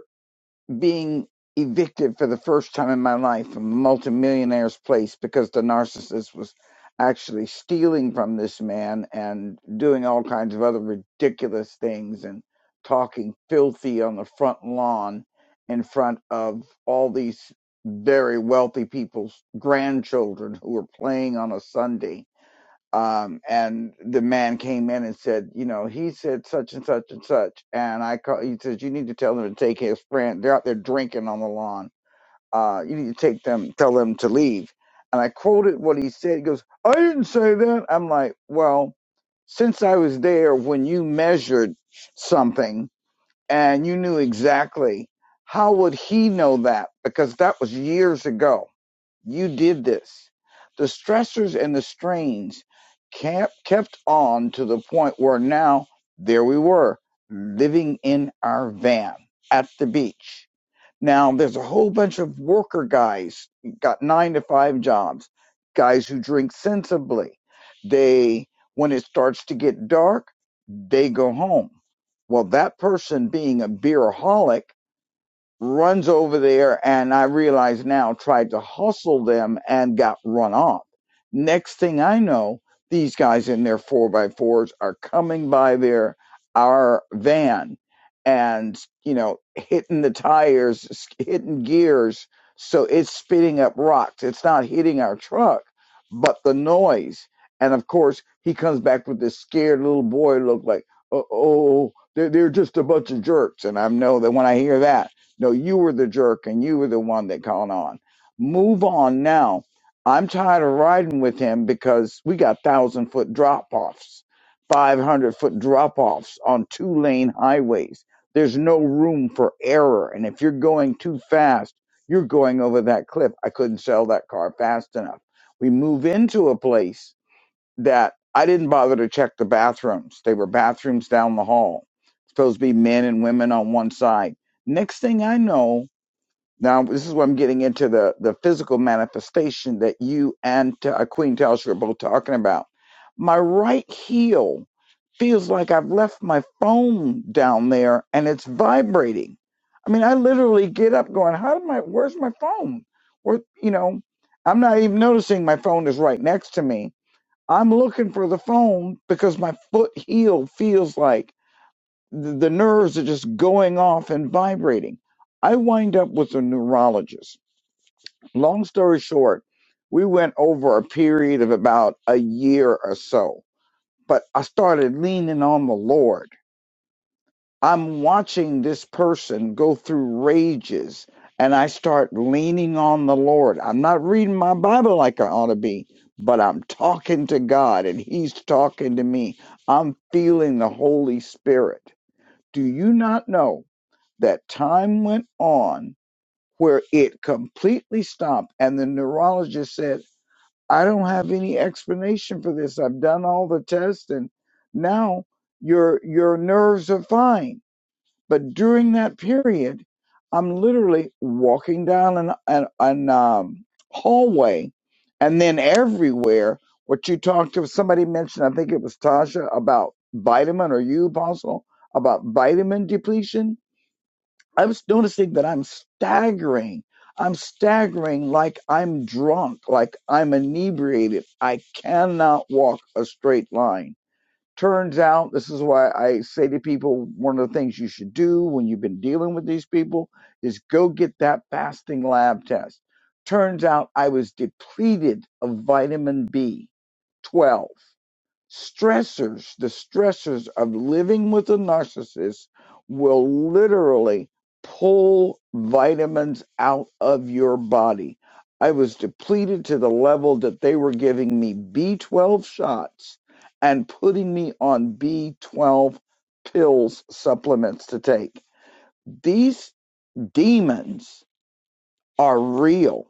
Speaker 4: being evicted for the first time in my life from a multimillionaire's place because the narcissist was actually stealing from this man and doing all kinds of other ridiculous things and talking filthy on the front lawn in front of all these very wealthy people's grandchildren who were playing on a Sunday um, and the man came in and said, you know, he said such and such and such, and I call. He says you need to tell them to take his friend. They're out there drinking on the lawn. Uh, you need to take them, tell them to leave. And I quoted what he said. He goes, I didn't say that. I'm like, well, since I was there when you measured something and you knew exactly, how would he know that? Because that was years ago you did this. The stressors and the strains kept, kept on to the point where now there we were, living in our van at the beach. Now there's a whole bunch of worker guys, got nine to five jobs, guys who drink sensibly. They, when it starts to get dark, they go home. Well, that person being a beeraholic runs over there and I realize now tried to hustle them and got run off. Next thing I know, these guys in their four by fours are coming by their our van and you know hitting the tires, hitting gears, so it's spitting up rocks. It's not hitting our truck, but the noise. And of course, he comes back with this scared little boy look like, oh, oh, they're, they're just a bunch of jerks. And I know that when I hear that. No, you were the jerk and you were the one that caught on. Move on now. I'm tired of riding with him because we got thousand foot drop offs, 500 foot drop offs on two lane highways. There's no room for error. And if you're going too fast, you're going over that cliff. I couldn't sell that car fast enough. We move into a place that I didn't bother to check the bathrooms. They were bathrooms down the hall. Supposed to be men and women on one side. Next thing I know, now this is where I'm getting into the, the physical manifestation that you and uh, Queen Telsha are both talking about. My right heel feels like I've left my phone down there and it's vibrating. I mean, I literally get up going, how did my, where's my phone? Where, you know, I'm not even noticing my phone is right next to me I'm looking for the phone because my foot heel feels like the nerves are just going off and vibrating. I wind up with a neurologist. Long story short, we went over a period of about a year or so, but I started leaning on the Lord I'm watching this person go through rages and I start leaning on the Lord. I'm not reading my Bible like I ought to be, but I'm talking to God and He's talking to me. I'm feeling the Holy Spirit. Do you not know that time went on where it completely stopped and the neurologist said, I don't have any explanation for this. I've done all the tests and now your your nerves are fine but during that period, I'm literally walking down an, an, an um, hallway and then everywhere. What you talked to somebody mentioned, I think it was Tasha, about vitamin or you, Apostle, about vitamin depletion. I was noticing that I'm staggering. I'm staggering like I'm drunk, like I'm inebriated. I cannot walk a straight line Turns out, this is why I say to people one of the things you should do when you've been dealing with these people is go get that fasting lab test. Turns out I was depleted of vitamin B12 stressors, the stressors of living with a narcissist will literally pull vitamins out of your body. I was depleted to the level that they were giving me B12 shots and putting me on B12 pills supplements to take. These demons are real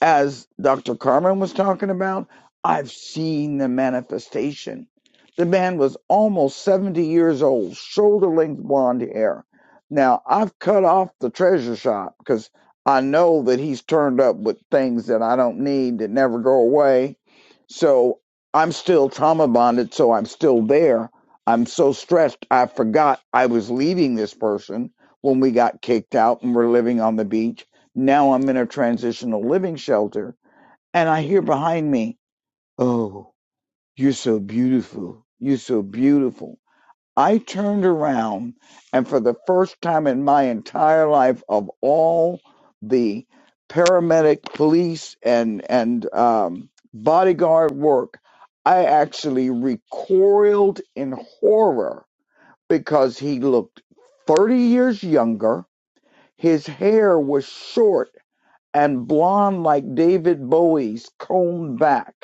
Speaker 4: as Dr. Carmen was talking about, I've seen the manifestation. The man was almost 70 years old, shoulder length blonde hair. Now, I've cut off the treasure shop because I know that he's turned up with things that I don't need that never go away. So I'm still trauma bonded, so I'm still there. I'm so stressed, I forgot I was leaving this person when we got kicked out and we're living on the beach. Now I'm in a transitional living shelter and I hear behind me, Oh, you're so beautiful. You're so beautiful. I turned around and for the first time in my entire life of all the paramedic police and, and, um, bodyguard work, I actually recoiled in horror because he looked 30 years younger. His hair was short and blonde like David Bowie's combed back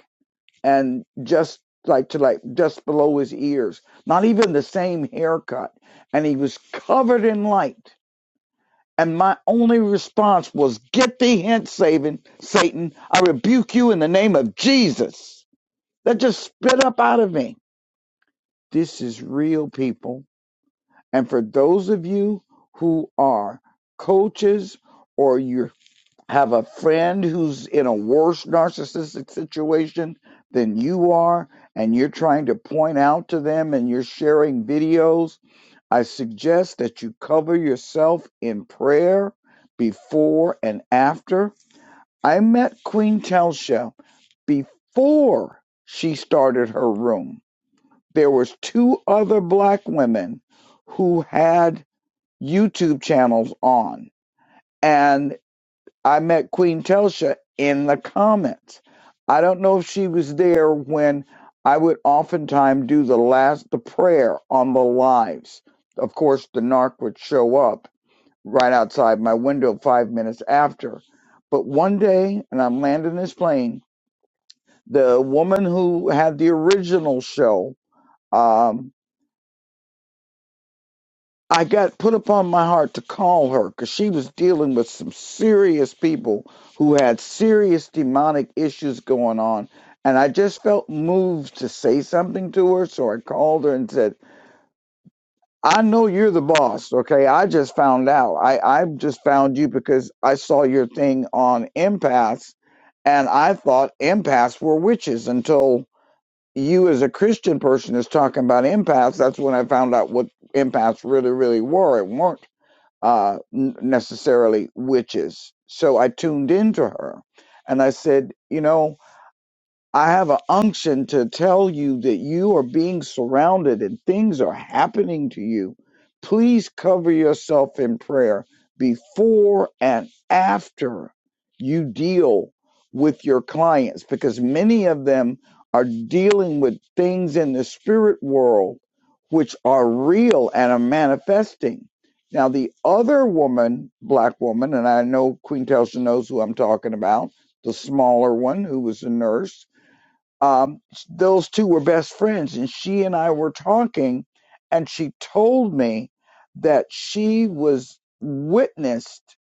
Speaker 4: and just like to like just below his ears, not even the same haircut. And he was covered in light. And my only response was, Get thee hence, Satan, Satan. I rebuke you in the name of Jesus. That just spit up out of me. This is real people. And for those of you who are coaches or you're have a friend who's in a worse narcissistic situation than you are and you're trying to point out to them and you're sharing videos, I suggest that you cover yourself in prayer before and after. I met Queen Telsha before she started her room. There was two other black women who had YouTube channels on and. I met Queen Telsha in the comments. I don't know if she was there when I would oftentimes do the last the prayer on the lives. Of course, the narc would show up right outside my window five minutes after. But one day, and I'm landing this plane, the woman who had the original show um, I got put upon my heart to call her because she was dealing with some serious people who had serious demonic issues going on. And I just felt moved to say something to her. So I called her and said, I know you're the boss. Okay. I just found out. I, I just found you because I saw your thing on empaths. And I thought empaths were witches until you, as a Christian person, is talking about empaths. That's when I found out what empaths really, really were. It weren't uh, necessarily witches. So I tuned into her and I said, you know, I have an unction to tell you that you are being surrounded and things are happening to you. Please cover yourself in prayer before and after you deal with your clients because many of them are dealing with things in the spirit world which are real and are manifesting. Now, the other woman, black woman, and I know Queen Telsha knows who I'm talking about, the smaller one who was a nurse um, those two were best friends, and she and I were talking, and she told me that she was witnessed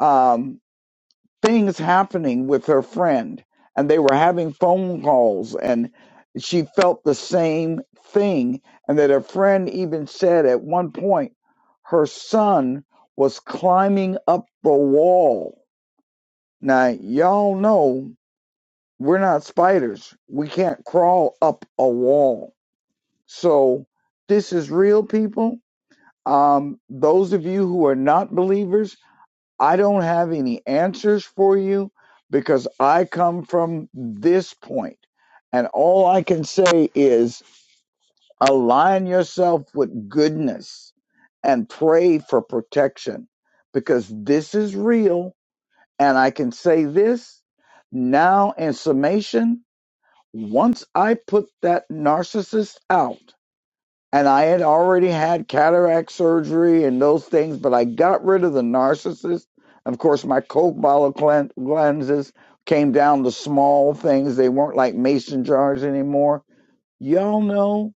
Speaker 4: um, things happening with her friend, and they were having phone calls, and she felt the same thing, and that her friend even said at one point her son was climbing up the wall. Now y'all know we're not spiders. We can't crawl up a wall. So this is real, people. Um, those of you who are not believers, I don't have any answers for you because I come from this point. And all I can say is align yourself with goodness and pray for protection because this is real. And I can say this now in summation once I put that narcissist out, and I had already had cataract surgery and those things, but I got rid of the narcissist. Of course, my Coke bottle clean- lenses came down to small things. They weren't like mason jars anymore. Y'all know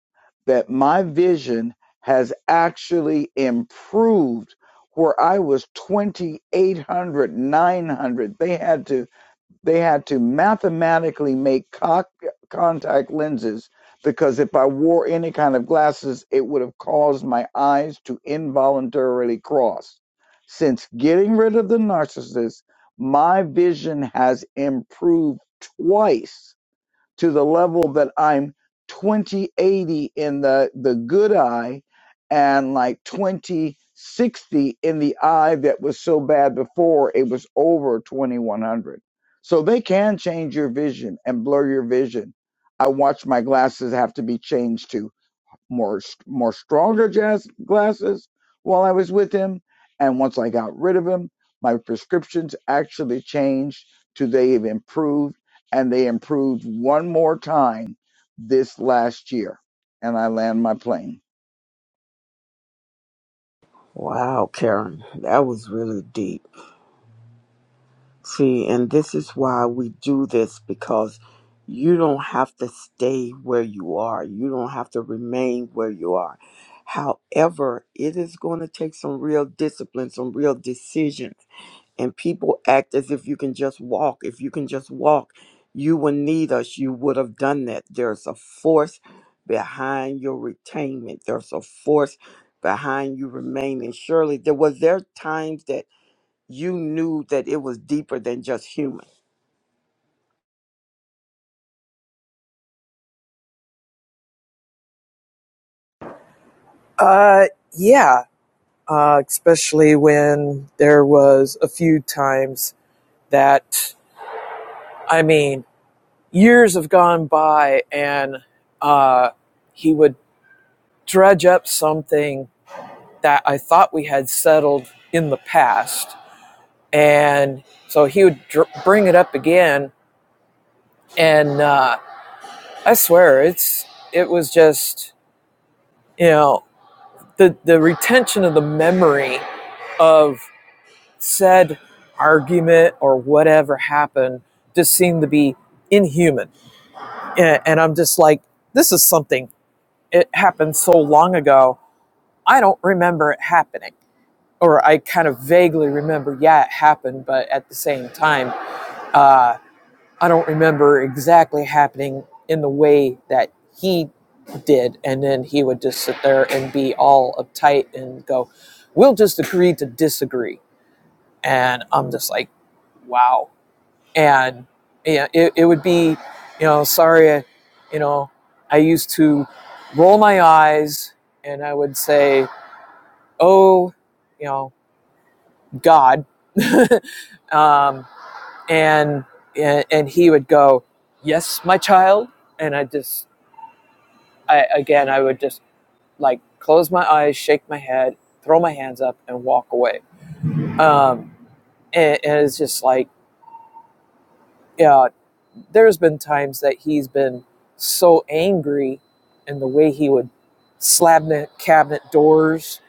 Speaker 4: that my vision has actually improved where I was 2800, 900, They had to they had to mathematically make co- contact lenses because if I wore any kind of glasses, it would have caused my eyes to involuntarily cross. Since getting rid of the narcissist, my vision has improved twice to the level that I'm 2080 in the, the good eye and like 2060 in the eye that was so bad before it was over 2100. So they can change your vision and blur your vision. I watch my glasses have to be changed to more more stronger jazz glasses while I was with him, and once I got rid of him, my prescriptions actually changed to they have improved, and they improved one more time this last year, and I land my plane.
Speaker 1: Wow, Karen, that was really deep. See, and this is why we do this because you don't have to stay where you are, you don't have to remain where you are. However, it is going to take some real discipline, some real decisions. and people act as if you can just walk. If you can just walk, you will need us. You would have done that. There's a force behind your retainment. There's a force behind you remaining. Surely there was there times that you knew that it was deeper than just human.
Speaker 3: Uh, yeah. uh, especially when there was a few times that I mean years have gone by and uh, he would dredge up something that I thought we had settled in the past, and so he would dr- bring it up again, and uh, I swear it's it was just you know the the retention of the memory of said argument or whatever happened just seemed to be inhuman. And, and I'm just like, this is something, it happened so long ago, I don't remember it happening. Or I kind of vaguely remember, yeah, it happened, but at the same time, uh, I don't remember exactly happening in the way that he did. And then he would just sit there and be all uptight and go, we'll just agree to disagree. And I'm just like, wow and yeah, it, it would be, you know, sorry, I, you know, I used to roll my eyes and I would say, oh, you know, God, um, and, and and he would go, yes, my child, and I just, I again, I would just like close my eyes, shake my head, throw my hands up, and walk away. Um, and, and it's just like, yeah. There's been times that he's been so angry and the way he would slam the cabinet doors.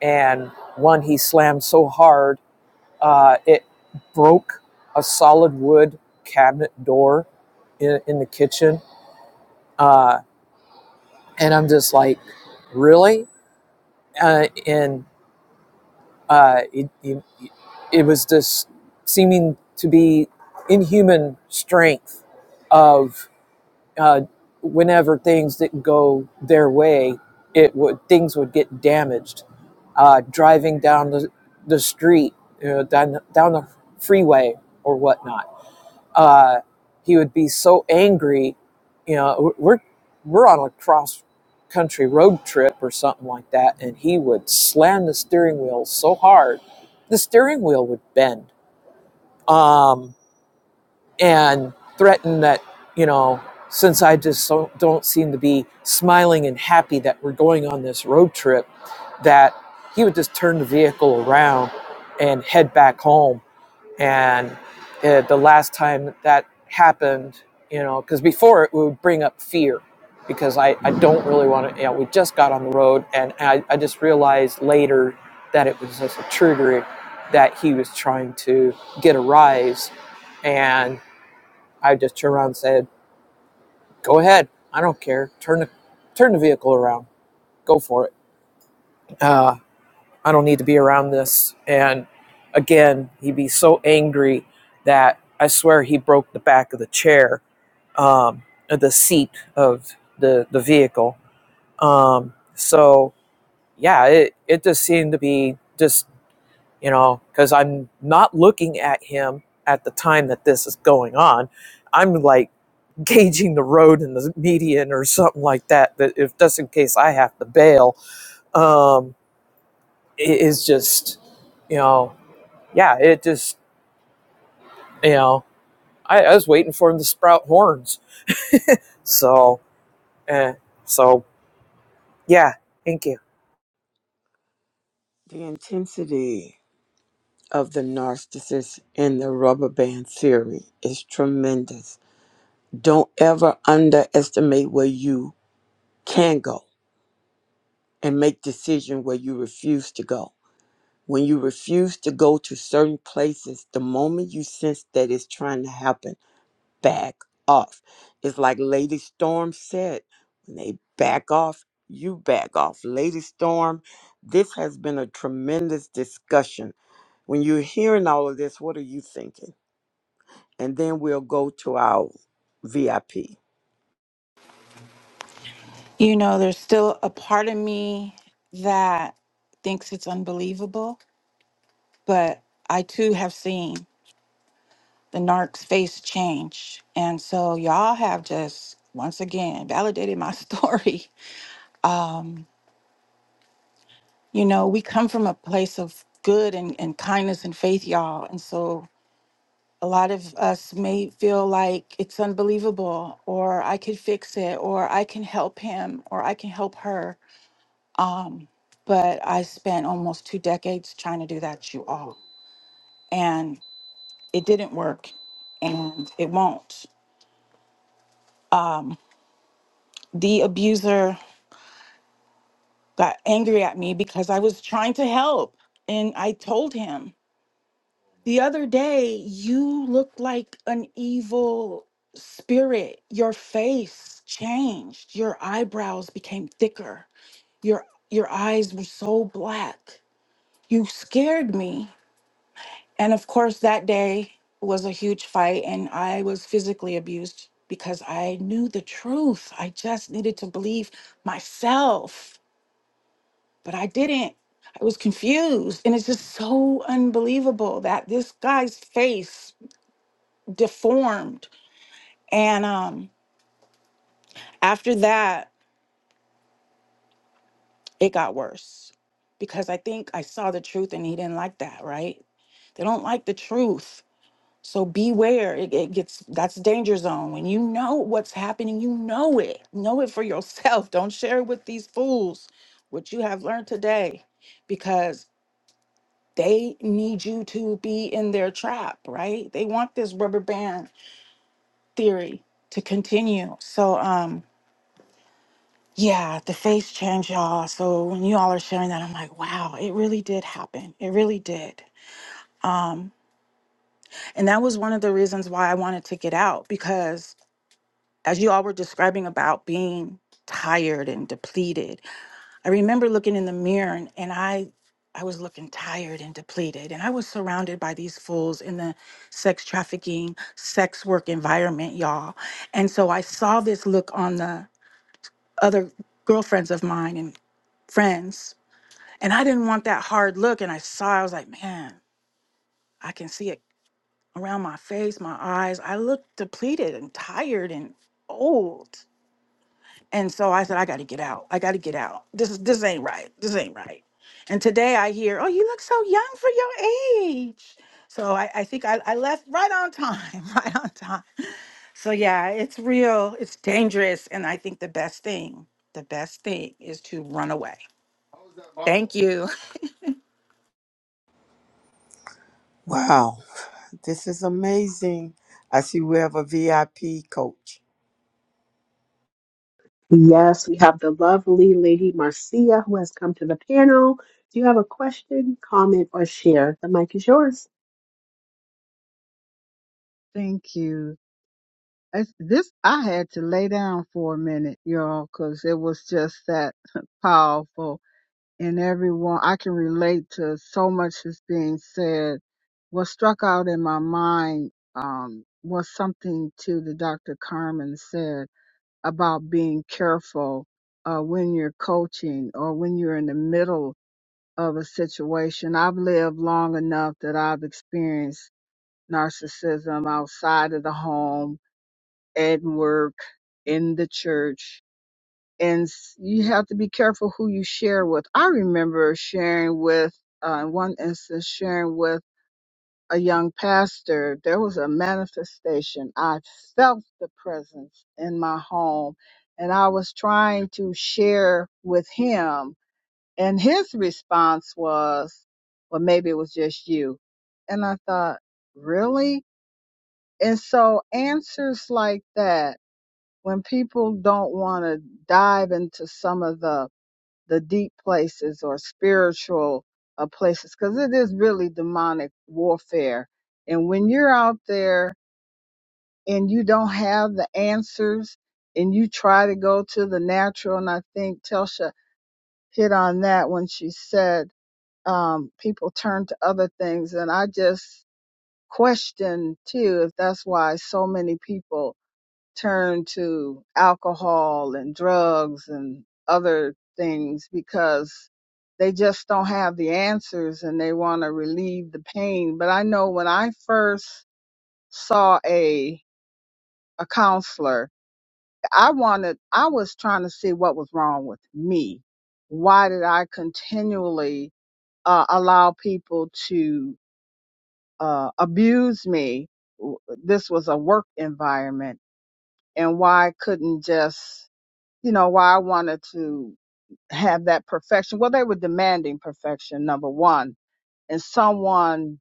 Speaker 3: And one he slammed so hard, uh, it broke a solid wood cabinet door in, in the kitchen. Uh, and I'm just like, really? Uh, and uh, it, it, it was just seeming to be inhuman strength of. uh, whenever things didn't go their way, it would things would get damaged. Uh, driving down the the street, you know, down down the freeway or whatnot, uh, he would be so angry. You know, we're we're on a cross country road trip or something like that, and he would slam the steering wheel so hard, the steering wheel would bend. Um, and threaten that you know since i just so, don't seem to be smiling and happy that we're going on this road trip that he would just turn the vehicle around and head back home and uh, the last time that happened you know because before it would bring up fear because i, I don't really want to you know we just got on the road and I, I just realized later that it was just a trigger that he was trying to get a rise and I just turned around and said, "Go ahead. I don't care. Turn the turn the vehicle around. Go for it. Uh, I don't need to be around this." And again, he'd be so angry that I swear he broke the back of the chair, um, the seat of the the vehicle. Um, so yeah, it it just seemed to be just you know because I'm not looking at him at the time that this is going on. I'm like gauging the road and the median or something like that. That if just in case I have to bail, um, i- is just you know, yeah, it just you know, I, I was waiting for him to sprout horns. So, eh, so yeah, thank you.
Speaker 1: The intensity of the narcissist in the rubber band theory is tremendous. Don't ever underestimate where you can go and make decision where you refuse to go When you refuse to go to certain places, the moment you sense that it's trying to happen, back off. It's like Lady Storm said when they back off, you back off. Lady Storm, this has been a tremendous discussion. When you're hearing all of this, what are you thinking? And then we'll go to our VIP.
Speaker 5: You know, there's still a part of me that thinks it's unbelievable, but I too have seen the narc's face change. And so y'all have just once again validated my story. Um, you know, we come from a place of good and, and kindness and faith, y'all. And so a lot of us may feel like it's unbelievable or I could fix it or I can help him or I can help her Um, but I spent almost two decades trying to do that, you all. And it didn't work and it won't. The abuser got angry at me because I was trying to help. And I told him the other day, you look like an evil spirit. Your face changed, your eyebrows became thicker, your your eyes were so black. You scared me And of course, that day was a huge fight, and I was physically abused because I knew the truth. I just needed to believe myself, but I didn't. I was confused. And it's just so unbelievable that this guy's face deformed. And um, after that, it got worse because I think I saw the truth and he didn't like that, right? They don't like the truth. So beware. It, it gets that's danger zone. When you know what's happening, you know it. Know it for yourself. Don't share it with these fools what you have learned today because they need you to be in their trap, right? They want this rubber band theory to continue. So um yeah, the face change, y'all. So when you all are sharing that, I'm like, wow, it really did happen. It really did. And that was one of the reasons why I wanted to get out because as you all were describing about being tired and depleted i remember looking in the mirror and, and i i was looking tired and depleted and i was surrounded by these fools in the sex trafficking sex work environment y'all and so i saw this look on the other girlfriends of mine and friends and i didn't want that hard look and i saw i was like man i can see it around my face my eyes i look depleted and tired and old And so I said, I got to get out. I got to get out. This is this ain't right. This ain't right. And today I hear, oh, you look so young for your age. So I, I think I, I left right on time, right on time. So yeah, it's real. It's dangerous. And I think the best thing, the best thing is to run away. Thank you.
Speaker 1: Wow, this is amazing. I see we have a VIP coach.
Speaker 7: Yes, we have the lovely lady Marcia who has come to the panel. Do you have a question, comment, or share? The mic is yours.
Speaker 10: Thank you. It's, this I had to lay down for a minute, y'all, because it was just that powerful. And everyone, I can relate to so much that's being said. What struck out in my mind um, was something to the Dr. Carmen said about being careful uh, when you're coaching or when you're in the middle of a situation. I've lived long enough that I've experienced narcissism outside of the home at work in the church. And s- you have to be careful who you share with. I remember sharing with, uh, in one instance, sharing with a young pastor. There was a manifestation. I felt the presence in my home, and I was trying to share with him. And his response was, well, maybe it was just you. And I thought, really? And so answers like that when people don't want to dive into some of the the deep places or spiritual uh, places because it is really demonic warfare and when you're out there and you don't have the answers and you try to go to the natural and i think telsha hit on that when she said um, people turn to other things and i just question too if that's why so many people turn to alcohol and drugs and other things because they just don't have the answers and they want to relieve the pain. But I know when I first saw a a counselor, I wanted I was trying to see what was wrong with me. Why did I continually uh, allow people to uh, abuse me? W- This was a work environment, and why I couldn't just you know, why I wanted to have that perfection. Well, they were demanding perfection, number one. And someone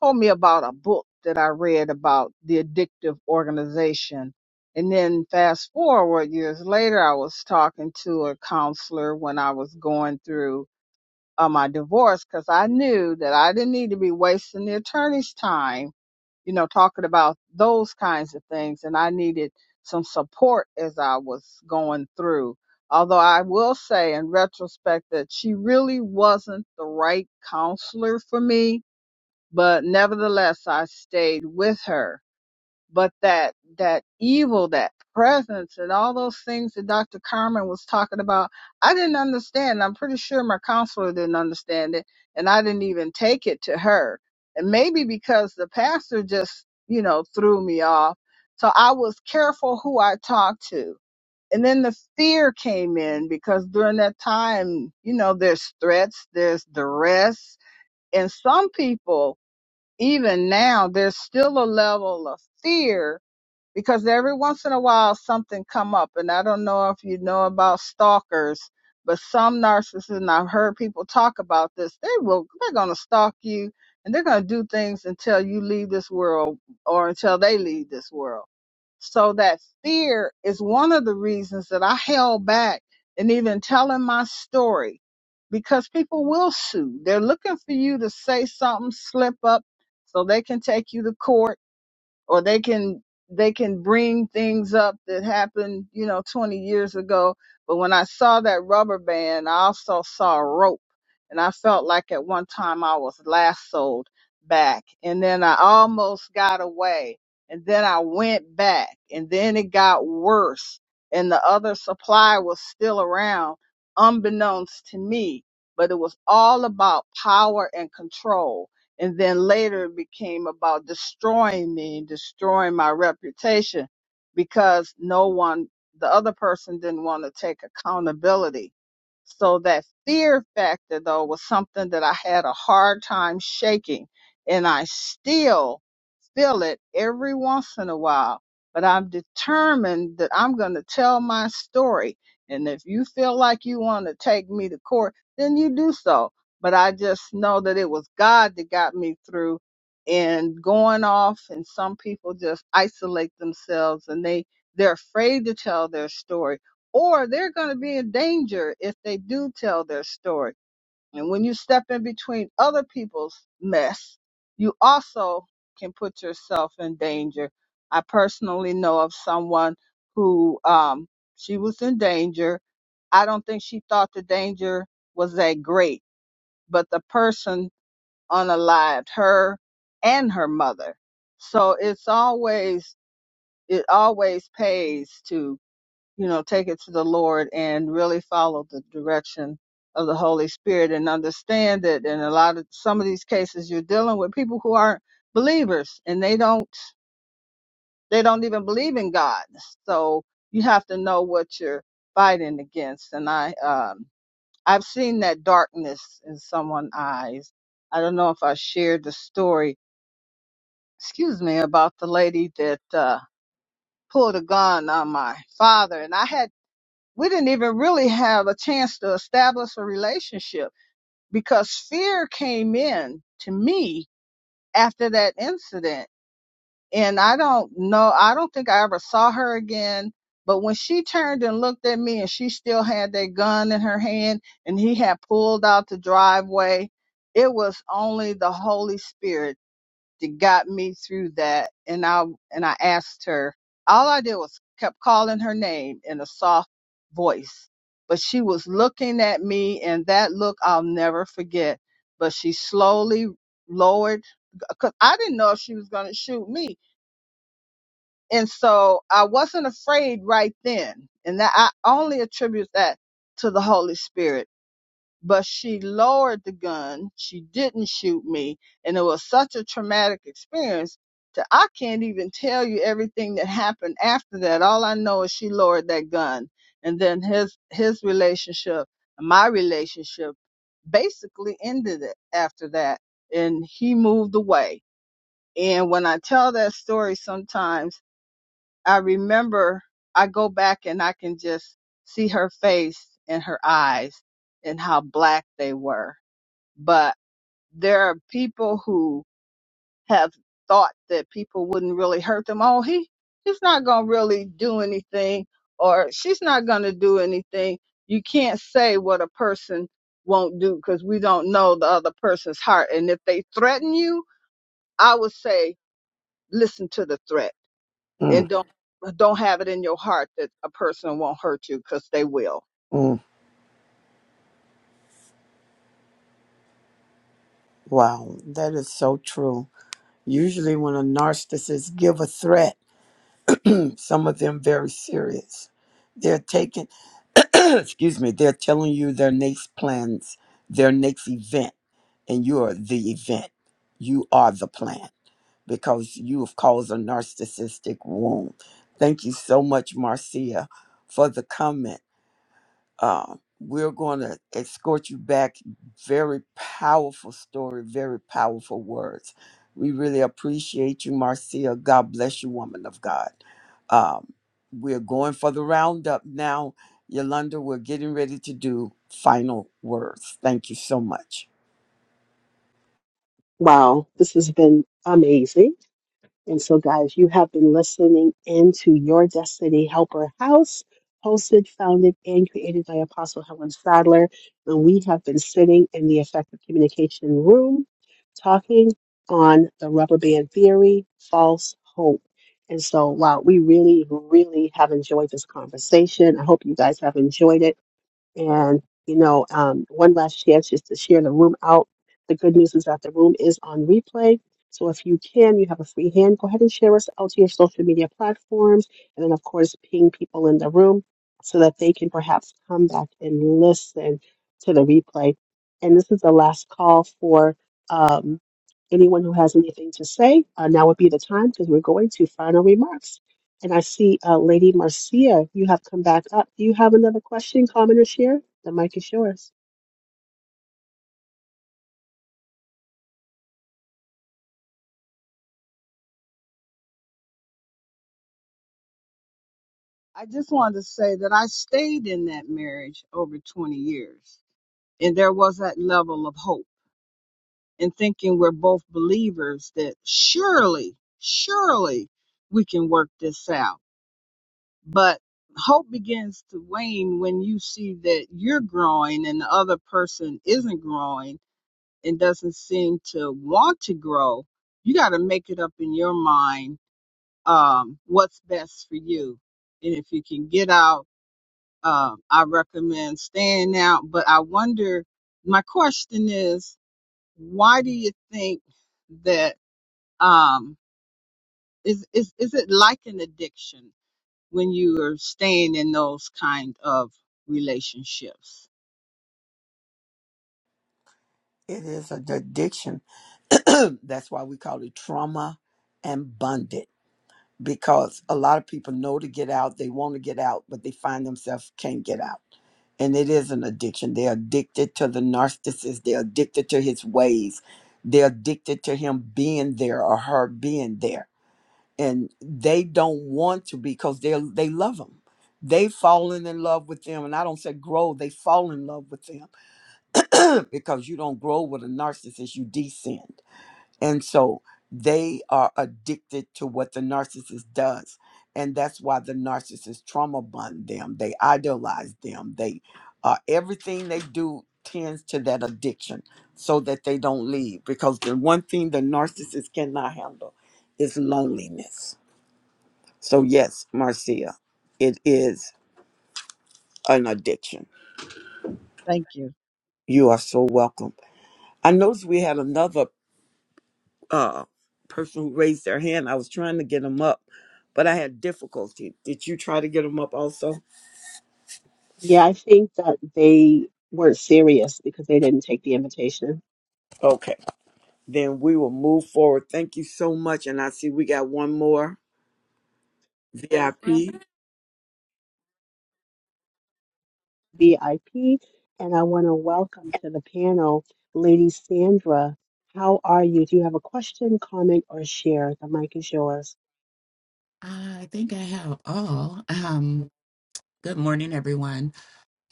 Speaker 10: told me about a book that I read about the addictive organization. And then fast forward years later, I was talking to a counselor when I was going through uh, my divorce because I knew that I didn't need to be wasting the attorney's time you know, talking about those kinds of things. And I needed some support as I was going through. Although I will say in retrospect that she really wasn't the right counselor for me, but nevertheless, I stayed with her but that that evil, that presence, and all those things that Dr. Carmen was talking about, I didn't understand. I'm pretty sure my counselor didn't understand it, and I didn't even take it to her. And maybe because the pastor just, you know, threw me off. So I was careful who I talked to. And then the fear came in because during that time, you know, there's threats, there's duress, and some people, even now, there's still a level of fear because every once in a while something come up and i don't know if you know about stalkers but some narcissists and i've heard people talk about this they will they're going to stalk you and they're going to do things until you leave this world or until they leave this world so that fear is one of the reasons that i held back and even telling my story because people will sue they're looking for you to say something slip up so they can take you to court or they can they can bring things up that happened, you know, 20 years ago. But when I saw that rubber band, I also saw a rope, and I felt like at one time I was lassoed back, and then I almost got away, and then I went back, and then it got worse, and the other supply was still around, unbeknownst to me. But it was all about power and control and then later it became about destroying me, destroying my reputation because no one, the other person didn't want to take accountability. So that fear factor though was something that I had a hard time shaking and I still feel it every once in a while. But I'm determined that I'm going to tell my story. And if you feel like you want to take me to court, then you do so but I just know that it was God that got me through and going off and some people just isolate themselves and they they're afraid to tell their story or they're going to be in danger if they do tell their story. And when you step in between other people's mess, you also can put yourself in danger. I personally know of someone who um she was in danger. I don't think she thought the danger was that great but the person unalived her and her mother. So it's always, it always pays to, you know, take it to the Lord and really follow the direction of the Holy Spirit and understand that in a lot of some of these cases you're dealing with people who aren't believers and they don't, they don't even believe in God. So you have to know what you're fighting against. And I, um, I've seen that darkness in someone's eyes. I don't know if I shared the story, excuse me, about the lady that uh, pulled a gun on my father. And I had, we didn't even really have a chance to establish a relationship because fear came in to me after that incident and I don't know, I don't think I ever saw her again. But when she turned and looked at me, and she still had that gun in her hand, and he had pulled out the driveway, it was only the Holy Spirit that got me through that. And I and I asked her. All I did was kept calling her name in a soft voice, but she was looking at me, and that look I'll never forget. But she slowly lowered because I didn't know if she was going to shoot me and so I wasn't afraid right then. And that I only attribute that to the Holy Spirit. But she lowered the gun. She didn't shoot me. And it was such a traumatic experience that I can't even tell you everything that happened after that. All I know is she lowered that gun. And then his his relationship, my relationship basically ended it after that. And he moved away. And when I tell that story sometimes I remember I go back and I can just see her face and her eyes and how black they were. But there are people who have thought that people wouldn't really hurt them. Oh, he, he's not going to really do anything or she's not going to do anything. You can't say what a person won't do because we don't know the other person's heart. And if they threaten you, I would say, listen to the threat and
Speaker 1: Mm,
Speaker 10: don't don't have it in your heart that a person won't hurt you because they will.
Speaker 1: mm. Wow, that is so true. Usually, when a narcissist give a threat, some of them very serious. They're taking, excuse me, they're telling you their next plans, their next event, and you are the event. You are the plan because you have caused a narcissistic wound. Thank you so much, Marcia, for the comment uh, we're going to escort you back. Very powerful story, very powerful words. We really appreciate you, Marcia. God bless you, woman of God. Um, we're going for the roundup now. Yolanda, we're getting ready to do final words. Thank you so much.
Speaker 7: Wow, this has been amazing. And so, guys, you have been listening into Your Destiny Helper House, hosted, founded, and created by Apostle Helen Sadler. And we have been sitting in the effective communication room talking on the rubber band theory, false hope. And so, wow, we really, really have enjoyed this conversation. I hope you guys have enjoyed it. And, you know, um, one last chance just to share the room out. The good news is that the room is on replay. So if you can, you have a free hand, go ahead and share us out to your social media platforms. And then, of course, ping people in the room so that they can perhaps come back and listen to the replay. And this is the last call for um, anyone who has anything to say. Uh, now would be the time because we're going to final remarks. And I see uh, Lady Marcia, you have come back up. Do you have another question, comment, or share? The mic is yours.
Speaker 10: I just wanted to say that I stayed in that marriage over 20 years, and there was that level of hope and thinking we're both believers that surely, surely we can work this out. But hope begins to wane when you see that you're growing and the other person isn't growing and doesn't seem to want to grow. You got to make it up in your mind um, what's best for you. And if you can get out, um, I recommend staying out. But I wonder, my question is, why do you think that um, is is is it like an addiction when you are staying in those kind of relationships?
Speaker 1: It is an addiction. That's why we call it trauma and bonded because a lot of people know to get out, they want to get out, but they find themselves can't get out. And it is an addiction. They're addicted to the narcissist, they're addicted to his ways, they're addicted to him being there or her being there. And they don't want to because they they love him. They've fallen in love with them, and I don't say grow. They fall in love with them because you don't grow with a narcissist, you descend. And so they are addicted to what the narcissist does. And that's why the narcissist trauma bond them. They idolize them. They uh, everything they do tends to that addiction so that they don't leave. Because the one thing the narcissist cannot handle is loneliness. So yes, Marcia, it is an addiction.
Speaker 10: Thank you.
Speaker 1: You are so welcome. I noticed we had another uh, person who raised their hand. I was trying to get them up, but I had difficulty. Did you try to get them up also?
Speaker 7: Yeah, I think that they weren't serious because they didn't take the invitation.
Speaker 1: Okay, then we will move forward. Thank you so much. And I see we got one more VIP.
Speaker 7: VIP, and I want to welcome to the panel Lady Sandra. How are you? Do you have a question, comment, or share? The mic is yours.
Speaker 11: I think I have all. Um, good morning, everyone.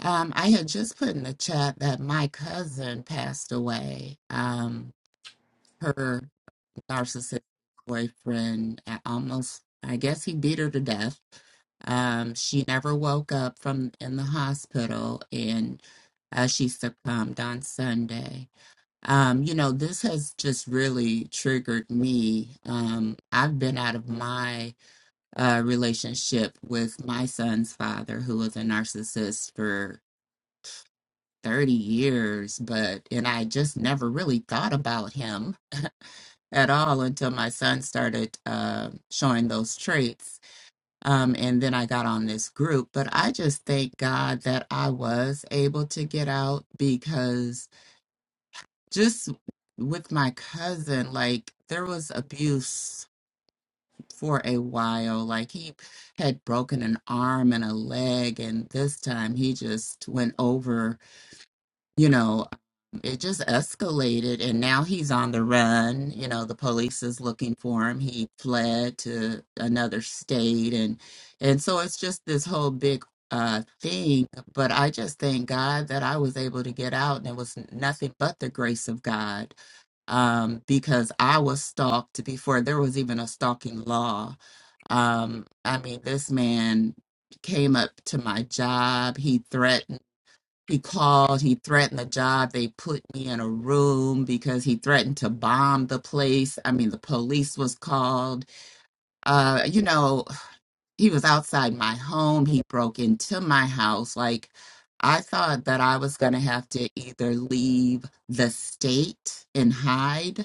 Speaker 11: Um, I had just put in the chat that my cousin passed away. Um, her narcissistic boyfriend uh, almost, I guess he beat her to death. Um, she never woke up from in the hospital and uh, she succumbed on Sunday. Um, you know, this has just really triggered me. Um, I've been out of my uh, relationship with my son's father, who was a narcissist for 30 years, but, and I just never really thought about him at all until my son started uh, showing those traits. Um, and then I got on this group, but I just thank God that I was able to get out because just with my cousin, like there was abuse for a while. Like he had broken an arm and a leg, and this time he just went over, you know, it just escalated. And now he's on the run. You know, the police is looking for him. He fled to another state. And, and so it's just this whole big uh thing but i just thank god that i was able to get out and it was nothing but the grace of god um because i was stalked before there was even a stalking law um, I mean, this man came up to my job. He threatened, he called, he threatened the job. They put me in a room because he threatened to bomb the place. I mean, the police was called. Uh, you know, he was outside my home. He broke into my house. Like, I thought that I was going to have to either leave the state and hide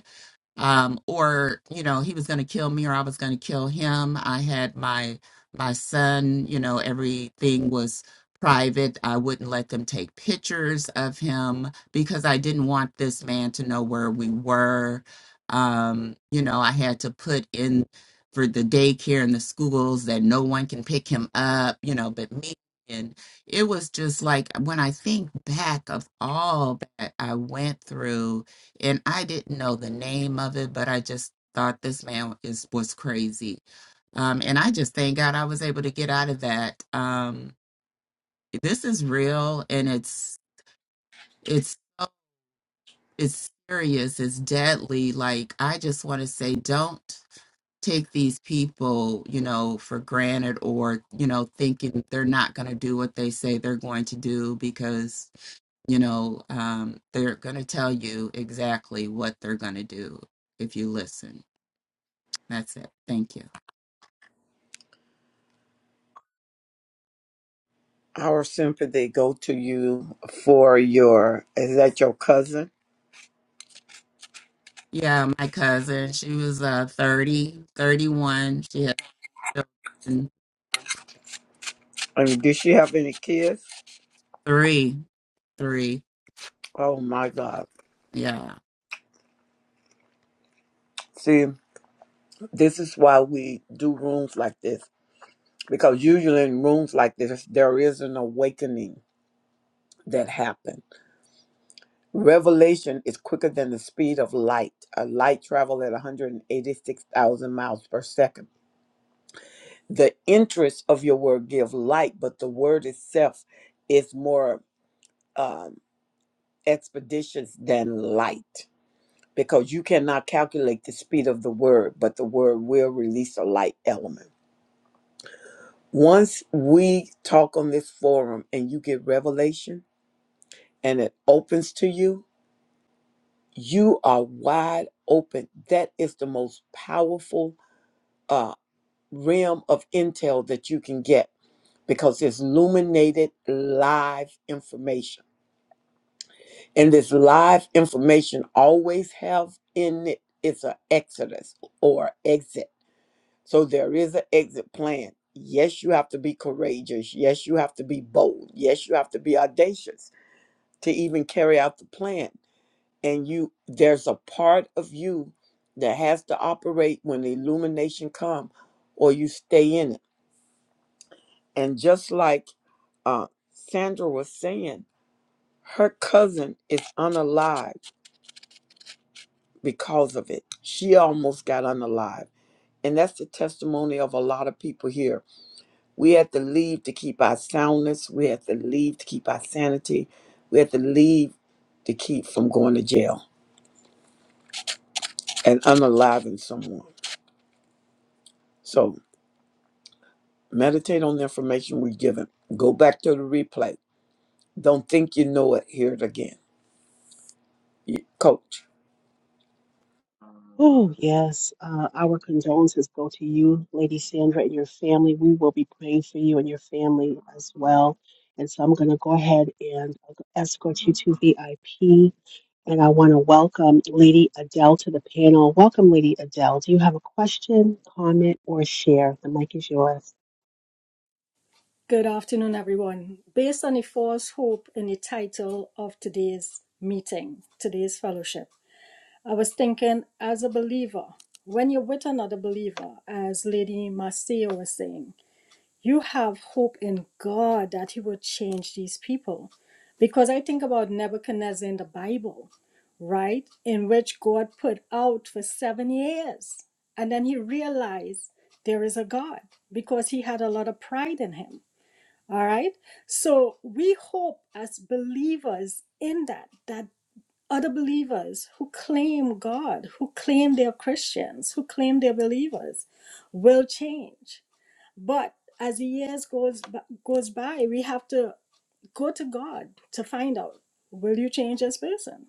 Speaker 11: um, or you know he was going to kill me or I was going to kill him. I had my my son. You know everything was private. I wouldn't let them take pictures of him because I didn't want this man to know where we were. Um, you know I had to put in for the daycare and the schools that no one can pick him up. You know, but me. And it was just like when I think back of all that I went through, and I didn't know the name of it, but I just thought this man is was crazy. Um, and I just thank God I was able to get out of that. Um, this is real, and it's it's so, it's serious. It's deadly. Like I just want to say, don't take these people, you know, for granted, or you know, thinking they're not going to do what they say they're going to do because you know um, they're going to tell you exactly what they're going to do if you listen. That's it. Thank you.
Speaker 1: Our sympathy go to you for your. Is that your cousin?
Speaker 11: Yeah, my cousin, she was uh 30, 31. She had children,
Speaker 1: I mean, did she have any kids?
Speaker 11: three, three.
Speaker 1: Oh my God.
Speaker 11: Yeah.
Speaker 1: See, this is why we do rooms like this because usually in rooms like this, there is an awakening that happens Revelation is quicker than the speed of light. A light travel at 186,000 miles per second. The interest of your word give light, but the word itself is more um, expeditious than light because you cannot calculate the speed of the word, but the word will release a light element. Once we talk on this forum and you get revelation and it opens to you, you are wide open. That is the most powerful uh, realm of intel that you can get because it's illuminated live information. And this live information always have in it it's an exodus or exit. So there is an exit plan. Yes, you have to be courageous. Yes, you have to be bold. Yes, you have to be audacious to even carry out the plan. And you there's a part of you that has to operate when the illumination come or you stay in it. And just like uh, Sandra was saying, her cousin is unalive because of it. She almost got unalive. And that's the testimony of a lot of people here. We had to leave to keep our soundness. We had to leave to keep our sanity. We had to leave to keep from going to jail and unaliving someone. So meditate on the information we're given. Go back to the replay. Don't think you know it. Hear it again. You- Coach.
Speaker 7: Oh, yes. Uh, our condolences go to you, Lady Sandra, and your family. We will be praying for you and your family as well. And so I'm going to go ahead and escort you to VIP. And I want to welcome Lady Adele to the panel. Welcome, Lady Adele. Do you have a question, comment, or share? The mic is yours.
Speaker 12: Good afternoon, everyone. Based on the false hope in the title of today's meeting, today's fellowship, I was thinking as a believer, when you're with another believer, as Lady Marcia was saying, you have hope in God that He will change these people. Because I think about Nebuchadnezzar in the Bible, right? In which God put out for seven years. And then he realized there is a God because he had a lot of pride in him. All right. So we hope as believers in that, that other believers who claim God, who claim they're Christians, who claim they're believers, will change. But as the years goes b- goes by, we have to go to God to find out: Will you change this person?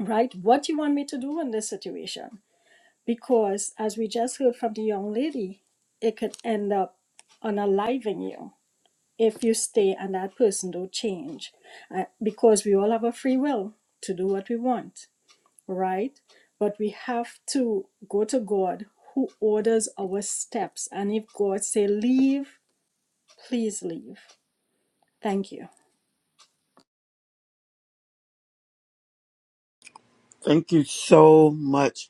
Speaker 12: Right? What do you want me to do in this situation? Because as we just heard from the young lady, it could end up unaliving you if you stay and that person don't change uh, because we all have a free will to do what we want right but we have to go to god who orders our steps and if god say leave please leave thank you
Speaker 1: Thank you so much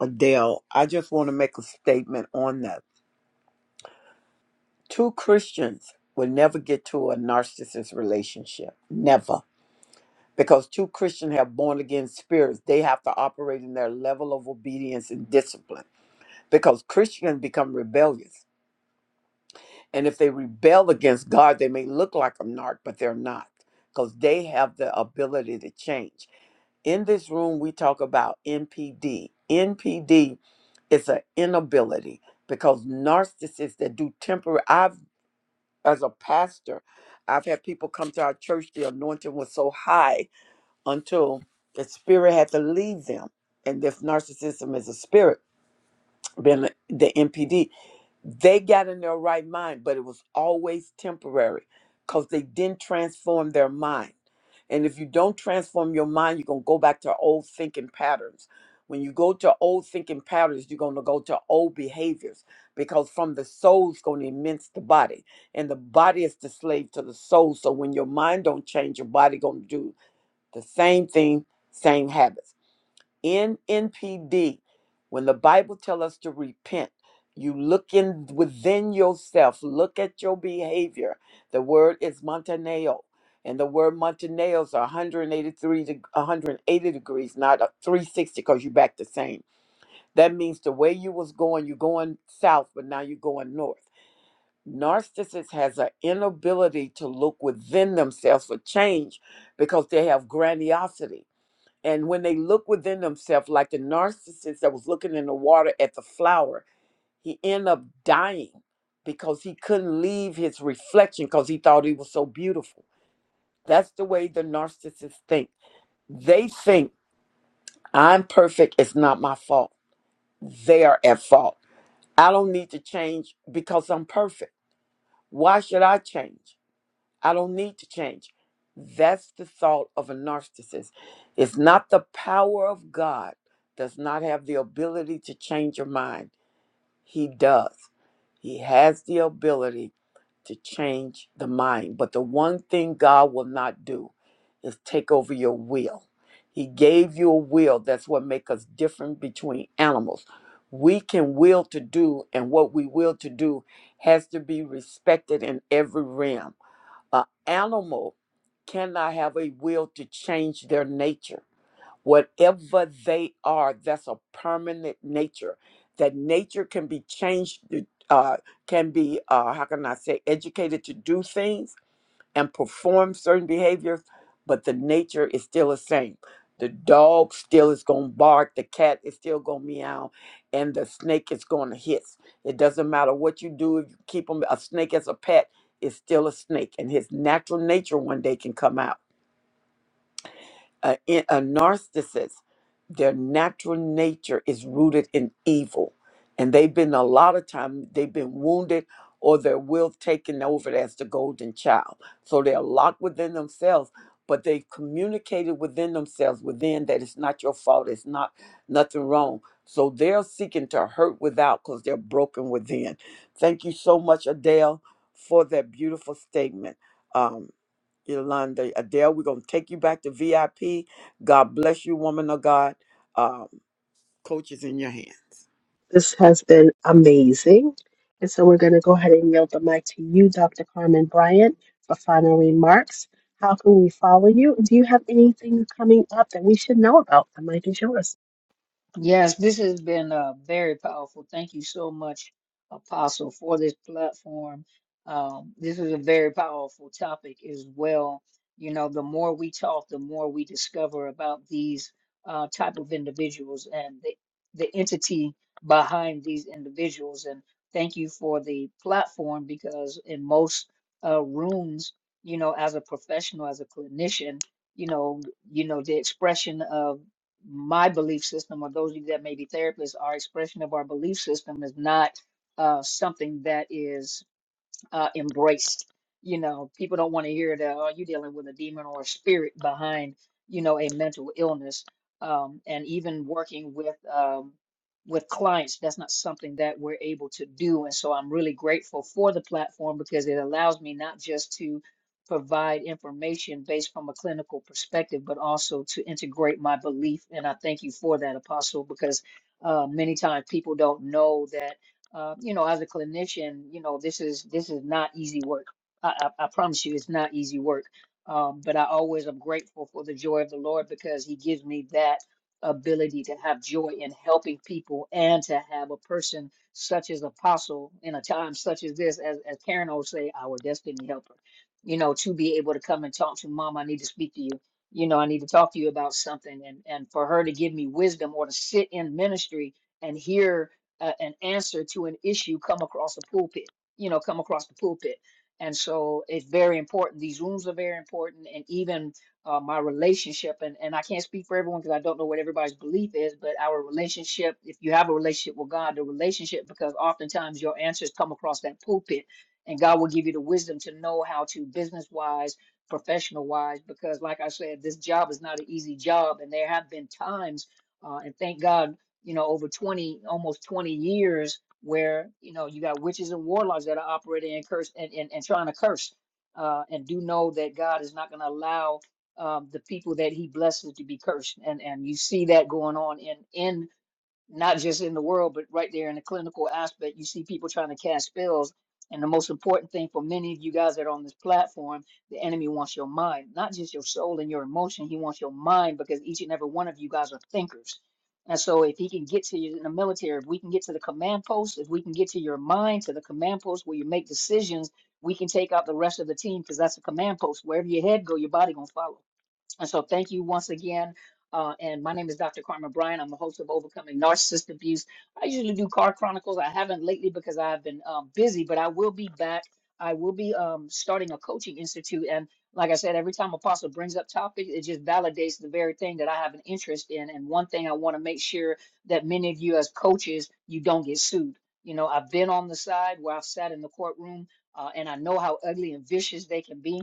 Speaker 1: Adele, I just want to make a statement on that. Two Christians will never get to a narcissist relationship. Never. Because two Christians have born again spirits, they have to operate in their level of obedience and discipline. Because Christians become rebellious. And if they rebel against God, they may look like a narc, but they're not. Because they have the ability to change. In this room, we talk about NPD. NPD It's an inability because narcissists that do temporary. I've, as a pastor, I've had people come to our church. The anointing was so high until the spirit had to leave them, and this narcissism is a spirit. Been the NPD. They got in their right mind, but it was always temporary because they didn't transform their mind. And if you don't transform your mind, you're going to go back to old thinking patterns. When you go to old thinking patterns, you're going to go to old behaviors because from the soul's going to immense the body. And the body is the slave to the soul. So when your mind don't change, your body going to do the same thing, same habits in NPD, when the Bible tells us to repent, you look in within yourself, look at your behavior. The word is Montaneo. And the word Montaneos are 183 to 180 degrees, not a 360, because you're back the same. That means the way you was going, you're going south, but now you're going north. Narcissists has an inability to look within themselves for change because they have grandiosity and when they look within themselves, like the narcissist that was looking in the water at the flower, he ended up dying because he couldn't leave his reflection because he thought he was so beautiful. That's the way the narcissists think. They think I'm perfect, it's not my fault. They are at fault. I don't need to change because I'm perfect. Why should I change? I don't need to change. That's the thought of a narcissist. It's not the power of God does not have the ability to change your mind. He does. He has the ability to change the mind. But the one thing God will not do is take over your will. He gave you a will. That's what makes us different between animals. We can will to do, and what we will to do has to be respected in every realm an animal cannot have a will to change their nature. Whatever they are, that's a permanent nature. That nature can be changed, uh, can be, uh, how can I say, educated to do things and perform certain behaviors, but the nature is still the same. The dog still is going to bark, the cat is still going to meow, and the snake is going to hiss. It doesn't matter what you do, if you keep 'em- a snake as a pet is still a snake, and his natural nature one day can come out. A, a narcissist, their natural nature is rooted in evil. And they've been a lot of time, they've been wounded or their will taken over as the golden child. So they're locked within themselves, but they've communicated within themselves, within that it's not your fault, it's not nothing wrong. So they're seeking to hurt without because they're broken within. Thank you so much, Adele, for that beautiful statement. Um, Yolanda Adele. We're gonna take you back to VIP. God bless you, woman of God. Um, coach is in your hands.
Speaker 7: This has been amazing. And so we're going to go ahead and yield the mic to you, Dr. Carmen Bryant, for final remarks. How can we follow you? Do you have anything coming up that we should know about? The mic is yours.
Speaker 6: Yes, this has been uh, very powerful. Thank you so much, Apostle, for this platform. Um, this is a very powerful topic as well. You know, the more we talk, the more we discover about these uh, type of individuals and the, the entity behind these individuals. And thank you for the platform because in most uh, rooms, you know, as a professional, as a clinician, you know, you know, the expression of my belief system or those of you that may be therapists, our expression of our belief system is not uh, something that is uh, embraced. You know, people don't want to hear that, oh, you're dealing with a demon or a spirit behind, you know, a mental illness. Um, and even working with um, with clients, that's not something that we're able to do. And so I'm really grateful for the platform because it allows me not just to provide information based from a clinical perspective, but also to integrate my belief. And I thank you for that, Apostle, because uh, many times people don't know that uh, you know, as a clinician, you know, this is this is not easy work. I, I, I promise you, it's not easy work. Um, but I always am grateful for the joy of the Lord because He gives me that ability to have joy in helping people and to have a person such as Apostle in a time such as this, as, as Karen always say, our destiny helper. You know, to be able to come and talk to Mom, I need to speak to you. You know, I need to talk to you about something, and and for her to give me wisdom or to sit in ministry and hear a, an answer to an issue come across the pulpit, you know, come across the pulpit. And so it's very important. These rooms are very important. And even uh, my relationship, and, and I can't speak for everyone because I don't know what everybody's belief is, but our relationship, if you have a relationship with God, the relationship, because oftentimes your answers come across that pulpit, and God will give you the wisdom to know how to business wise, professional wise, because like I said, this job is not an easy job. And there have been times uh, and thank God you know, over 20, almost 20 years where, you know, you got witches and warlocks that are operating and curse and, and, and trying to curse. Uh, and do know that God is not going to allow um, the people that he blesses to be cursed. And and you see that going on in in not just in the world, but right there in the clinical aspect. You see people trying to cast spells. And the most important thing for many of you guys that are on this platform, the enemy wants your mind, not just your soul and your emotion. He wants your mind because each and every one of you guys are thinkers. And so, if he can get to you in the military, if we can get to the command post, if we can get to your mind, to the command post where you make decisions, we can take out the rest of the team because that's a command post. Wherever your head go, your body gonna follow. And so, thank you once again. Uh, and my name is Dr. Carmen Bryan. I'm the host of Overcoming Narcissist Abuse. I usually do car chronicles. I haven't lately because I've been um, busy, but I will be back. I will be um, starting a coaching institute. And like I said, every time Apostle brings up topics, it just validates the very thing that I have an interest in. And one thing I want to make sure that many of you as coaches, you don't get sued. You know, I've been on the side where I've sat in the courtroom, uh, and I know how ugly and vicious they can be,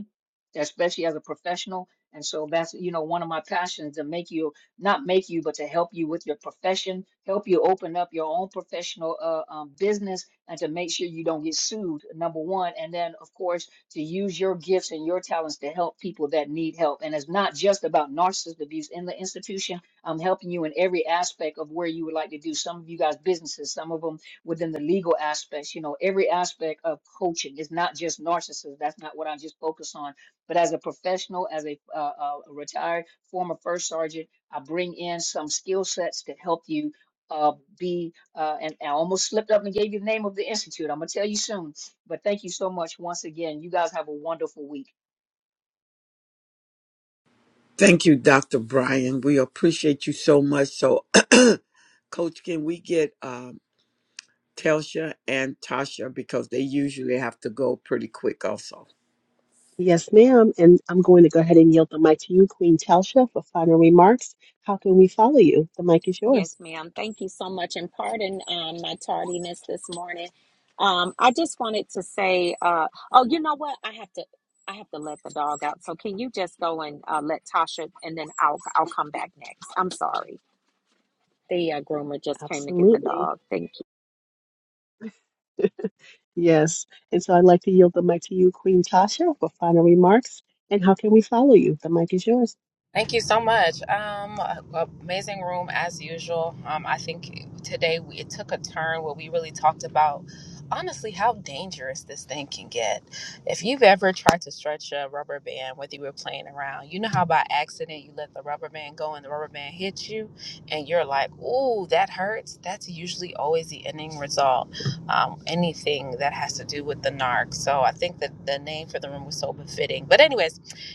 Speaker 6: especially as a professional. And so that's, you know, one of my passions to make you, not make you, but to help you with your profession, help you open up your own professional uh, um, business and to make sure you don't get sued, number one. And then, of course, to use your gifts and your talents to help people that need help. And it's not just about narcissist abuse in the institution. I'm helping you in every aspect of where you would like to do. Some of you guys, businesses, some of them within the legal aspects, you know, every aspect of coaching. It's not just narcissists. That's not what I just focus on but as a professional, as a, uh, uh, a retired former first sergeant, I bring in some skill sets to help you uh, be. Uh, and I almost slipped up and gave you the name of the institute. I'm gonna tell you soon. But thank you so much once again. You guys have a wonderful week.
Speaker 1: Thank you, Dr. Brian. We appreciate you so much. So, Coach, can we get um, Telsha and Tasha because they usually have to go pretty quick, also.
Speaker 7: Yes, ma'am. And I'm going to go ahead and yield the mic to you, Queen Telsha, for final remarks. How can we follow you? The mic is
Speaker 9: Yes,
Speaker 7: yours.
Speaker 9: ma'am. Thank you so much. And pardon um, my tardiness this morning. Um, I just wanted to say, uh, oh, you know what? I have to, I have to let the dog out. So can you just go and uh, let Tasha, and then I'll, I'll come back next. I'm sorry. The uh, groomer just came to get the
Speaker 7: Absolutely.
Speaker 9: dog. Thank you.
Speaker 7: Yes. And so I'd like to yield the mic to you, Queen Tasha, for final remarks. And how can we follow you? The mic is yours.
Speaker 8: Thank you so much. Um, amazing room as usual. Um, I think today we, it took a turn where we really talked about honestly how dangerous this thing can get. If you've ever tried to stretch a rubber band, whether you were playing around, you know how by accident you let the rubber band go and the rubber band hits you, and you're like, "Ooh, that hurts." That's usually always the ending result. Um, anything that has to do with the narc. So I think that the name for the room was so befitting. But anyways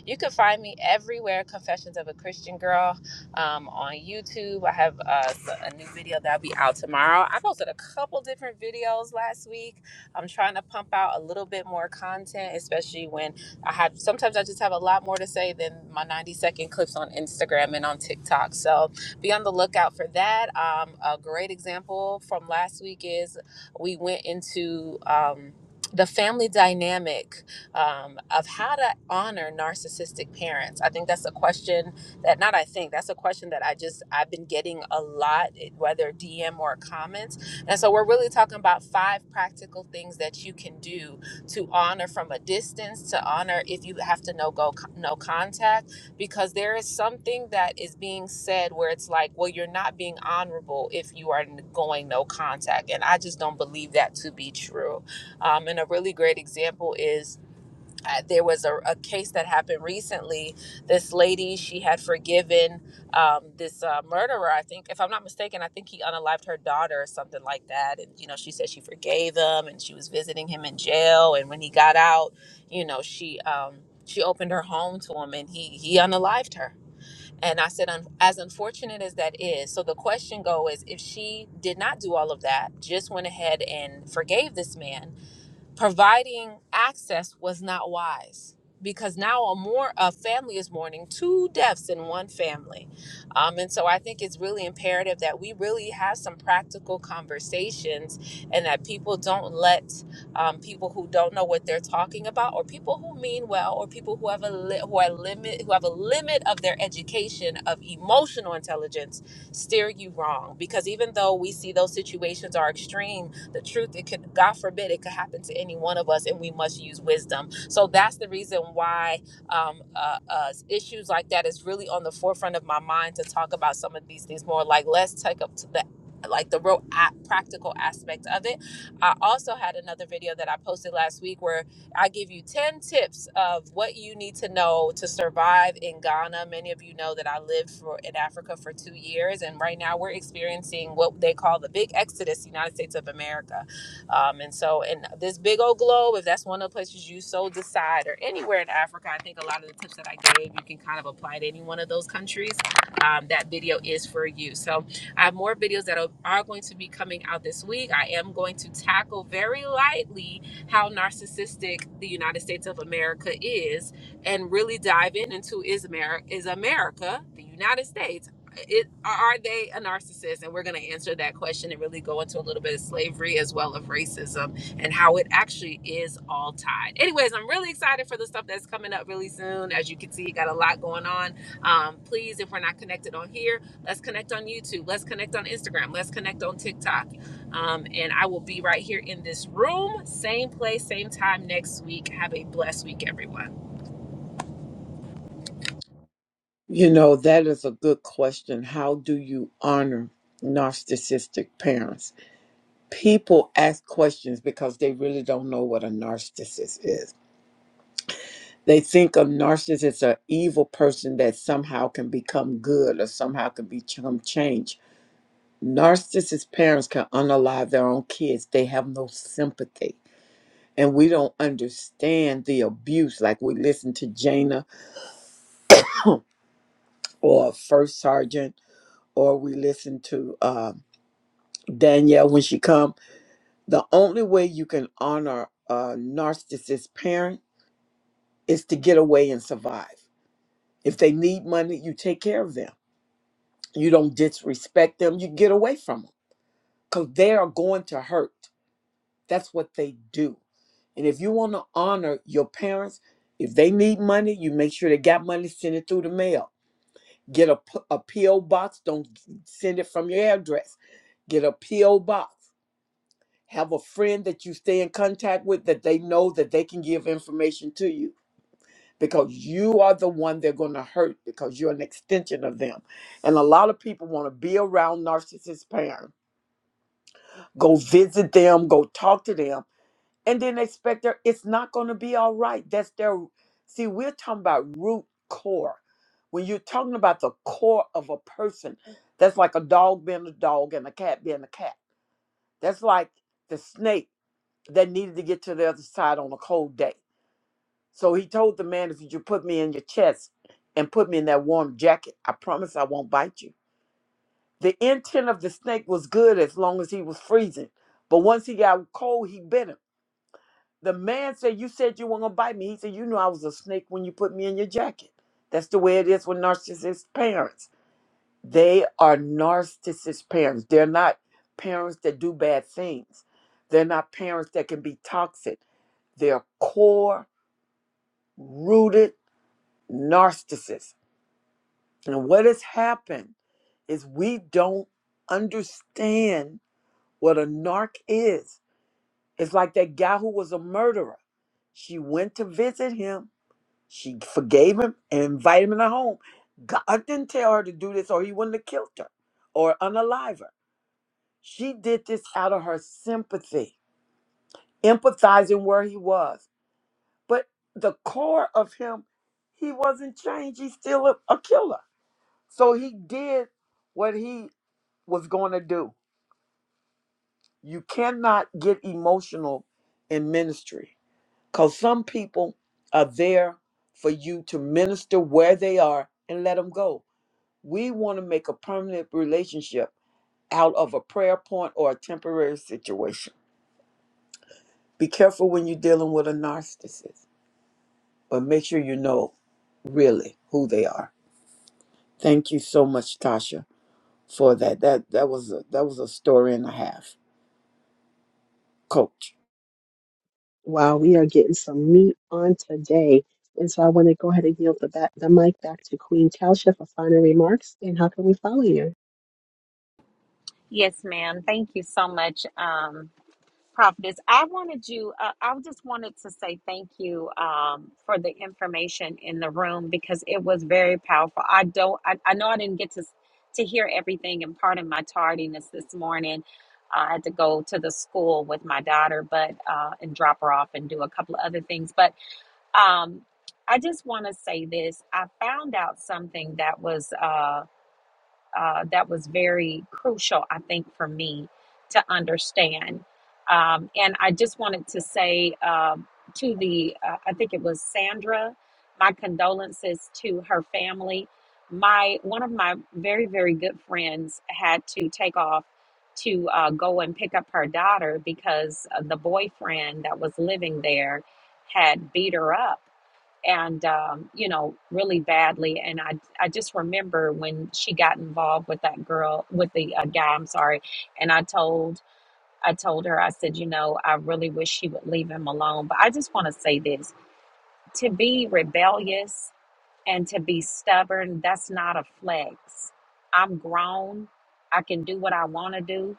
Speaker 8: you can find me everywhere, Confessions of a Christian Girl, um, on YouTube. I have uh, s- a new video that'll be out tomorrow. I posted a couple different videos last week. I'm trying to pump out a little bit more content, especially when I have. Sometimes I just have a lot more to say than my 90 second clips on Instagram and on TikTok. So be on the lookout for that. Um, a great example from last week is we went into um, the family dynamic um, of how to honor narcissistic parents. I think that's a question that not I think that's a question that I just I've been getting a lot, eh, whether DM or comments. And so we're really talking about five practical things that you can do to honor from a distance, to honor if you have to no go no contact, because there is something that is being said where it's like, well, you're not being honorable if you are n- going no contact, and I just don't believe that to be true. Um, and a really great example is uh, there was a, a case that happened recently. This lady, she had forgiven um, this uh, murderer. I think, if I'm not mistaken, I think he unalived her daughter or something like that. And you know, she said she forgave him, and she was visiting him in jail. And when he got out, you know, she um, she opened her home to him, and he he unalived her. And I said, "Un- as unfortunate as that is, so the question go is, if she did not do all of that, just went ahead and forgave this man providing access was not wise because now a more a family is mourning two deaths in one family um, and so i think it's really imperative that we really have some practical conversations and that people don't let um, people who don't know what they're talking about or people who mean well or people who have a li- who are limit who have a limit of their education of emotional intelligence steer you wrong because even though we see those situations are extreme the truth it could god forbid it could happen to any one of us and we must use wisdom so that's the reason why um, uh, uh, issues like that is really on the forefront of my mind to talk about some of these things more like let's take up to the like the real practical aspect of it i also had another video that i posted last week where I give you 10 tips of what you need to know to survive in Ghana. Many of you know that I lived for in Africa for 2 years and right now we're experiencing what they call the big exodus United States of America. Um, and so in this big old globe if that's one of the places you so decide or anywhere in Africa, I think a lot of the tips that I gave you can kind of apply to any one of those countries. Um, that video is for you. So I have more videos that are are going to be coming out this week. I am going to tackle very lightly how narcissistic the United States of America is and really dive in into is America is America, the United States, it, are they a narcissist? And we're going to answer that question and really go into a little bit of slavery as well of racism and how it actually is all tied. Anyways, I'm really excited for the stuff that's coming up really soon. As you can see, got a lot going on. Um, please, if we're not connected on here, let's connect on YouTube. Let's connect on Instagram. Let's connect on TikTok. Um, and I will be right here in this room, same place, same time next week. Have a blessed week, everyone.
Speaker 1: You know, that is a good question. How do you honor narcissistic parents? People ask questions because they really don't know what a narcissist is. They think a narcissist is an evil person that somehow can become good or somehow can become changed. Narcissist parents can unalive their own kids. They have no sympathy. and we don't understand the abuse. Like we listen to Jana or First Sergeant, or we listen to um Danielle when she come. The only way you can honor a narcissist parent is to get away and survive. If they need money, you take care of them. You don't disrespect them. You get away from them because they are going to hurt. That's what they do. And if you want to honor your parents, if they need money, you make sure they got money, send it through the mail Get a, p- a P.O. box. Don't send it from your address. Get a P.O. box. Have a friend that you stay in contact with that they know that they can give information to you because you are the one they're going to hurt because you're an extension of them. And a lot of people want to be around narcissist parents. Go visit them, go talk to them and then expect their it's not going to be all right that's their see we're talking about root core when you're talking about the core of a person that's like a dog being a dog and a cat being a cat that's like the snake that needed to get to the other side on a cold day so he told the man if you just put me in your chest and put me in that warm jacket i promise i won't bite you the intent of the snake was good as long as he was freezing but once he got cold he bit him The man said, You said you weren't going to bite me. He said, You knew I was a snake when you put me in your jacket. That's the way it is with narcissist parents. They are narcissist parents. They're not parents that do bad things, they're not parents that can be toxic. They're core rooted narcissists. And what has happened is we don't understand what a narc is. It's like that guy who was a murderer. She went to visit him She forgave him and invited him in her home. God didn't tell her to do this, or he wouldn't have killed her or unalive her. She did this out of her sympathy, empathizing where he was. But the core of him, he wasn't changed. He's still a, a killer. So he did what he was going to do. You cannot get emotional in ministry because some people are there for you to minister where they are and let them go We want to make a permanent relationship out of a prayer point or a temporary situation. Be careful when you're dealing with a narcissist, but make sure you know really who they are. Thank you so much, Tasha, for that. That that was a that was a story and a half, Coach.
Speaker 7: Wow, we are getting some meat on today. And so I want to go ahead and yield the, back, the mic back to Queen Tausha for final remarks. And how can we follow you?
Speaker 9: Yes, ma'am. Thank you so much. Um, Prophetess, I wanted you, uh, I just wanted to say thank you um, for the information in the room because it was very powerful. I don't, I, I know I didn't get to, to hear everything and pardon my tardiness this morning. I had to go to the school with my daughter, but, uh, and drop her off and do a couple of other things. But um, I just want to say this. I found out something that was, uh, uh, that was very crucial, I think, for me to understand. Um, and I just wanted to say um to the, uh, I think it was Sandra, my condolences to her family. My one of my very very good friends had to take off to uh, go and pick up her daughter because uh, the boyfriend that was living there had beat her up and um, you know really badly and I, I just remember when she got involved with that girl with the uh, guy i'm sorry and i told i told her i said you know i really wish she would leave him alone but i just want to say this to be rebellious and to be stubborn that's not a flex i'm grown i can do what i want to do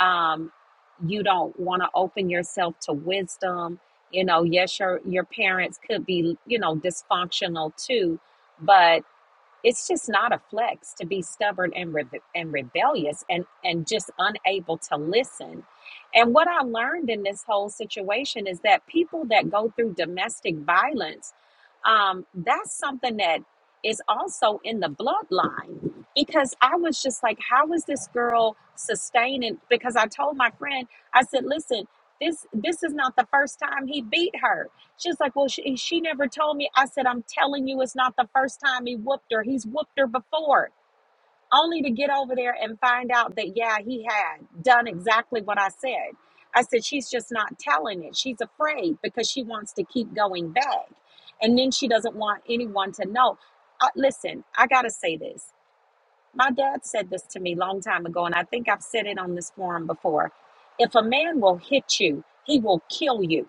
Speaker 9: um, you don't want to open yourself to wisdom you know yes your your parents could be you know dysfunctional too but it's just not a flex to be stubborn and rebe- and rebellious and and just unable to listen. And what I learned in this whole situation is that people that go through domestic violence, um, that's something that is also in the bloodline. Because I was just like, how is this girl sustaining? Because I told my friend, I said, listen, this this is not the first time he beat her She's like, Well, she, she never told me. I said, I'm telling you, it's not the first time he whooped her. He's whooped her before, only to get over there and find out that, yeah, he had done exactly what I said. I said, She's just not telling it. She's afraid because she wants to keep going back. And then she doesn't want anyone to know. Uh, listen, I got to say this. My dad said this to me a long time ago, and I think I've said it on this forum before. If a man will hit you, he will kill you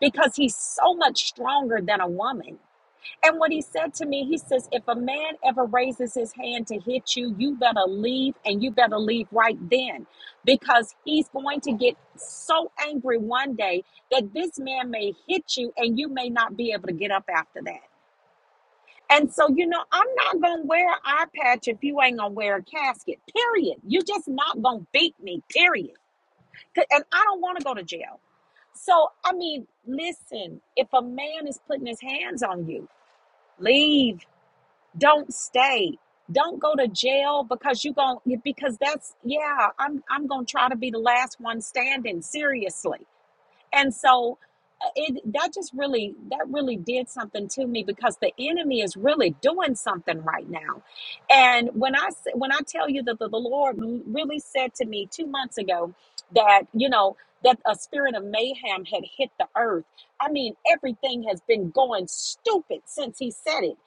Speaker 9: because he's so much stronger than a woman. And what he said to me, he says, if a man ever raises his hand to hit you, you better leave and you better leave right then because he's going to get so angry one day that this man may hit you and you may not be able to get up after that. And so, you know, I'm not going to wear an eye patch if you ain't going to wear a casket, period. You're just not going to beat me, Period. And I don't want to go to jail. So, I mean, listen, if a man is putting his hands on you, leave. Don't stay. Don't go to jail because you going because that's yeah, I'm I'm going to try to be the last one standing seriously. And so uh, it that just really that really did something to me because the enemy is really doing something right now. And when I s- when I tell you that the, the Lord really said to me 2 months ago that, you know, that a spirit of mayhem had hit the earth. I mean, everything has been going stupid since he said it.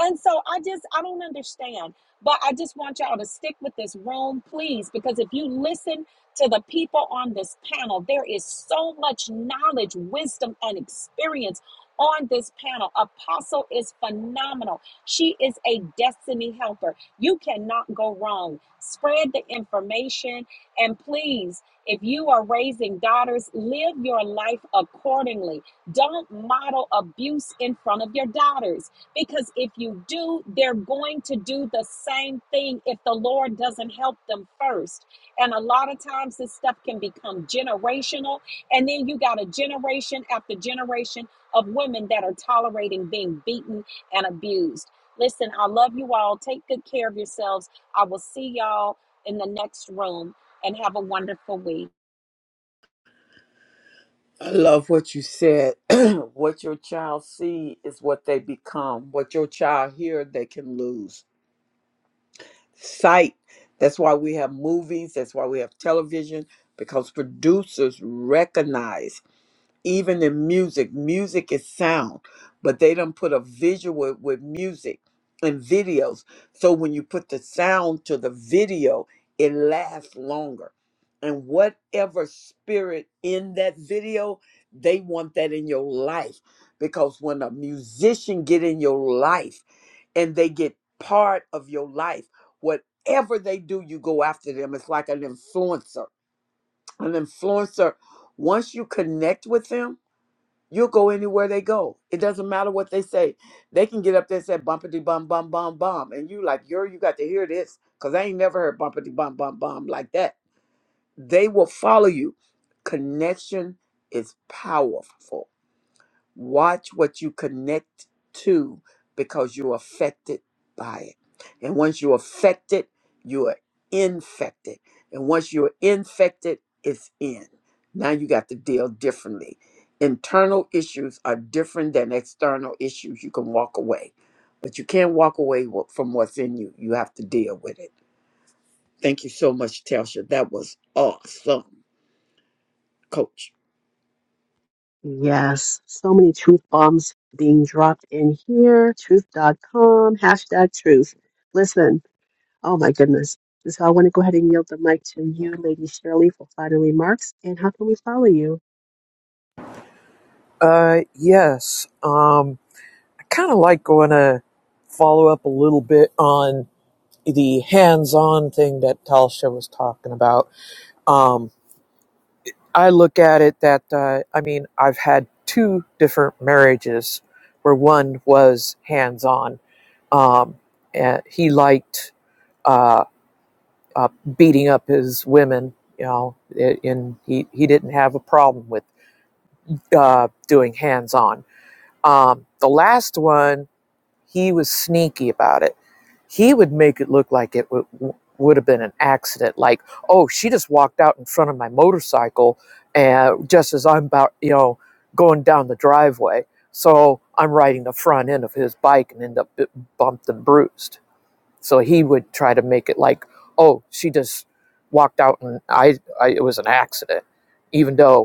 Speaker 9: And so I just I don't understand. But I just want y'all to stick with this room, please, because if you listen to the people on this panel. There is so much knowledge, wisdom, and experience on this panel. Apostle is phenomenal. She is a destiny helper. You cannot go wrong. Spread the information. And please, if you are raising daughters, live your life accordingly. Don't model abuse in front of your daughters because if you do, they're going to do the same thing if the Lord doesn't help them first. And a lot of times this stuff can become generational. And then you got a generation after generation of women that are tolerating being beaten and abused. Listen, I love you all. Take good care of yourselves. I will see y'all in the next room and have a wonderful week.
Speaker 1: I love what you said. what your child see is what they become. What your child hear, they can lose. sight. That's why we have movies, that's why we have television, because producers recognize, even in music, music is sound, but they don't put a visual with music and videos. So when you put the sound to the video, it lasts longer. And whatever spirit in that video, they want that in your life. Because when a musician get in your life, and they get part of your life. Whatever they do, you go after them. It's like an influencer. An influencer, once you connect with them, you'll go anywhere they go. It doesn't matter what they say. They can get up there and say bumpity bum bum bum bum. And you like, you're you got to hear this. Cause I ain't never heard bumpity bum bum bum like that. They will follow you. Connection is powerful. Watch what you connect to because you're affected by it. And once you're affected, you are infected. And once you're infected, it's in. Now you got to deal differently. Internal issues are different than external issues. You can walk away, but you can't walk away wa- from what's in you. You have to deal with it. Thank you so much, Telsha. That was awesome, Coach.
Speaker 7: Yes, so many truth bombs being dropped in here. Truth dot com hashtag truth. Listen, oh my goodness. And so I want to go ahead and yield the mic to you, Lady Shirley, for final remarks. And how can we follow you?
Speaker 3: Uh, yes, um, I kind of like going to follow up a little bit on the hands-on thing that Talsha was talking about. Um. I look at it that uh, I mean I've had two different marriages where one was hands on. Um, and he liked uh, uh, beating up his women, you know, a- and he he didn't have a problem with uh, doing hands on. Um, the last one he was sneaky about it. He would make it look like it w- w- would have been an accident, like, oh, she just walked out in front of my motorcycle, and just as I'm about, you know, going down the driveway, so I'm riding the front end of his bike and end up b- bumped and bruised. So he would try to make it like, oh, she just walked out and I, I it was an accident, even though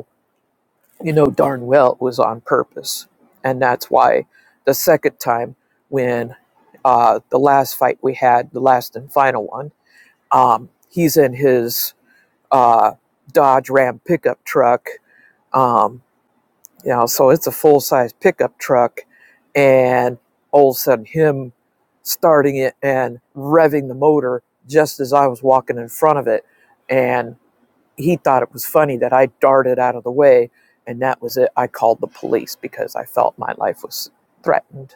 Speaker 3: you know darn well it was on purpose. And that's why the second time, when uh, the last fight we had, the last and final one, um, he's in his uh, Dodge Ram pickup truck. Um, you know, so it's a full size pickup truck. And all of a sudden, him starting it and revving the motor just as I was walking in front of it. and he thought it was funny that I darted out of the way, and that was it. I called the police because I felt my life was threatened.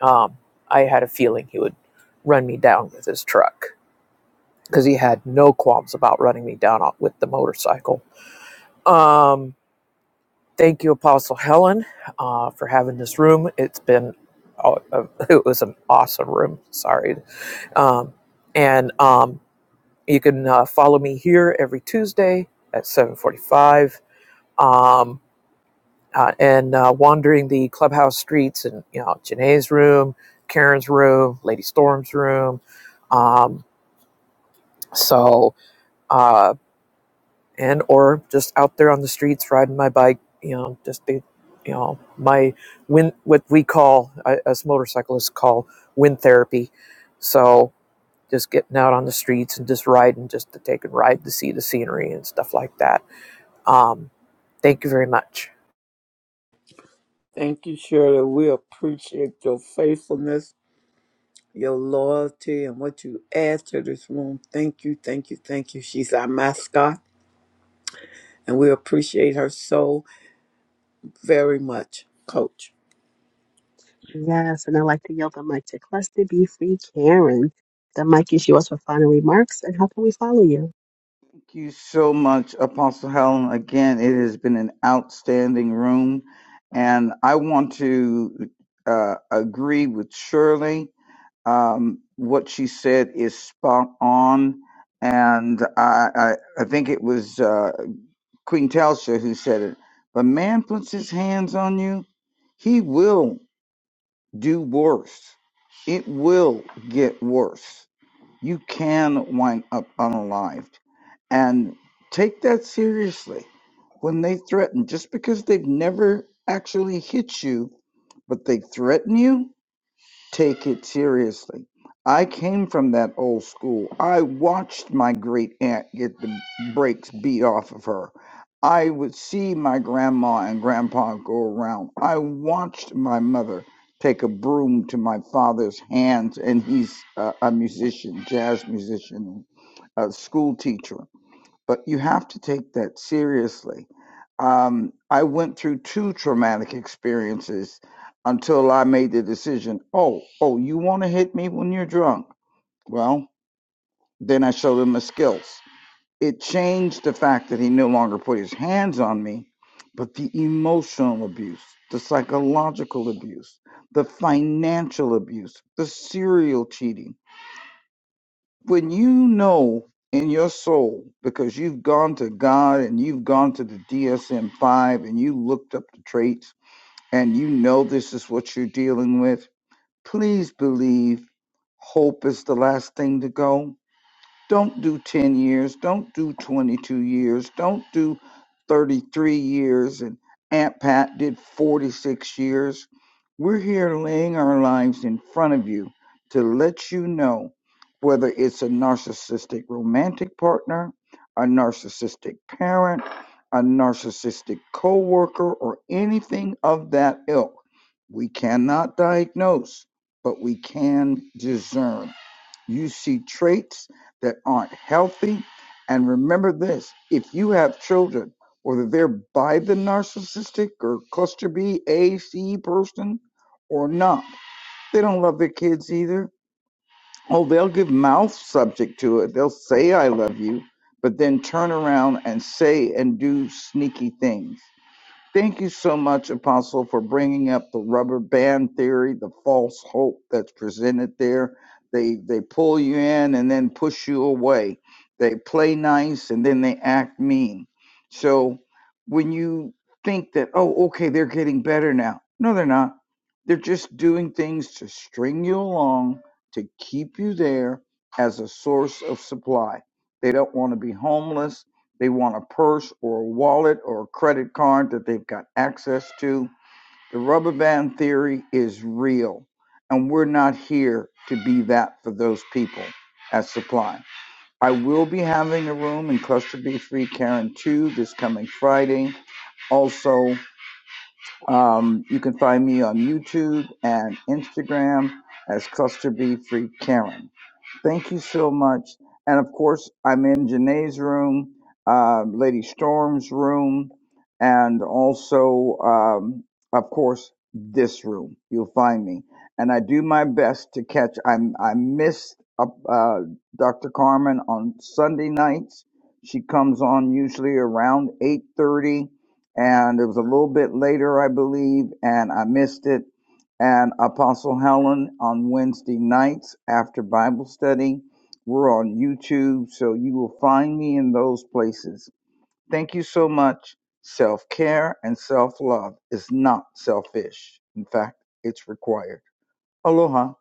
Speaker 3: Um, I had a feeling he would run me down with his truck because he had no qualms about running me down with the motorcycle. Um, thank you, Apostle Helen, uh, for having this room. It's been oh, uh, it was an awesome room. Sorry, um, and um, you can uh, follow me here every Tuesday at seven forty-five Um, uh, and uh, wandering the clubhouse streets and you know Janae's room, Karen's room, Lady Storm's room, um, so uh, and or just out there on the streets riding my bike, you know, just the you know my wind what we call uh, us motorcyclists call wind therapy, so just getting out on the streets and just riding just to take a ride to see the scenery and stuff like that. Um, thank you very much.
Speaker 1: Thank you, Shirley. We appreciate your faithfulness your loyalty and what you add to this room. Thank you, thank you, thank you. She's our mascot, and we appreciate her so very much, Coach.
Speaker 7: Yes, and I'd like to yield the mic to Cluster B Free Karen. The mic is yours for final remarks. And how can we follow you?
Speaker 4: Thank you so much, Apostle Helen. Again, it has been an outstanding room, and I want to uh, agree with Shirley um, what she said is spot on. And I, I, I think it was uh, Queen Telsha who said it. If a man puts his hands on you, he will do worse. It will get worse. You can wind up unalived. And take that seriously when they threaten, just because they've never actually hit you, but they threaten you take it seriously. I came from that old school. I watched my great aunt get the brakes beat off of her. I would see my grandma and grandpa go around. I watched my mother take a broom to my father's hands, and he's a, a musician, jazz musician, a school teacher but you have to take that seriously. Um, I went through two traumatic experiences until I made the decision. Oh, oh, you want to hit me when you're drunk? Well, then I showed him my skills. It changed the fact that he no longer put his hands on me, but the emotional abuse, the psychological abuse, the financial abuse, the serial cheating when you know in your soul because you've gone to God and you've gone to the DSM-5 and you looked up the traits and you know this is what you're dealing with, please believe hope is the last thing to go don't do 10 years. Don't do 22 years. Don't do 33 years. And Aunt Pat did 46 years. We're here laying our lives in front of you to let you know whether it's a narcissistic romantic partner, a narcissistic parent, a narcissistic coworker, or anything of that ilk. We cannot diagnose, but we can discern. You see traits that aren't healthy. And remember this if you have children, whether they're by the narcissistic or cluster B, A, C person or not, they don't love their kids either. Oh, they'll give mouth subject to it. They'll say, I love you, but then turn around and say and do sneaky things. Thank you so much, Apostle, for bringing up the rubber band theory, the false hope that's presented there. They they pull you in and then push you away. They play nice and then they act mean. So when you think that oh okay they're getting better now, no they're not. They're just doing things to string you along to keep you there as a source of supply. They don't want to be homeless. They want a purse or a wallet or a credit card that they've got access to. The rubber band theory is real, and we're not here to be that for those people at Supply. I will be having a room in Cluster B3 Karen 2 this coming Friday. Also, um, you can find me on YouTube and Instagram as Cluster B Free Karen. Thank you so much. And of course, I'm in Janae's room, uh, Lady Storm's room, and also, um, of course, this room. You'll find me. And I do my best to catch. I'm, I missed uh, uh, Dr. Carmen on Sunday nights. She comes on usually around 8.30 and it was a little bit later, I believe, and I missed it and Apostle Helen on Wednesday nights after Bible study. We're on YouTube, so you will find me in those places. Thank you so much. Self care and self love is not selfish. In fact, it's required. Aloha.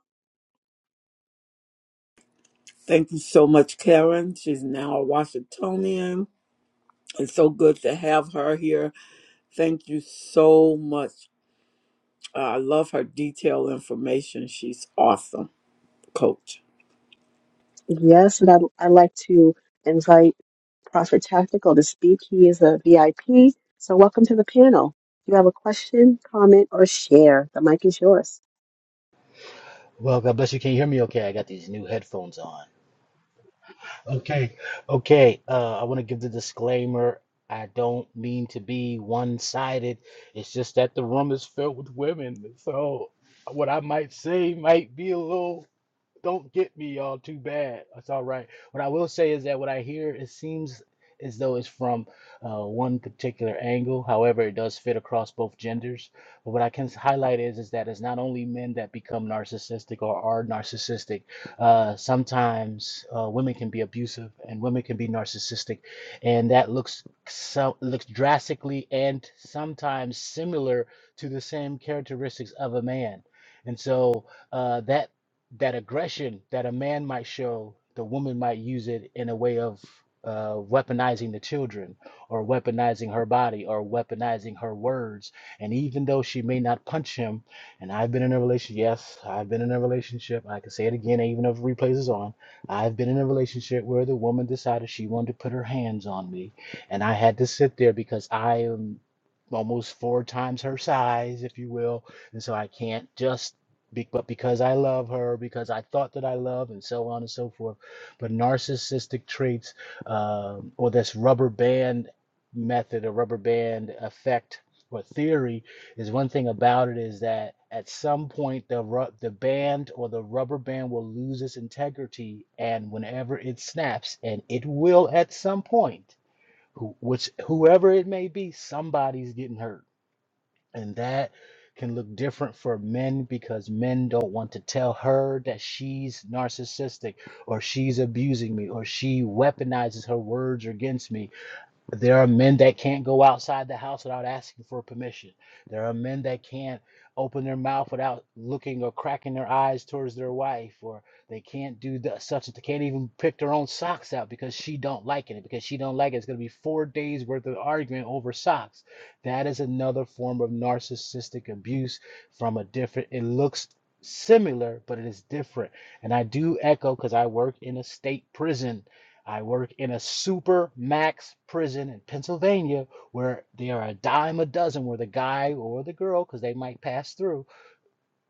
Speaker 1: Thank you so much, Karen. She's now a Washingtonian. It's so good to have her here. Thank you so much. Uh, I love her detailed information. She's awesome, Coach.
Speaker 7: Yes, and I'd, I'd like to invite Prophet Tactical to speak. He is a VIP. So, welcome to the panel. If you have a question, comment, or share, the mic is yours.
Speaker 13: Well, God bless you. Can you hear me okay? I got these new headphones on. Okay. Okay. Uh, I want to give the disclaimer. I don't mean to be one-sided. It's just that the room is filled with women. So what I might say might be a little don't get me all too bad. That's all right. What I will say is that what I hear it seems as though it's from uh, one particular angle. However, it does fit across both genders. But what I can s- highlight is is that it's not only men that become narcissistic or are narcissistic. Uh, sometimes uh, women can be abusive and women can be narcissistic, and that looks so looks drastically and sometimes similar to the same characteristics of a man. And so uh, that that aggression that a man might show, the woman might use it in a way of uh, weaponizing the children or weaponizing her body or weaponizing her words. And even though she may not punch him, and I've been in a relationship, yes, I've been in a relationship. I can say it again, even if replays is on. I've been in a relationship where the woman decided she wanted to put her hands on me, and I had to sit there because I am almost four times her size, if you will. And so I can't just be, but because I love her, because I thought that I love, and so on and so forth. But narcissistic traits, um, or this rubber band method or rubber band effect or theory, is one thing about it is that at some point the ru- the band or the rubber band will lose its integrity, and whenever it snaps, and it will at some point, who, which whoever it may be, somebody's getting hurt and that can look different for men because men don't want to tell her that she's narcissistic or she's abusing me or she weaponizes her words against me but There are men that can't go outside the house without asking for permission. There are men that can't open their mouth without looking or cracking their eyes towards their wife, or they can't do the, such. that They can't even pick their own socks out because she don't like it. Because she don't like it, it's going to be four days worth of arguing over socks. That is another form of narcissistic abuse from a different. It looks similar, but it is different. And I do echo because I work in a state prison I work in a super max prison in Pennsylvania where there are a dime a dozen where the guy or the girl, because they might pass through,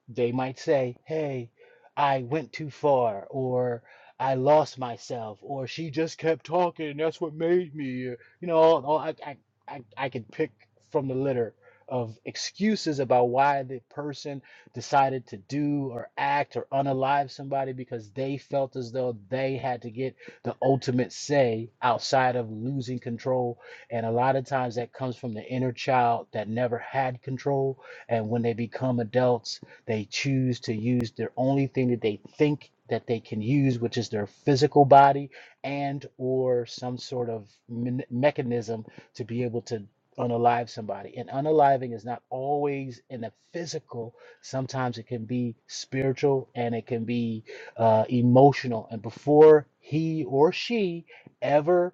Speaker 13: they might say, hey, I went too far, or I lost myself, or she just kept talking, and that's what made me. uh," You know, all, all- I, I, I, I could pick from the litter of excuses about why the person decided to do or act or unalive somebody because they felt as though they had to get the ultimate say outside of losing control. And a lot of times that comes from the inner child that never had control. And when they become adults, they choose to use their only thing that they think that they can use, which is their physical body and or some sort of men- mechanism to be able to unalive somebody. And unaliving is not always in the physical. Sometimes it can be spiritual and it can be uh, emotional. And before he or she ever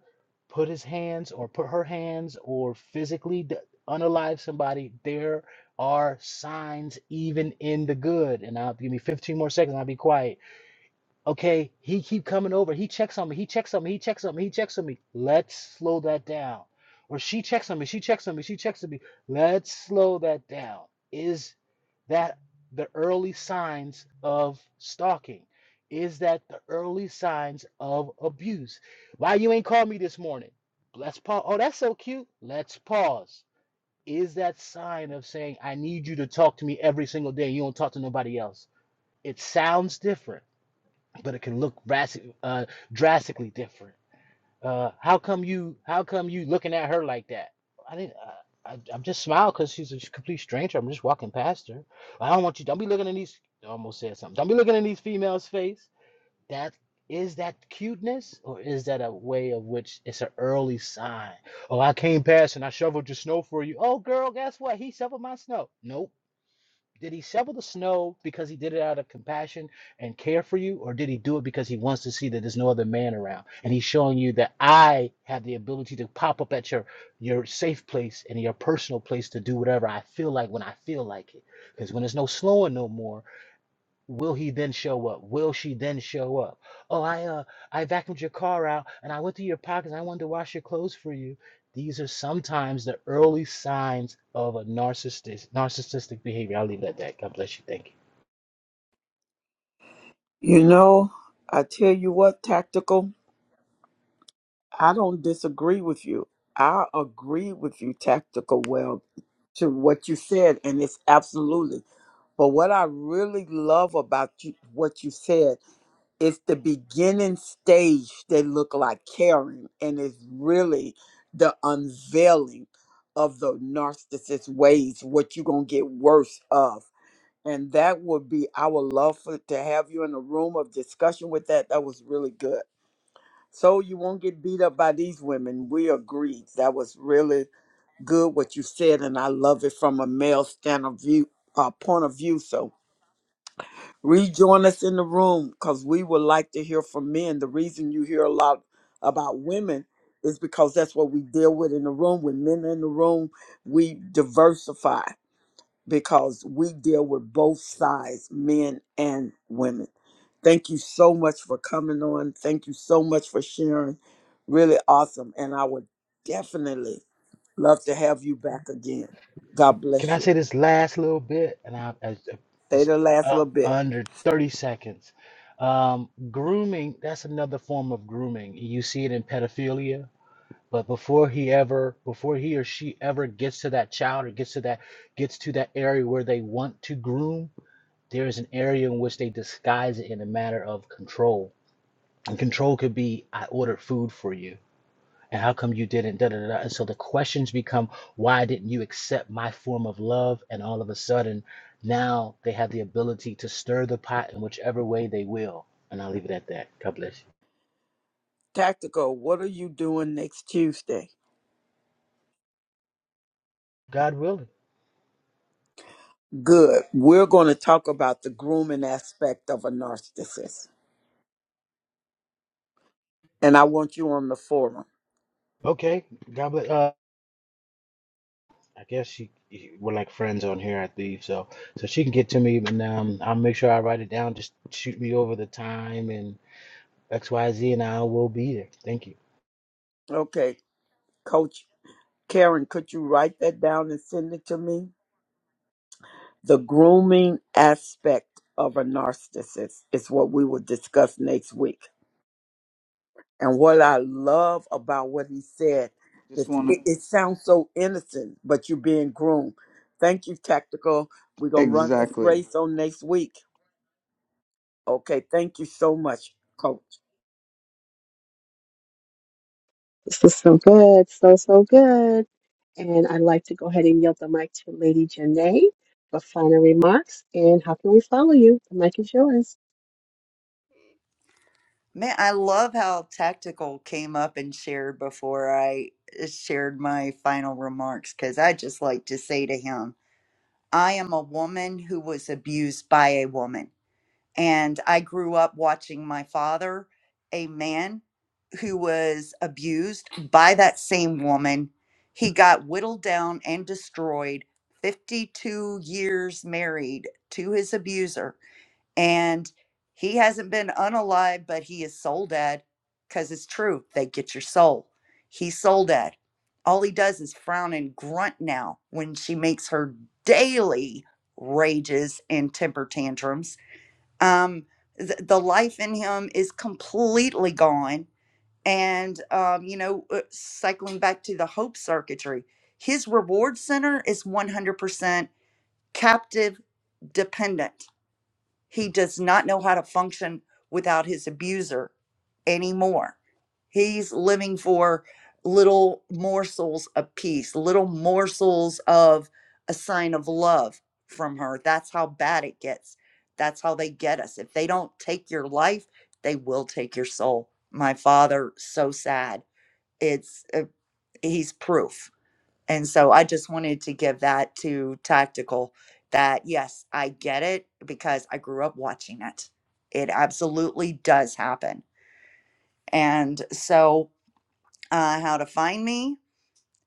Speaker 13: put his hands or put her hands or physically d- unalive somebody, they're are signs even in the good. And I'll give me 15 more seconds. I'll be quiet. Okay, he keep coming over. He checks on me. He checks on me. He checks on me. He checks on me. Let's slow that down. Or she checks on me. She checks on me. She checks on me. Let's slow that down. Is that the early signs of stalking? Is that the early signs of abuse? Why you ain't called me this morning? Let's pause. Oh, that's so cute. Let's pause is that sign of saying, I need you to talk to me every single day. You don't talk to nobody else. It sounds different, but it can look drastic, uh, drastically different. Uh, how come you? How come you looking at her like that? I didn't. I, I, I'm just smiling because she's a complete stranger. I'm just walking past her. I don't want you. Don't be looking in these. I Almost said something. Don't be looking in these females' face that is that cuteness or is that a way of which it's an early sign oh i came past and i shoveled your snow for you oh girl guess what he shoveled my snow nope did he shovel the snow because he did it out of compassion and care for you or did he do it because he wants to see that there's no other man around and he's showing you that i have the ability to pop up at your your safe place and your personal place to do whatever i feel like when i feel like it because when there's no slowing no more Will he then show up? Will she then show up? Oh, I uh I vacuumed your car out and I went through your pockets. I wanted to wash your clothes for you. These are sometimes the early signs of a narcissistic narcissistic behavior. I'll leave it at that. God bless you. Thank you.
Speaker 1: You know, I tell you what, Tactical. I don't disagree with you. I agree with you tactical well to what you said and it's absolutely. But what I really love about you, what you said is the beginning stage they look like caring and it's really the unveiling of the narcissist ways what you're going to get worse of. And that would be I would love for, to have you in a room of discussion with that. That was really good. So you won't get beat up by these women. We agree. That was really good what you said, and I love it from a male stand of view uh, point of view. So rejoin us in the room because we would like to hear from men. The reason you hear a lot about women is because that's what we deal with in the room. When men are in the room, we diversify because we deal with both sides, men and women. Thank you so much for coming on. Thank you so much for sharing. Really awesome. And I would definitely love to have you back again. God
Speaker 13: Can
Speaker 1: bless
Speaker 13: I
Speaker 1: you.
Speaker 13: say this last little bit? And I, I
Speaker 1: Stay
Speaker 13: it's
Speaker 1: the last
Speaker 13: uh,
Speaker 1: little bit.
Speaker 13: under 30 seconds. Um, grooming, that's another form of grooming. You see it in pedophilia. But before he ever, before he or she ever gets to that child or gets to that, gets to that area where they want to groom, there is an area in which they disguise it in a matter of control. And control could be, I ordered food for you. And how come you didn't? Da, da, da. da." And so the questions become, why didn't you accept my form of love? And all of a sudden, now they have the ability to stir the pot in whichever way they will. And I'll leave it at that. God bless you.
Speaker 1: Tactical, what are you doing next Tuesday?
Speaker 13: God willing.
Speaker 1: Good. We're going to talk about the grooming aspect of a narcissist. And I want you on the forum.
Speaker 13: Okay. God bless. Uh, I guess she we're like friends on here, I believe. So so she can get to me, and um, I'll make sure I write it down. Just shoot me over the time and X Y Z, and I will be there. Thank you.
Speaker 1: Okay. Coach Karen, could you write that down and send it to me? the grooming aspect of a narcissist is what we will discuss next week. And what I love about what he said, that
Speaker 4: Just want
Speaker 1: it,
Speaker 4: to
Speaker 1: it sounds so innocent, but you're being groomed. Thank you, Tactical. We're going to run this
Speaker 4: exactly
Speaker 1: race on next week. Okay, thank you so much, Coach.
Speaker 7: This was so good, so, so good. And I'd like to go ahead and yield the mic to Lady Janae for final remarks. And how can we follow you? The mic is yours.
Speaker 2: Man, I love how tactical came up and shared before I uh, shared my final remarks because I just like to say to him, I am a woman who was abused by a woman. And I grew up watching my father, a man who was abused by that same woman. He got whittled down and destroyed, 52 years married to his abuser and he hasn't been unalive, but he is soul dead, because it's true. They get your soul. He's soul dead. All he does is frown and grunt now when she makes her daily rages and temper tantrums. Um, th- the life in him is completely gone. And, um, you know, uh, cycling back to the hope circuitry, his reward center is 100% captive dependent he does not know how to function without his abuser anymore. He's living for little morsels of peace, little morsels of a sign of love from her. That's how bad it gets. That's how they get us. If they don't take your life, they will take your soul. My father, so sad. It's uh, he's proof and so I just wanted to give that to Tactical that yes, I get it because I grew up watching it. It absolutely does happen. And so, uh, how to find me?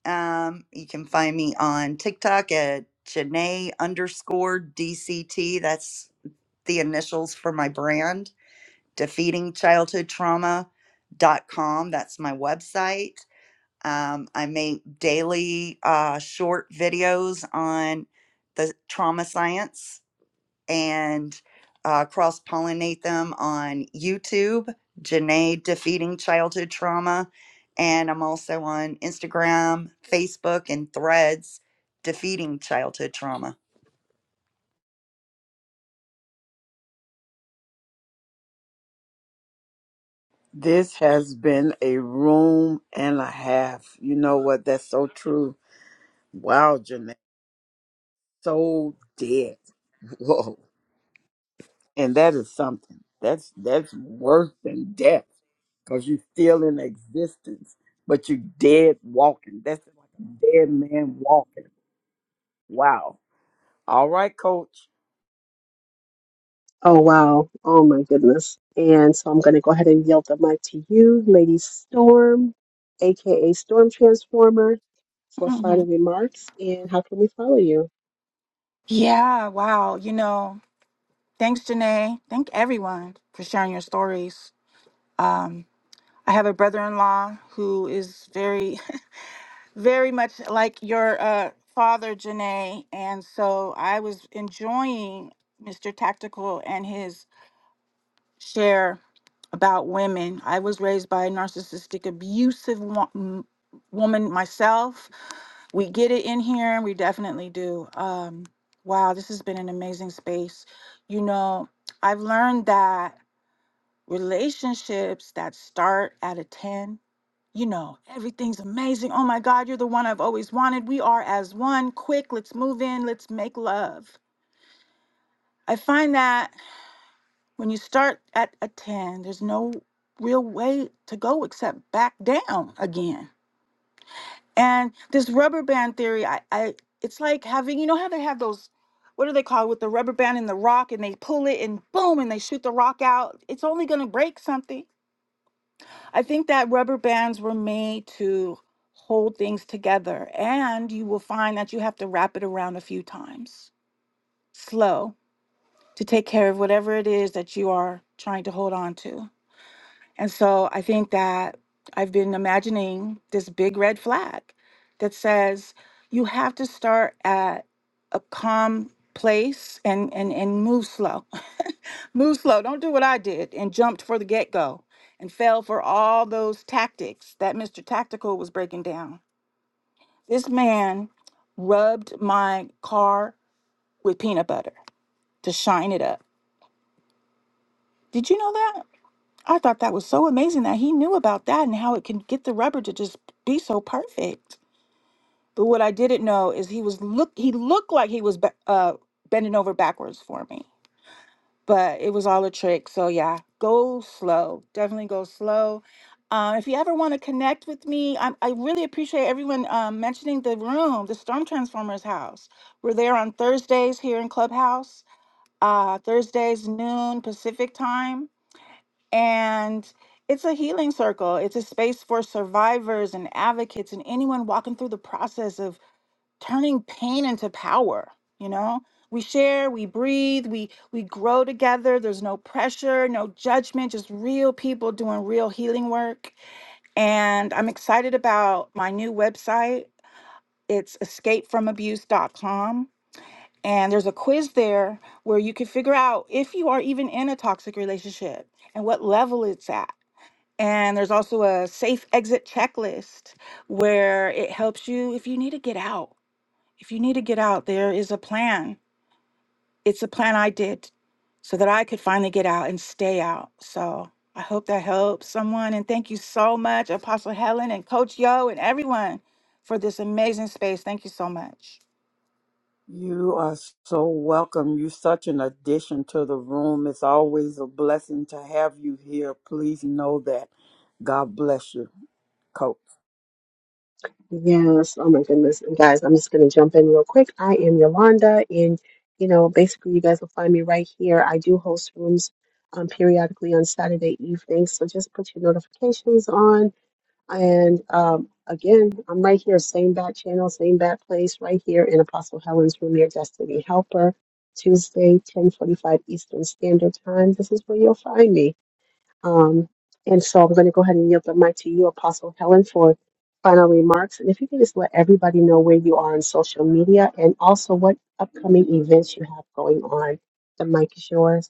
Speaker 2: Um, you can find me on TikTok at Janae underscore DCT. That's the initials for my brand, Defeating Childhood Trauma. dot com. That's my website. Um, I make daily uh, short videos on the trauma science and uh, cross pollinate them on YouTube, Janae Defeating Childhood Trauma. And I'm also on Instagram, Facebook, and Threads, Defeating Childhood Trauma.
Speaker 1: This has been a room and a half. You know what? That's so true. Wow, Jeanette. So dead. Whoa. and that is something that's that's worse than death because you're still in existence but you are dead walking that's like a dead man walking wow all right coach
Speaker 7: Oh, wow. Oh, my goodness. And so I'm going to go ahead and yield the mic to you, Lady Storm, aka Storm Transformer, for final
Speaker 5: Mhm.
Speaker 7: remarks. And how can we follow you?
Speaker 5: Yeah. Wow. You know, thanks, Janae. Thank everyone for sharing your stories. Um, I have a brother in law who is very very much like your uh, father, Janae. And so I was enjoying Mr. Tactical and his share about women. I was raised by a narcissistic, abusive wo- m- woman myself. We get it in here, and we definitely do. Um, wow, this has been an amazing space. You know, I've learned that relationships that start at a 10 you know, everything's amazing. Oh my God, you're the one I've always wanted. We are as one. Quick, let's move in. Let's make love. I find that when you start at a 10, there's no real way to go except back down again. And this rubber band theory, I, I it's like having, you know how they have those, what do they call it, with the rubber band and the rock and they pull it and boom and they shoot the rock out. It's only gonna break something. I think that rubber bands were made to hold things together, and you will find that you have to wrap it around a few times slow to take care of whatever it is that you are trying to hold on to. And so I think that I've been imagining this big red flag that says you have to start at a calm place and and and move slow. move slow. Don't do what I did and jumped for the get-go and fell for all those tactics that Mr. Tactical was breaking down. This man rubbed my car with peanut butter to shine it up. Did you know that? I thought that was so amazing that he knew about that and how it can get the rubber to just be so perfect. But what I didn't know is he was look he looked like he was be- uh, bending over backwards for me, but it was all a trick. So yeah, go slow. Definitely go slow. Um, if you ever want to connect with me, I, I really appreciate everyone um, mentioning the room, the Storm Transformers house. We're there on Thursdays here in Clubhouse. Uh, Thursdays noon Pacific time and it's a healing circle, it's a space for survivors and advocates and anyone walking through the process of turning pain into power, you know? We share, we breathe, we we grow together. There's no pressure, no judgment, just real people doing real healing work. And I'm excited about my new website. It's escapefromabuse.com. And there's a quiz there where you can figure out if you are even in a toxic relationship and what level it's at and there's also a safe exit checklist where it helps you if you need to get out. If you need to get out, there is a plan. It's a plan I did so that I could finally get out and stay out. So I hope that helps someone. And thank you so much, Apostle Helen and Coach Yo and everyone for this amazing space. Thank you so much.
Speaker 1: you are so welcome you're such an addition to the room it's always a blessing to have you here please know that god bless you coach
Speaker 7: Yes. Oh, my goodness. And guys, I'm just going to jump in real quick. I am Yolanda. And, you know, basically, you guys will find me right here. I do host rooms um, periodically on Saturday evenings. So just put your notifications on. And um, again, I'm right here, same bat channel, same bat place, right here in Apostle Helen's room, your destiny helper. Tuesday, 10:45 Eastern Standard Time. This is where you'll find me. Um, and so I'm going to go ahead and yield the mic to you, Apostle Helen, for final remarks. And if you can just let everybody know where you are on social media and also what upcoming events you have going on. The mic is yours.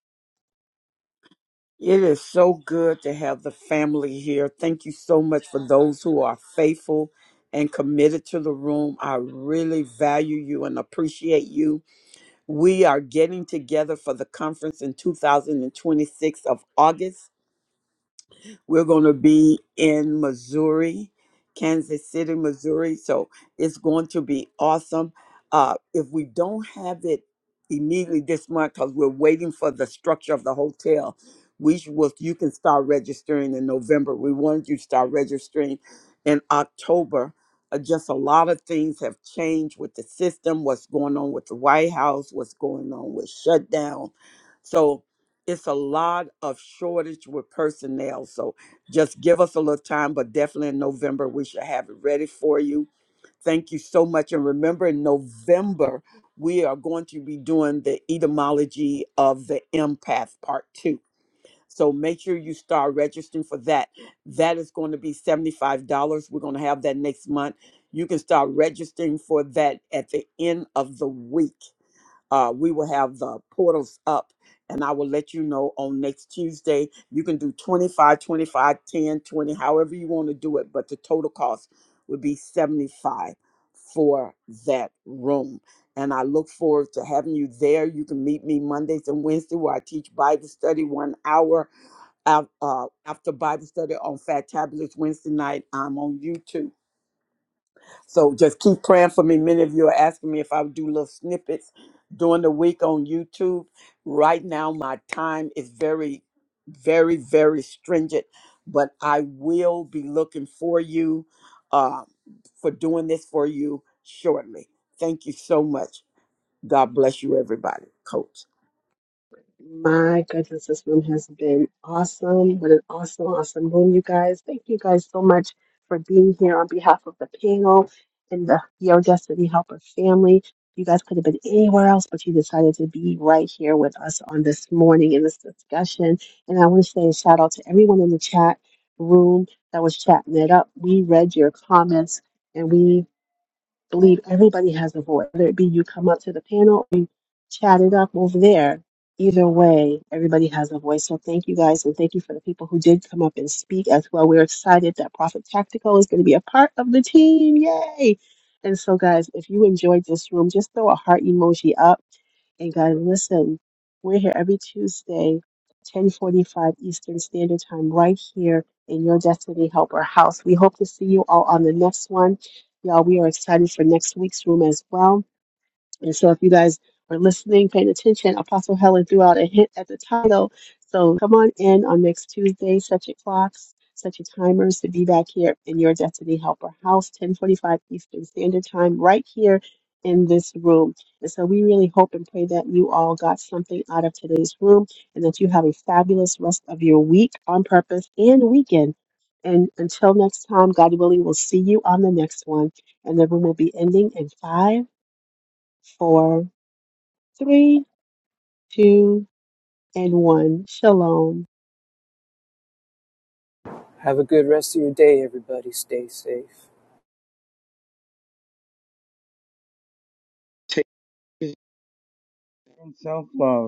Speaker 1: It is so good to have the family here. Thank you so much for those who are faithful and committed to the room. I really value you and appreciate you. We are getting together for the conference in 2026 of August. We're going to be in Missouri, Kansas City, Missouri. So it's going to be awesome. Uh, if we don't have it immediately this month, because we're waiting for the structure of the hotel, we sh- will, you can start registering in November. We wanted you to start registering in October. Uh, just a lot of things have changed with the system, what's going on with the White House, what's going on with shutdown. So it's a lot of shortage with personnel. So just give us a little time, but definitely in November, we should have it ready for you. Thank you so much. And remember, in November, we are going to be doing the etymology of the empath part two. So make sure you start registering for that. That is going to be $75. We're going to have that next month. You can start registering for that at the end of the week uh, we will have the portals up and I will let you know on next Tuesday. You can do 25, 25, 10, 20, however you want to do it, but the total cost would be 75 for that room. And I look forward to having you there. You can meet me Mondays and Wednesdays where I teach Bible study one hour af- uh, after Bible study on Fat Tabulous Wednesday night. I'm on YouTube. So just keep praying for me. Many of you are asking me if I would do little snippets during the week on YouTube. Right now, my time is very, very, very stringent, but I will be looking for you uh, for doing this for you shortly. Thank you so much. God bless you, everybody. Coach.
Speaker 7: My goodness, this room has been awesome. What an awesome, awesome room, you guys. Thank you guys so much for being here on behalf of the panel and the Your Destiny Helper family. You guys could have been anywhere else, but you decided to be right here with us on this morning in this discussion. And I want to say a shout out to everyone in the chat room that was chatting it up. We read your comments and we believe everybody has a voice, whether it be you come up to the panel or you chat it up over there. Either way, everybody has a voice. So thank you guys, and thank you for the people who did come up and speak as well. We're excited that Prophet Tactical is going to be a part of the team. Yay! And so, guys, if you enjoyed this room, just throw a heart emoji up and God, listen, we're here every Tuesday, 1045 Eastern Standard Time, right here in your Destiny Helper house. We hope to see you all on the next one. Y'all, we are excited for next week's room as well. And so, if you guys were listening, paying attention, Apostle Helen threw out a hint at the title. So, come on in on next Tuesday, set your clocks, set your timers to be back here in your Destiny Helper House, 1045 Eastern Standard Time, right here in this room. And so, we really hope and pray that you all got something out of today's room and that you have a fabulous rest of your week on purpose and weekend. And until next time, God willing, we'll see you on the next one. And the room will be ending in five, four, Three, two, and one. Shalom.
Speaker 3: Have a good rest of your day, everybody. Stay safe.
Speaker 4: take self love.